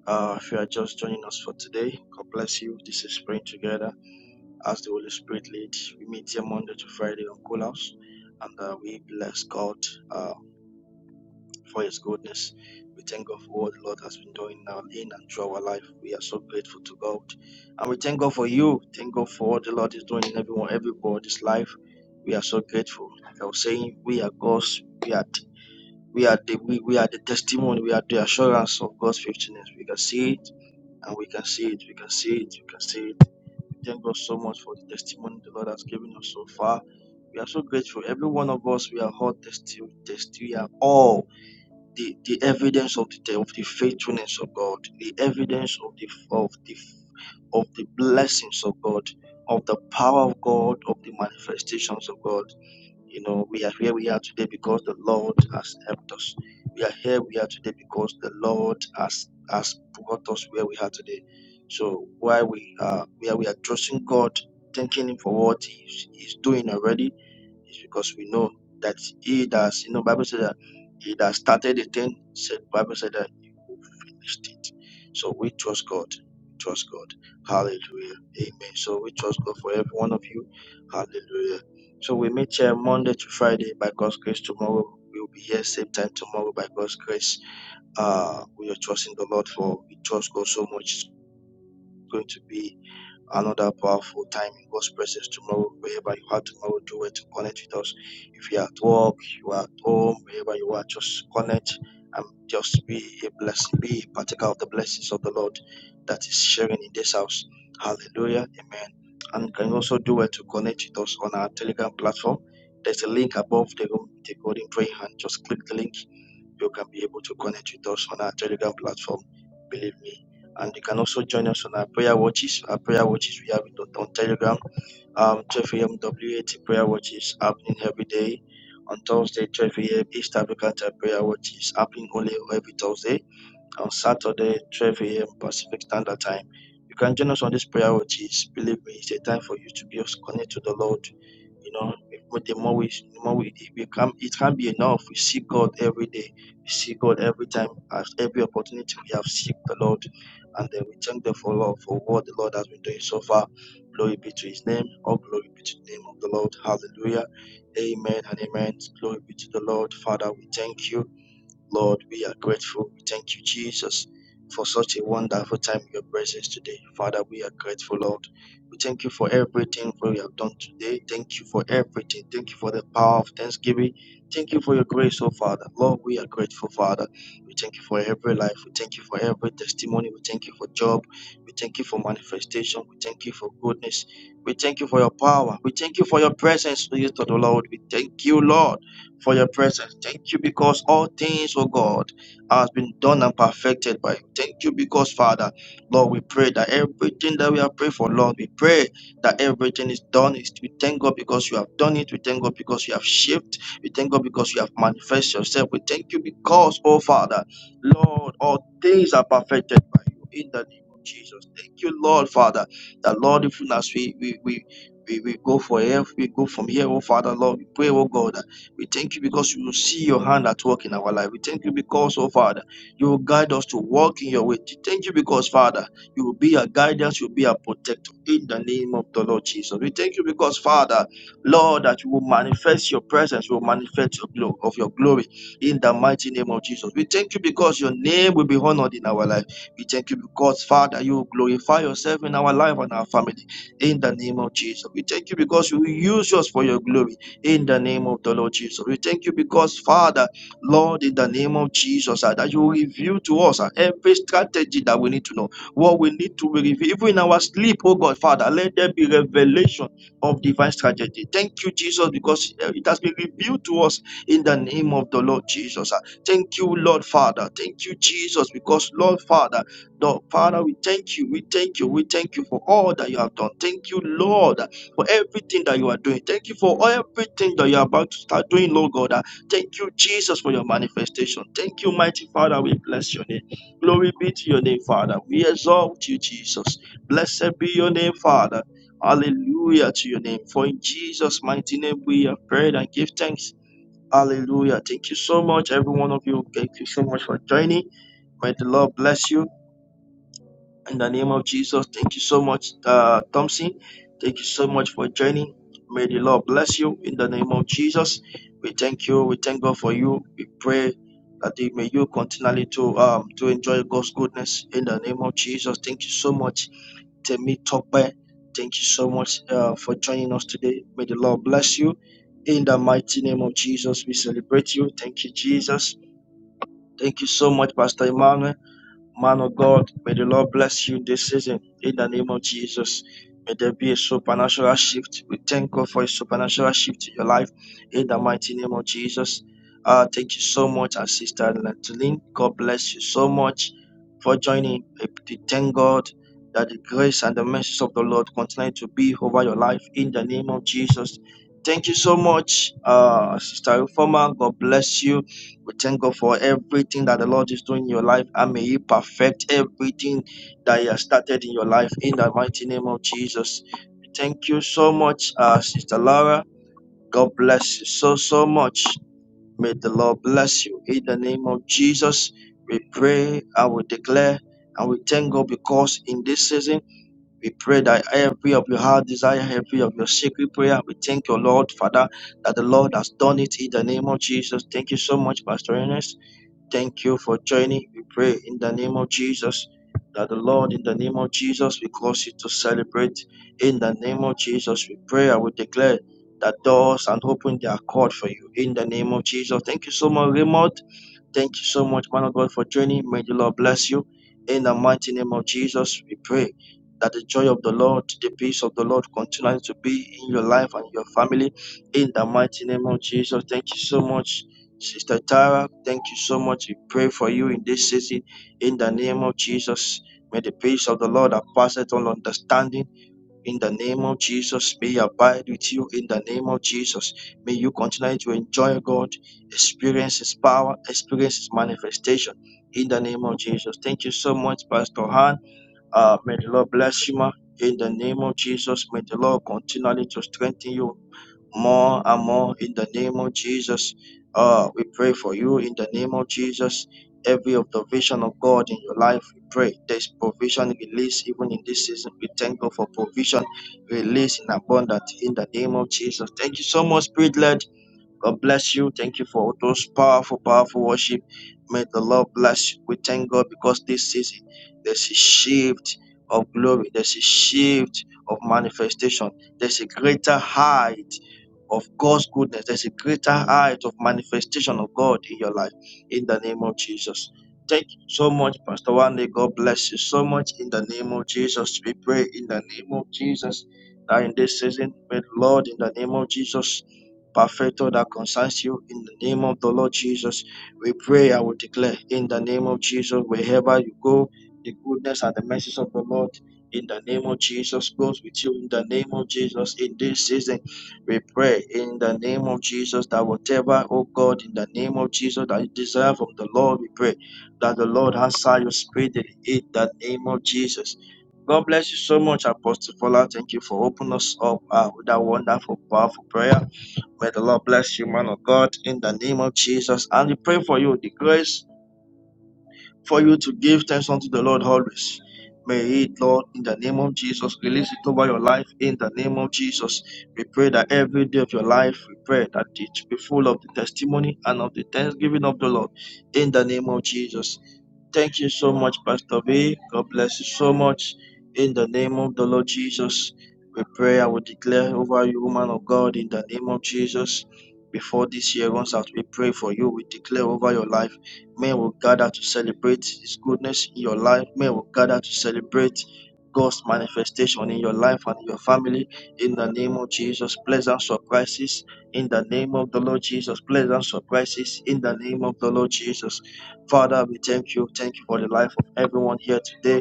S7: Uh, joining us for today. Copy. This is praying together. meet. We meet here Monday to Friday on Cool House, and uh, we bless God uh, for His goodness. We thank God for what the Lord has been doing now in and through our life. We are so grateful to God, and we thank God for you. Thank God for what the Lord is doing in everyone, everybody's life. We are so grateful. Like I was saying, we are God's. We are we are the we, we are the testimony. We are the assurance of God's faithfulness. We can see it. And we can see it, we can see it, we can see it. We thank God so much for the testimony the Lord has given us so far We are so grateful. Every one of us, we are all testi- testi- we are all the, the evidence of the of the faithfulness of God, the evidence of the of the of the blessings of God, of the power of God, of the manifestations of God. You know, we are here we are today because the Lord has helped us. We are here we are today because the Lord has has brought us where we are today. So while we are where we are trusting God, thanking Him for what He's, he's doing already it's because we know that he does, you know, Bible says that he that started the thing, said Bible said that he will finish it. So we trust God, trust God. Hallelujah. Amen. So we trust God for every one of you. Hallelujah. So we meet here Monday to Friday by God's grace. Tomorrow we will be here same time tomorrow by God's grace. Uh we are trusting the Lord for we trust God so much. It's going to be another powerful time in God's presence tomorrow, wherever you are tomorrow, do it to connect with us. If you're at work, you are at home, wherever you are, just connect and just be a blessing, be a partaker of the blessings of the Lord that is sharing in this house. Hallelujah. Amen. And you can also do it to connect with us on our Telegram platform. There's a link above the room, the golden prayer hand. Just click the link you can be able to connect with us on our Telegram platform. Believe me. And you can also join us on our prayer watches. Our prayer watches we have it on, on Telegram. Um, 12 a.m. WAT prayer watches happening every day. On Thursday, 12 a.m. East African Time prayer watches happening only every Thursday. On Saturday, 12 a.m. Pacific Standard Time. You can join us on these prayer watches. Believe me, it's a time for you to be connected to the Lord you know, but the more we the more we, we can it can't be enough. We seek God every day. We seek God every time at every opportunity we have seek the Lord. And then we thank the for Lord for what the Lord has been doing so far. Glory be to his name. All glory be to the name of the Lord. Hallelujah. Amen and amen. Glory be to the Lord. Father, we thank you. Lord, we are grateful. We thank you, Jesus, for such a wonderful time in your presence today. Father, we are grateful, Lord. We thank you for everything we have done today. Thank you for everything. Thank you for the power of thanksgiving. Thank you for your grace, oh Father. Lord, we are grateful, Father. We thank you for every life. We thank you for every testimony. We thank you for job. We thank you for manifestation. We thank you for goodness. We thank you for your power. We thank you for your presence, Spirit of the Lord. We thank you, Lord for your presence. Thank you because all things, oh God, has been done and perfected by you. Thank you because, Father, Lord, we pray that everything that we have prayed for, Lord, we pray that everything is done. We thank God because you have done it. We thank God because you have shaped. We thank God because you have manifested yourself. We thank you because, oh Father, Lord, all things are perfected by you in the name of Jesus. Thank you, Lord, Father, that Lord, even as we we we we, we go for here, we go from here, oh Father, Lord, we pray, oh God we thank you because you see your hand at work in our life. We thank you because, oh Father, you will guide us to walk in your way. We thank you because, Father, you will be our guidance, you will be our protector in the name of the Lord Jesus. We thank you because, Father, Lord, that you will manifest your presence, you will manifest your glory of your glory in the mighty name of Jesus. We thank you because your name will be honored in our life. We thank you because, Father, you will glorify yourself in our life and our family in the name of Jesus. We thank you because you will use us for your glory in the name of the Lord Jesus. We thank you because, Father, Lord, in the name of Jesus, uh, that you reveal to us uh, every strategy that we need to know, what we need to reveal, Even in our sleep, oh God, Father, let there be revelation of divine strategy. Thank you, Jesus, because uh, it has been revealed to us in the name of the Lord Jesus. uh. Thank you, Lord Father. Thank you, Jesus, because, Lord Father, Lord, Father, we thank you, we thank you, we thank you for all that you have done. Thank you, Lord, for everything that you are doing. Thank you for everything that you are about to start doing, Lord God. Ah, Thank you, Jesus, for your manifestation. Thank you, mighty Father. We bless your name. Glory be to your name, Father. We exalt you, Jesus. Blessed be your name, Father. Hallelujah to your name. For in Jesus' mighty name we have prayed and give thanks. Hallelujah. Thank you so much, every one of you. Thank you so much for joining. May the Lord bless you. In the name of Jesus, thank you so much, uh, Thompson. Thank you so much for joining. May the Lord bless you in the name of Jesus. We thank you. We thank God for you. We pray that you- may you continually to um to enjoy God's goodness in the name of Jesus. Thank you so much, Temi Tokbe. Thank you so much uh, for joining us today. May the Lord bless you in the mighty name of Jesus. We celebrate you. Thank you, Jesus. Thank you so much, Pastor Emmanuel. Man of God, may the Lord bless you this season in the name of Jesus. May there be a supernatural shift. We thank God for a supernatural shift in your life in the mighty name of Jesus. Uh, thank you so much, our sister Nathalie. God bless you so much for joining. I p- Thank God that the grace and the mercies of the Lord continue to be over your life in the name of Jesus. Thank you so much, uh, Sister Reformer. God bless you. We thank God for everything that the Lord is doing in your life, and may He perfect everything that He has started in your life in the mighty name of Jesus. We Thank you so much, uh, Sister Laura. God bless you so, so much. May the Lord bless you. In the name of Jesus, we pray, I will declare, and we thank God because in this season, we pray that every of your heart desire, every of your secret prayer, we thank your Lord, Father, that the Lord has done it in the name of Jesus. Thank you so much, Pastor Ernest. Thank you for joining. We pray in the name of Jesus that the Lord, in the name of Jesus, we cause you to celebrate. In the name of Jesus, we pray. I will declare that doors and open their accord for you. In the name of Jesus. Thank you so much, Raymond. Thank you so much, man of God, for joining. May the Lord bless you. In the mighty name of Jesus, we pray that the joy of the Lord, the peace of the Lord continues to be in your life and your family. In the mighty name of Jesus, thank you so much, Sister Tara. Thank you so much. We pray for you in this season. In the name of Jesus, may the peace of the Lord that passeth all understanding in the name of Jesus. May He abide with you in the name of Jesus. May you continue to enjoy God, experience His power, experience His manifestation in the name of Jesus. Thank you so much, Pastor Han. Uh, may the Lord bless you, ma. In the name of Jesus, may the Lord continually to strengthen you more and more in the name of Jesus. Uh, we pray for you in the name of Jesus. Every of the vision of God in your life, we pray there's provision release even in this season. We thank God for provision release in abundance in the name of Jesus. Thank you so much, Spirit led. God bless you. Thank you for those powerful, powerful worship. May the Lord bless you. We thank God because this season there's a shift of glory, there's a shift of manifestation, there's a greater height of God's goodness, there's a greater height of manifestation of God in your life in the name of Jesus. Thank you so much, Pastor Wande. God bless you so much in the name of Jesus. We pray in the name of Jesus that in this season, may the Lord, in the name of Jesus, perfected that concerns you in the name of the Lord Jesus. We pray and we declare in the name of Jesus, wherever you go, the goodness and the mercies of the Lord in the name of Jesus goes with you in the name of Jesus in this season. We pray in the name of Jesus that whatever, oh God, in the name of Jesus that you desire from the Lord, we pray that the Lord answer you speedily in the name of Jesus. God bless you so much, Apostle Paula. Thank you for opening us up uh, with that wonderful, powerful prayer. May the Lord bless you, man of God, in the name of Jesus. And we pray for you the grace for you to give thanks unto the Lord always. May it, Lord, in the name of Jesus, release it over your life in the name of Jesus. We pray that every day of your life, we pray that it be full of the testimony and of the thanksgiving of the Lord in the name of Jesus. Thank you so much, Pastor B. God bless you so much. In the name of the Lord Jesus, we pray. I will declare over you, woman of God, in the name of Jesus. Before this year runs out, we pray for you. We declare over your life. Men will gather to celebrate His goodness in your life. Men will gather to celebrate God's manifestation in your life and in your family. In the name of Jesus, pleasant surprises. In the name of the Lord Jesus, pleasant surprises. In the name of the Lord Jesus. Father, we thank you. Thank you for the life of everyone here today.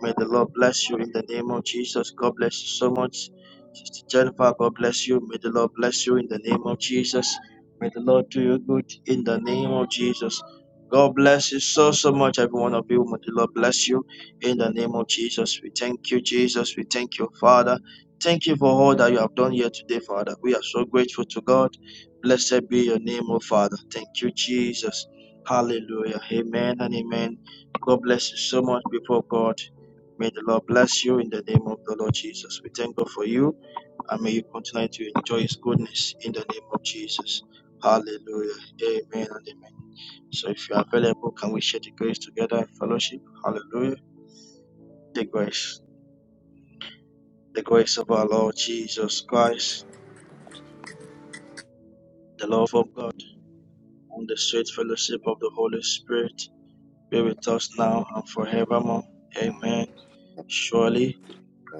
S7: May the Lord bless you in the name of Jesus. God bless you so much. Sister Jennifer, God bless you. May the Lord bless you in the name of Jesus. May the Lord do you good in the name of Jesus. God bless you so, so much, every one of you. May the Lord bless you in the name of Jesus. We thank you, Jesus. We thank you, Father. Thank you for all that you have done here today, Father. We are so grateful to God. Blessed be your name, O Father. Thank you, Jesus. Hallelujah. Amen and amen. God bless you so much, people of God. May the Lord bless you in the name of the Lord Jesus. We thank God for you and may you continue to enjoy His goodness in the name of Jesus. Hallelujah. Amen and amen. So if you are available, can we share the grace together in fellowship? Hallelujah. The grace, the grace of our Lord Jesus Christ, the love of God, and the sweet fellowship of the Holy Spirit be with us now and forevermore.
S9: and has
S7: Amen. Surely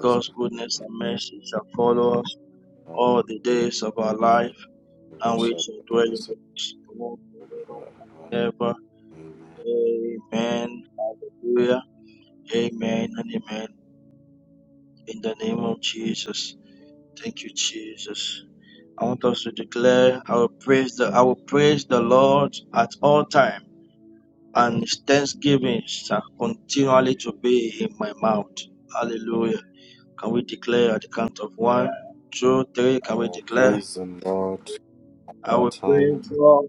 S7: God's goodness and mercy shall follow us all the
S9: saved
S7: days of our
S9: my
S7: life
S9: So we
S7: and we
S9: shall
S7: shall dwell
S9: be
S7: in
S9: blessed
S7: the midst of the
S9: forever.
S7: Lord forever.
S9: Amen.
S7: Amen. Hallelujah. Amen and amen. In the name of Jesus. Thank you, Jesus. I want us to declare I will praise the I will praise the Lord at all times and his thanksgiving shall continually to be in my mouth. Hallelujah. Can we declare at the count of one, two, three?
S9: I
S7: Can we
S9: will
S7: declare?
S9: praise the Lord at
S7: I
S9: all
S7: will
S9: time,
S7: praise God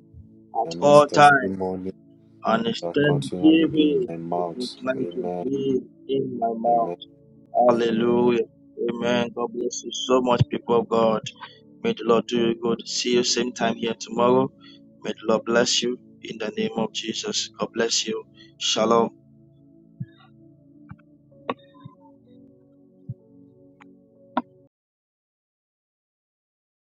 S7: at
S9: and His
S7: all times
S9: testimony shall
S7: Understand
S9: continually be in
S7: giving
S9: my
S7: is
S9: mouth.
S7: like to
S9: Amen.
S7: be in my mouth.
S9: Amen. Hallelujah.
S7: Hallelujah. Amen. God bless you so much, people of God. May the Lord do you good. See you same time here tomorrow. May the Lord bless you in the name of Jesus. God bless you. Shalom.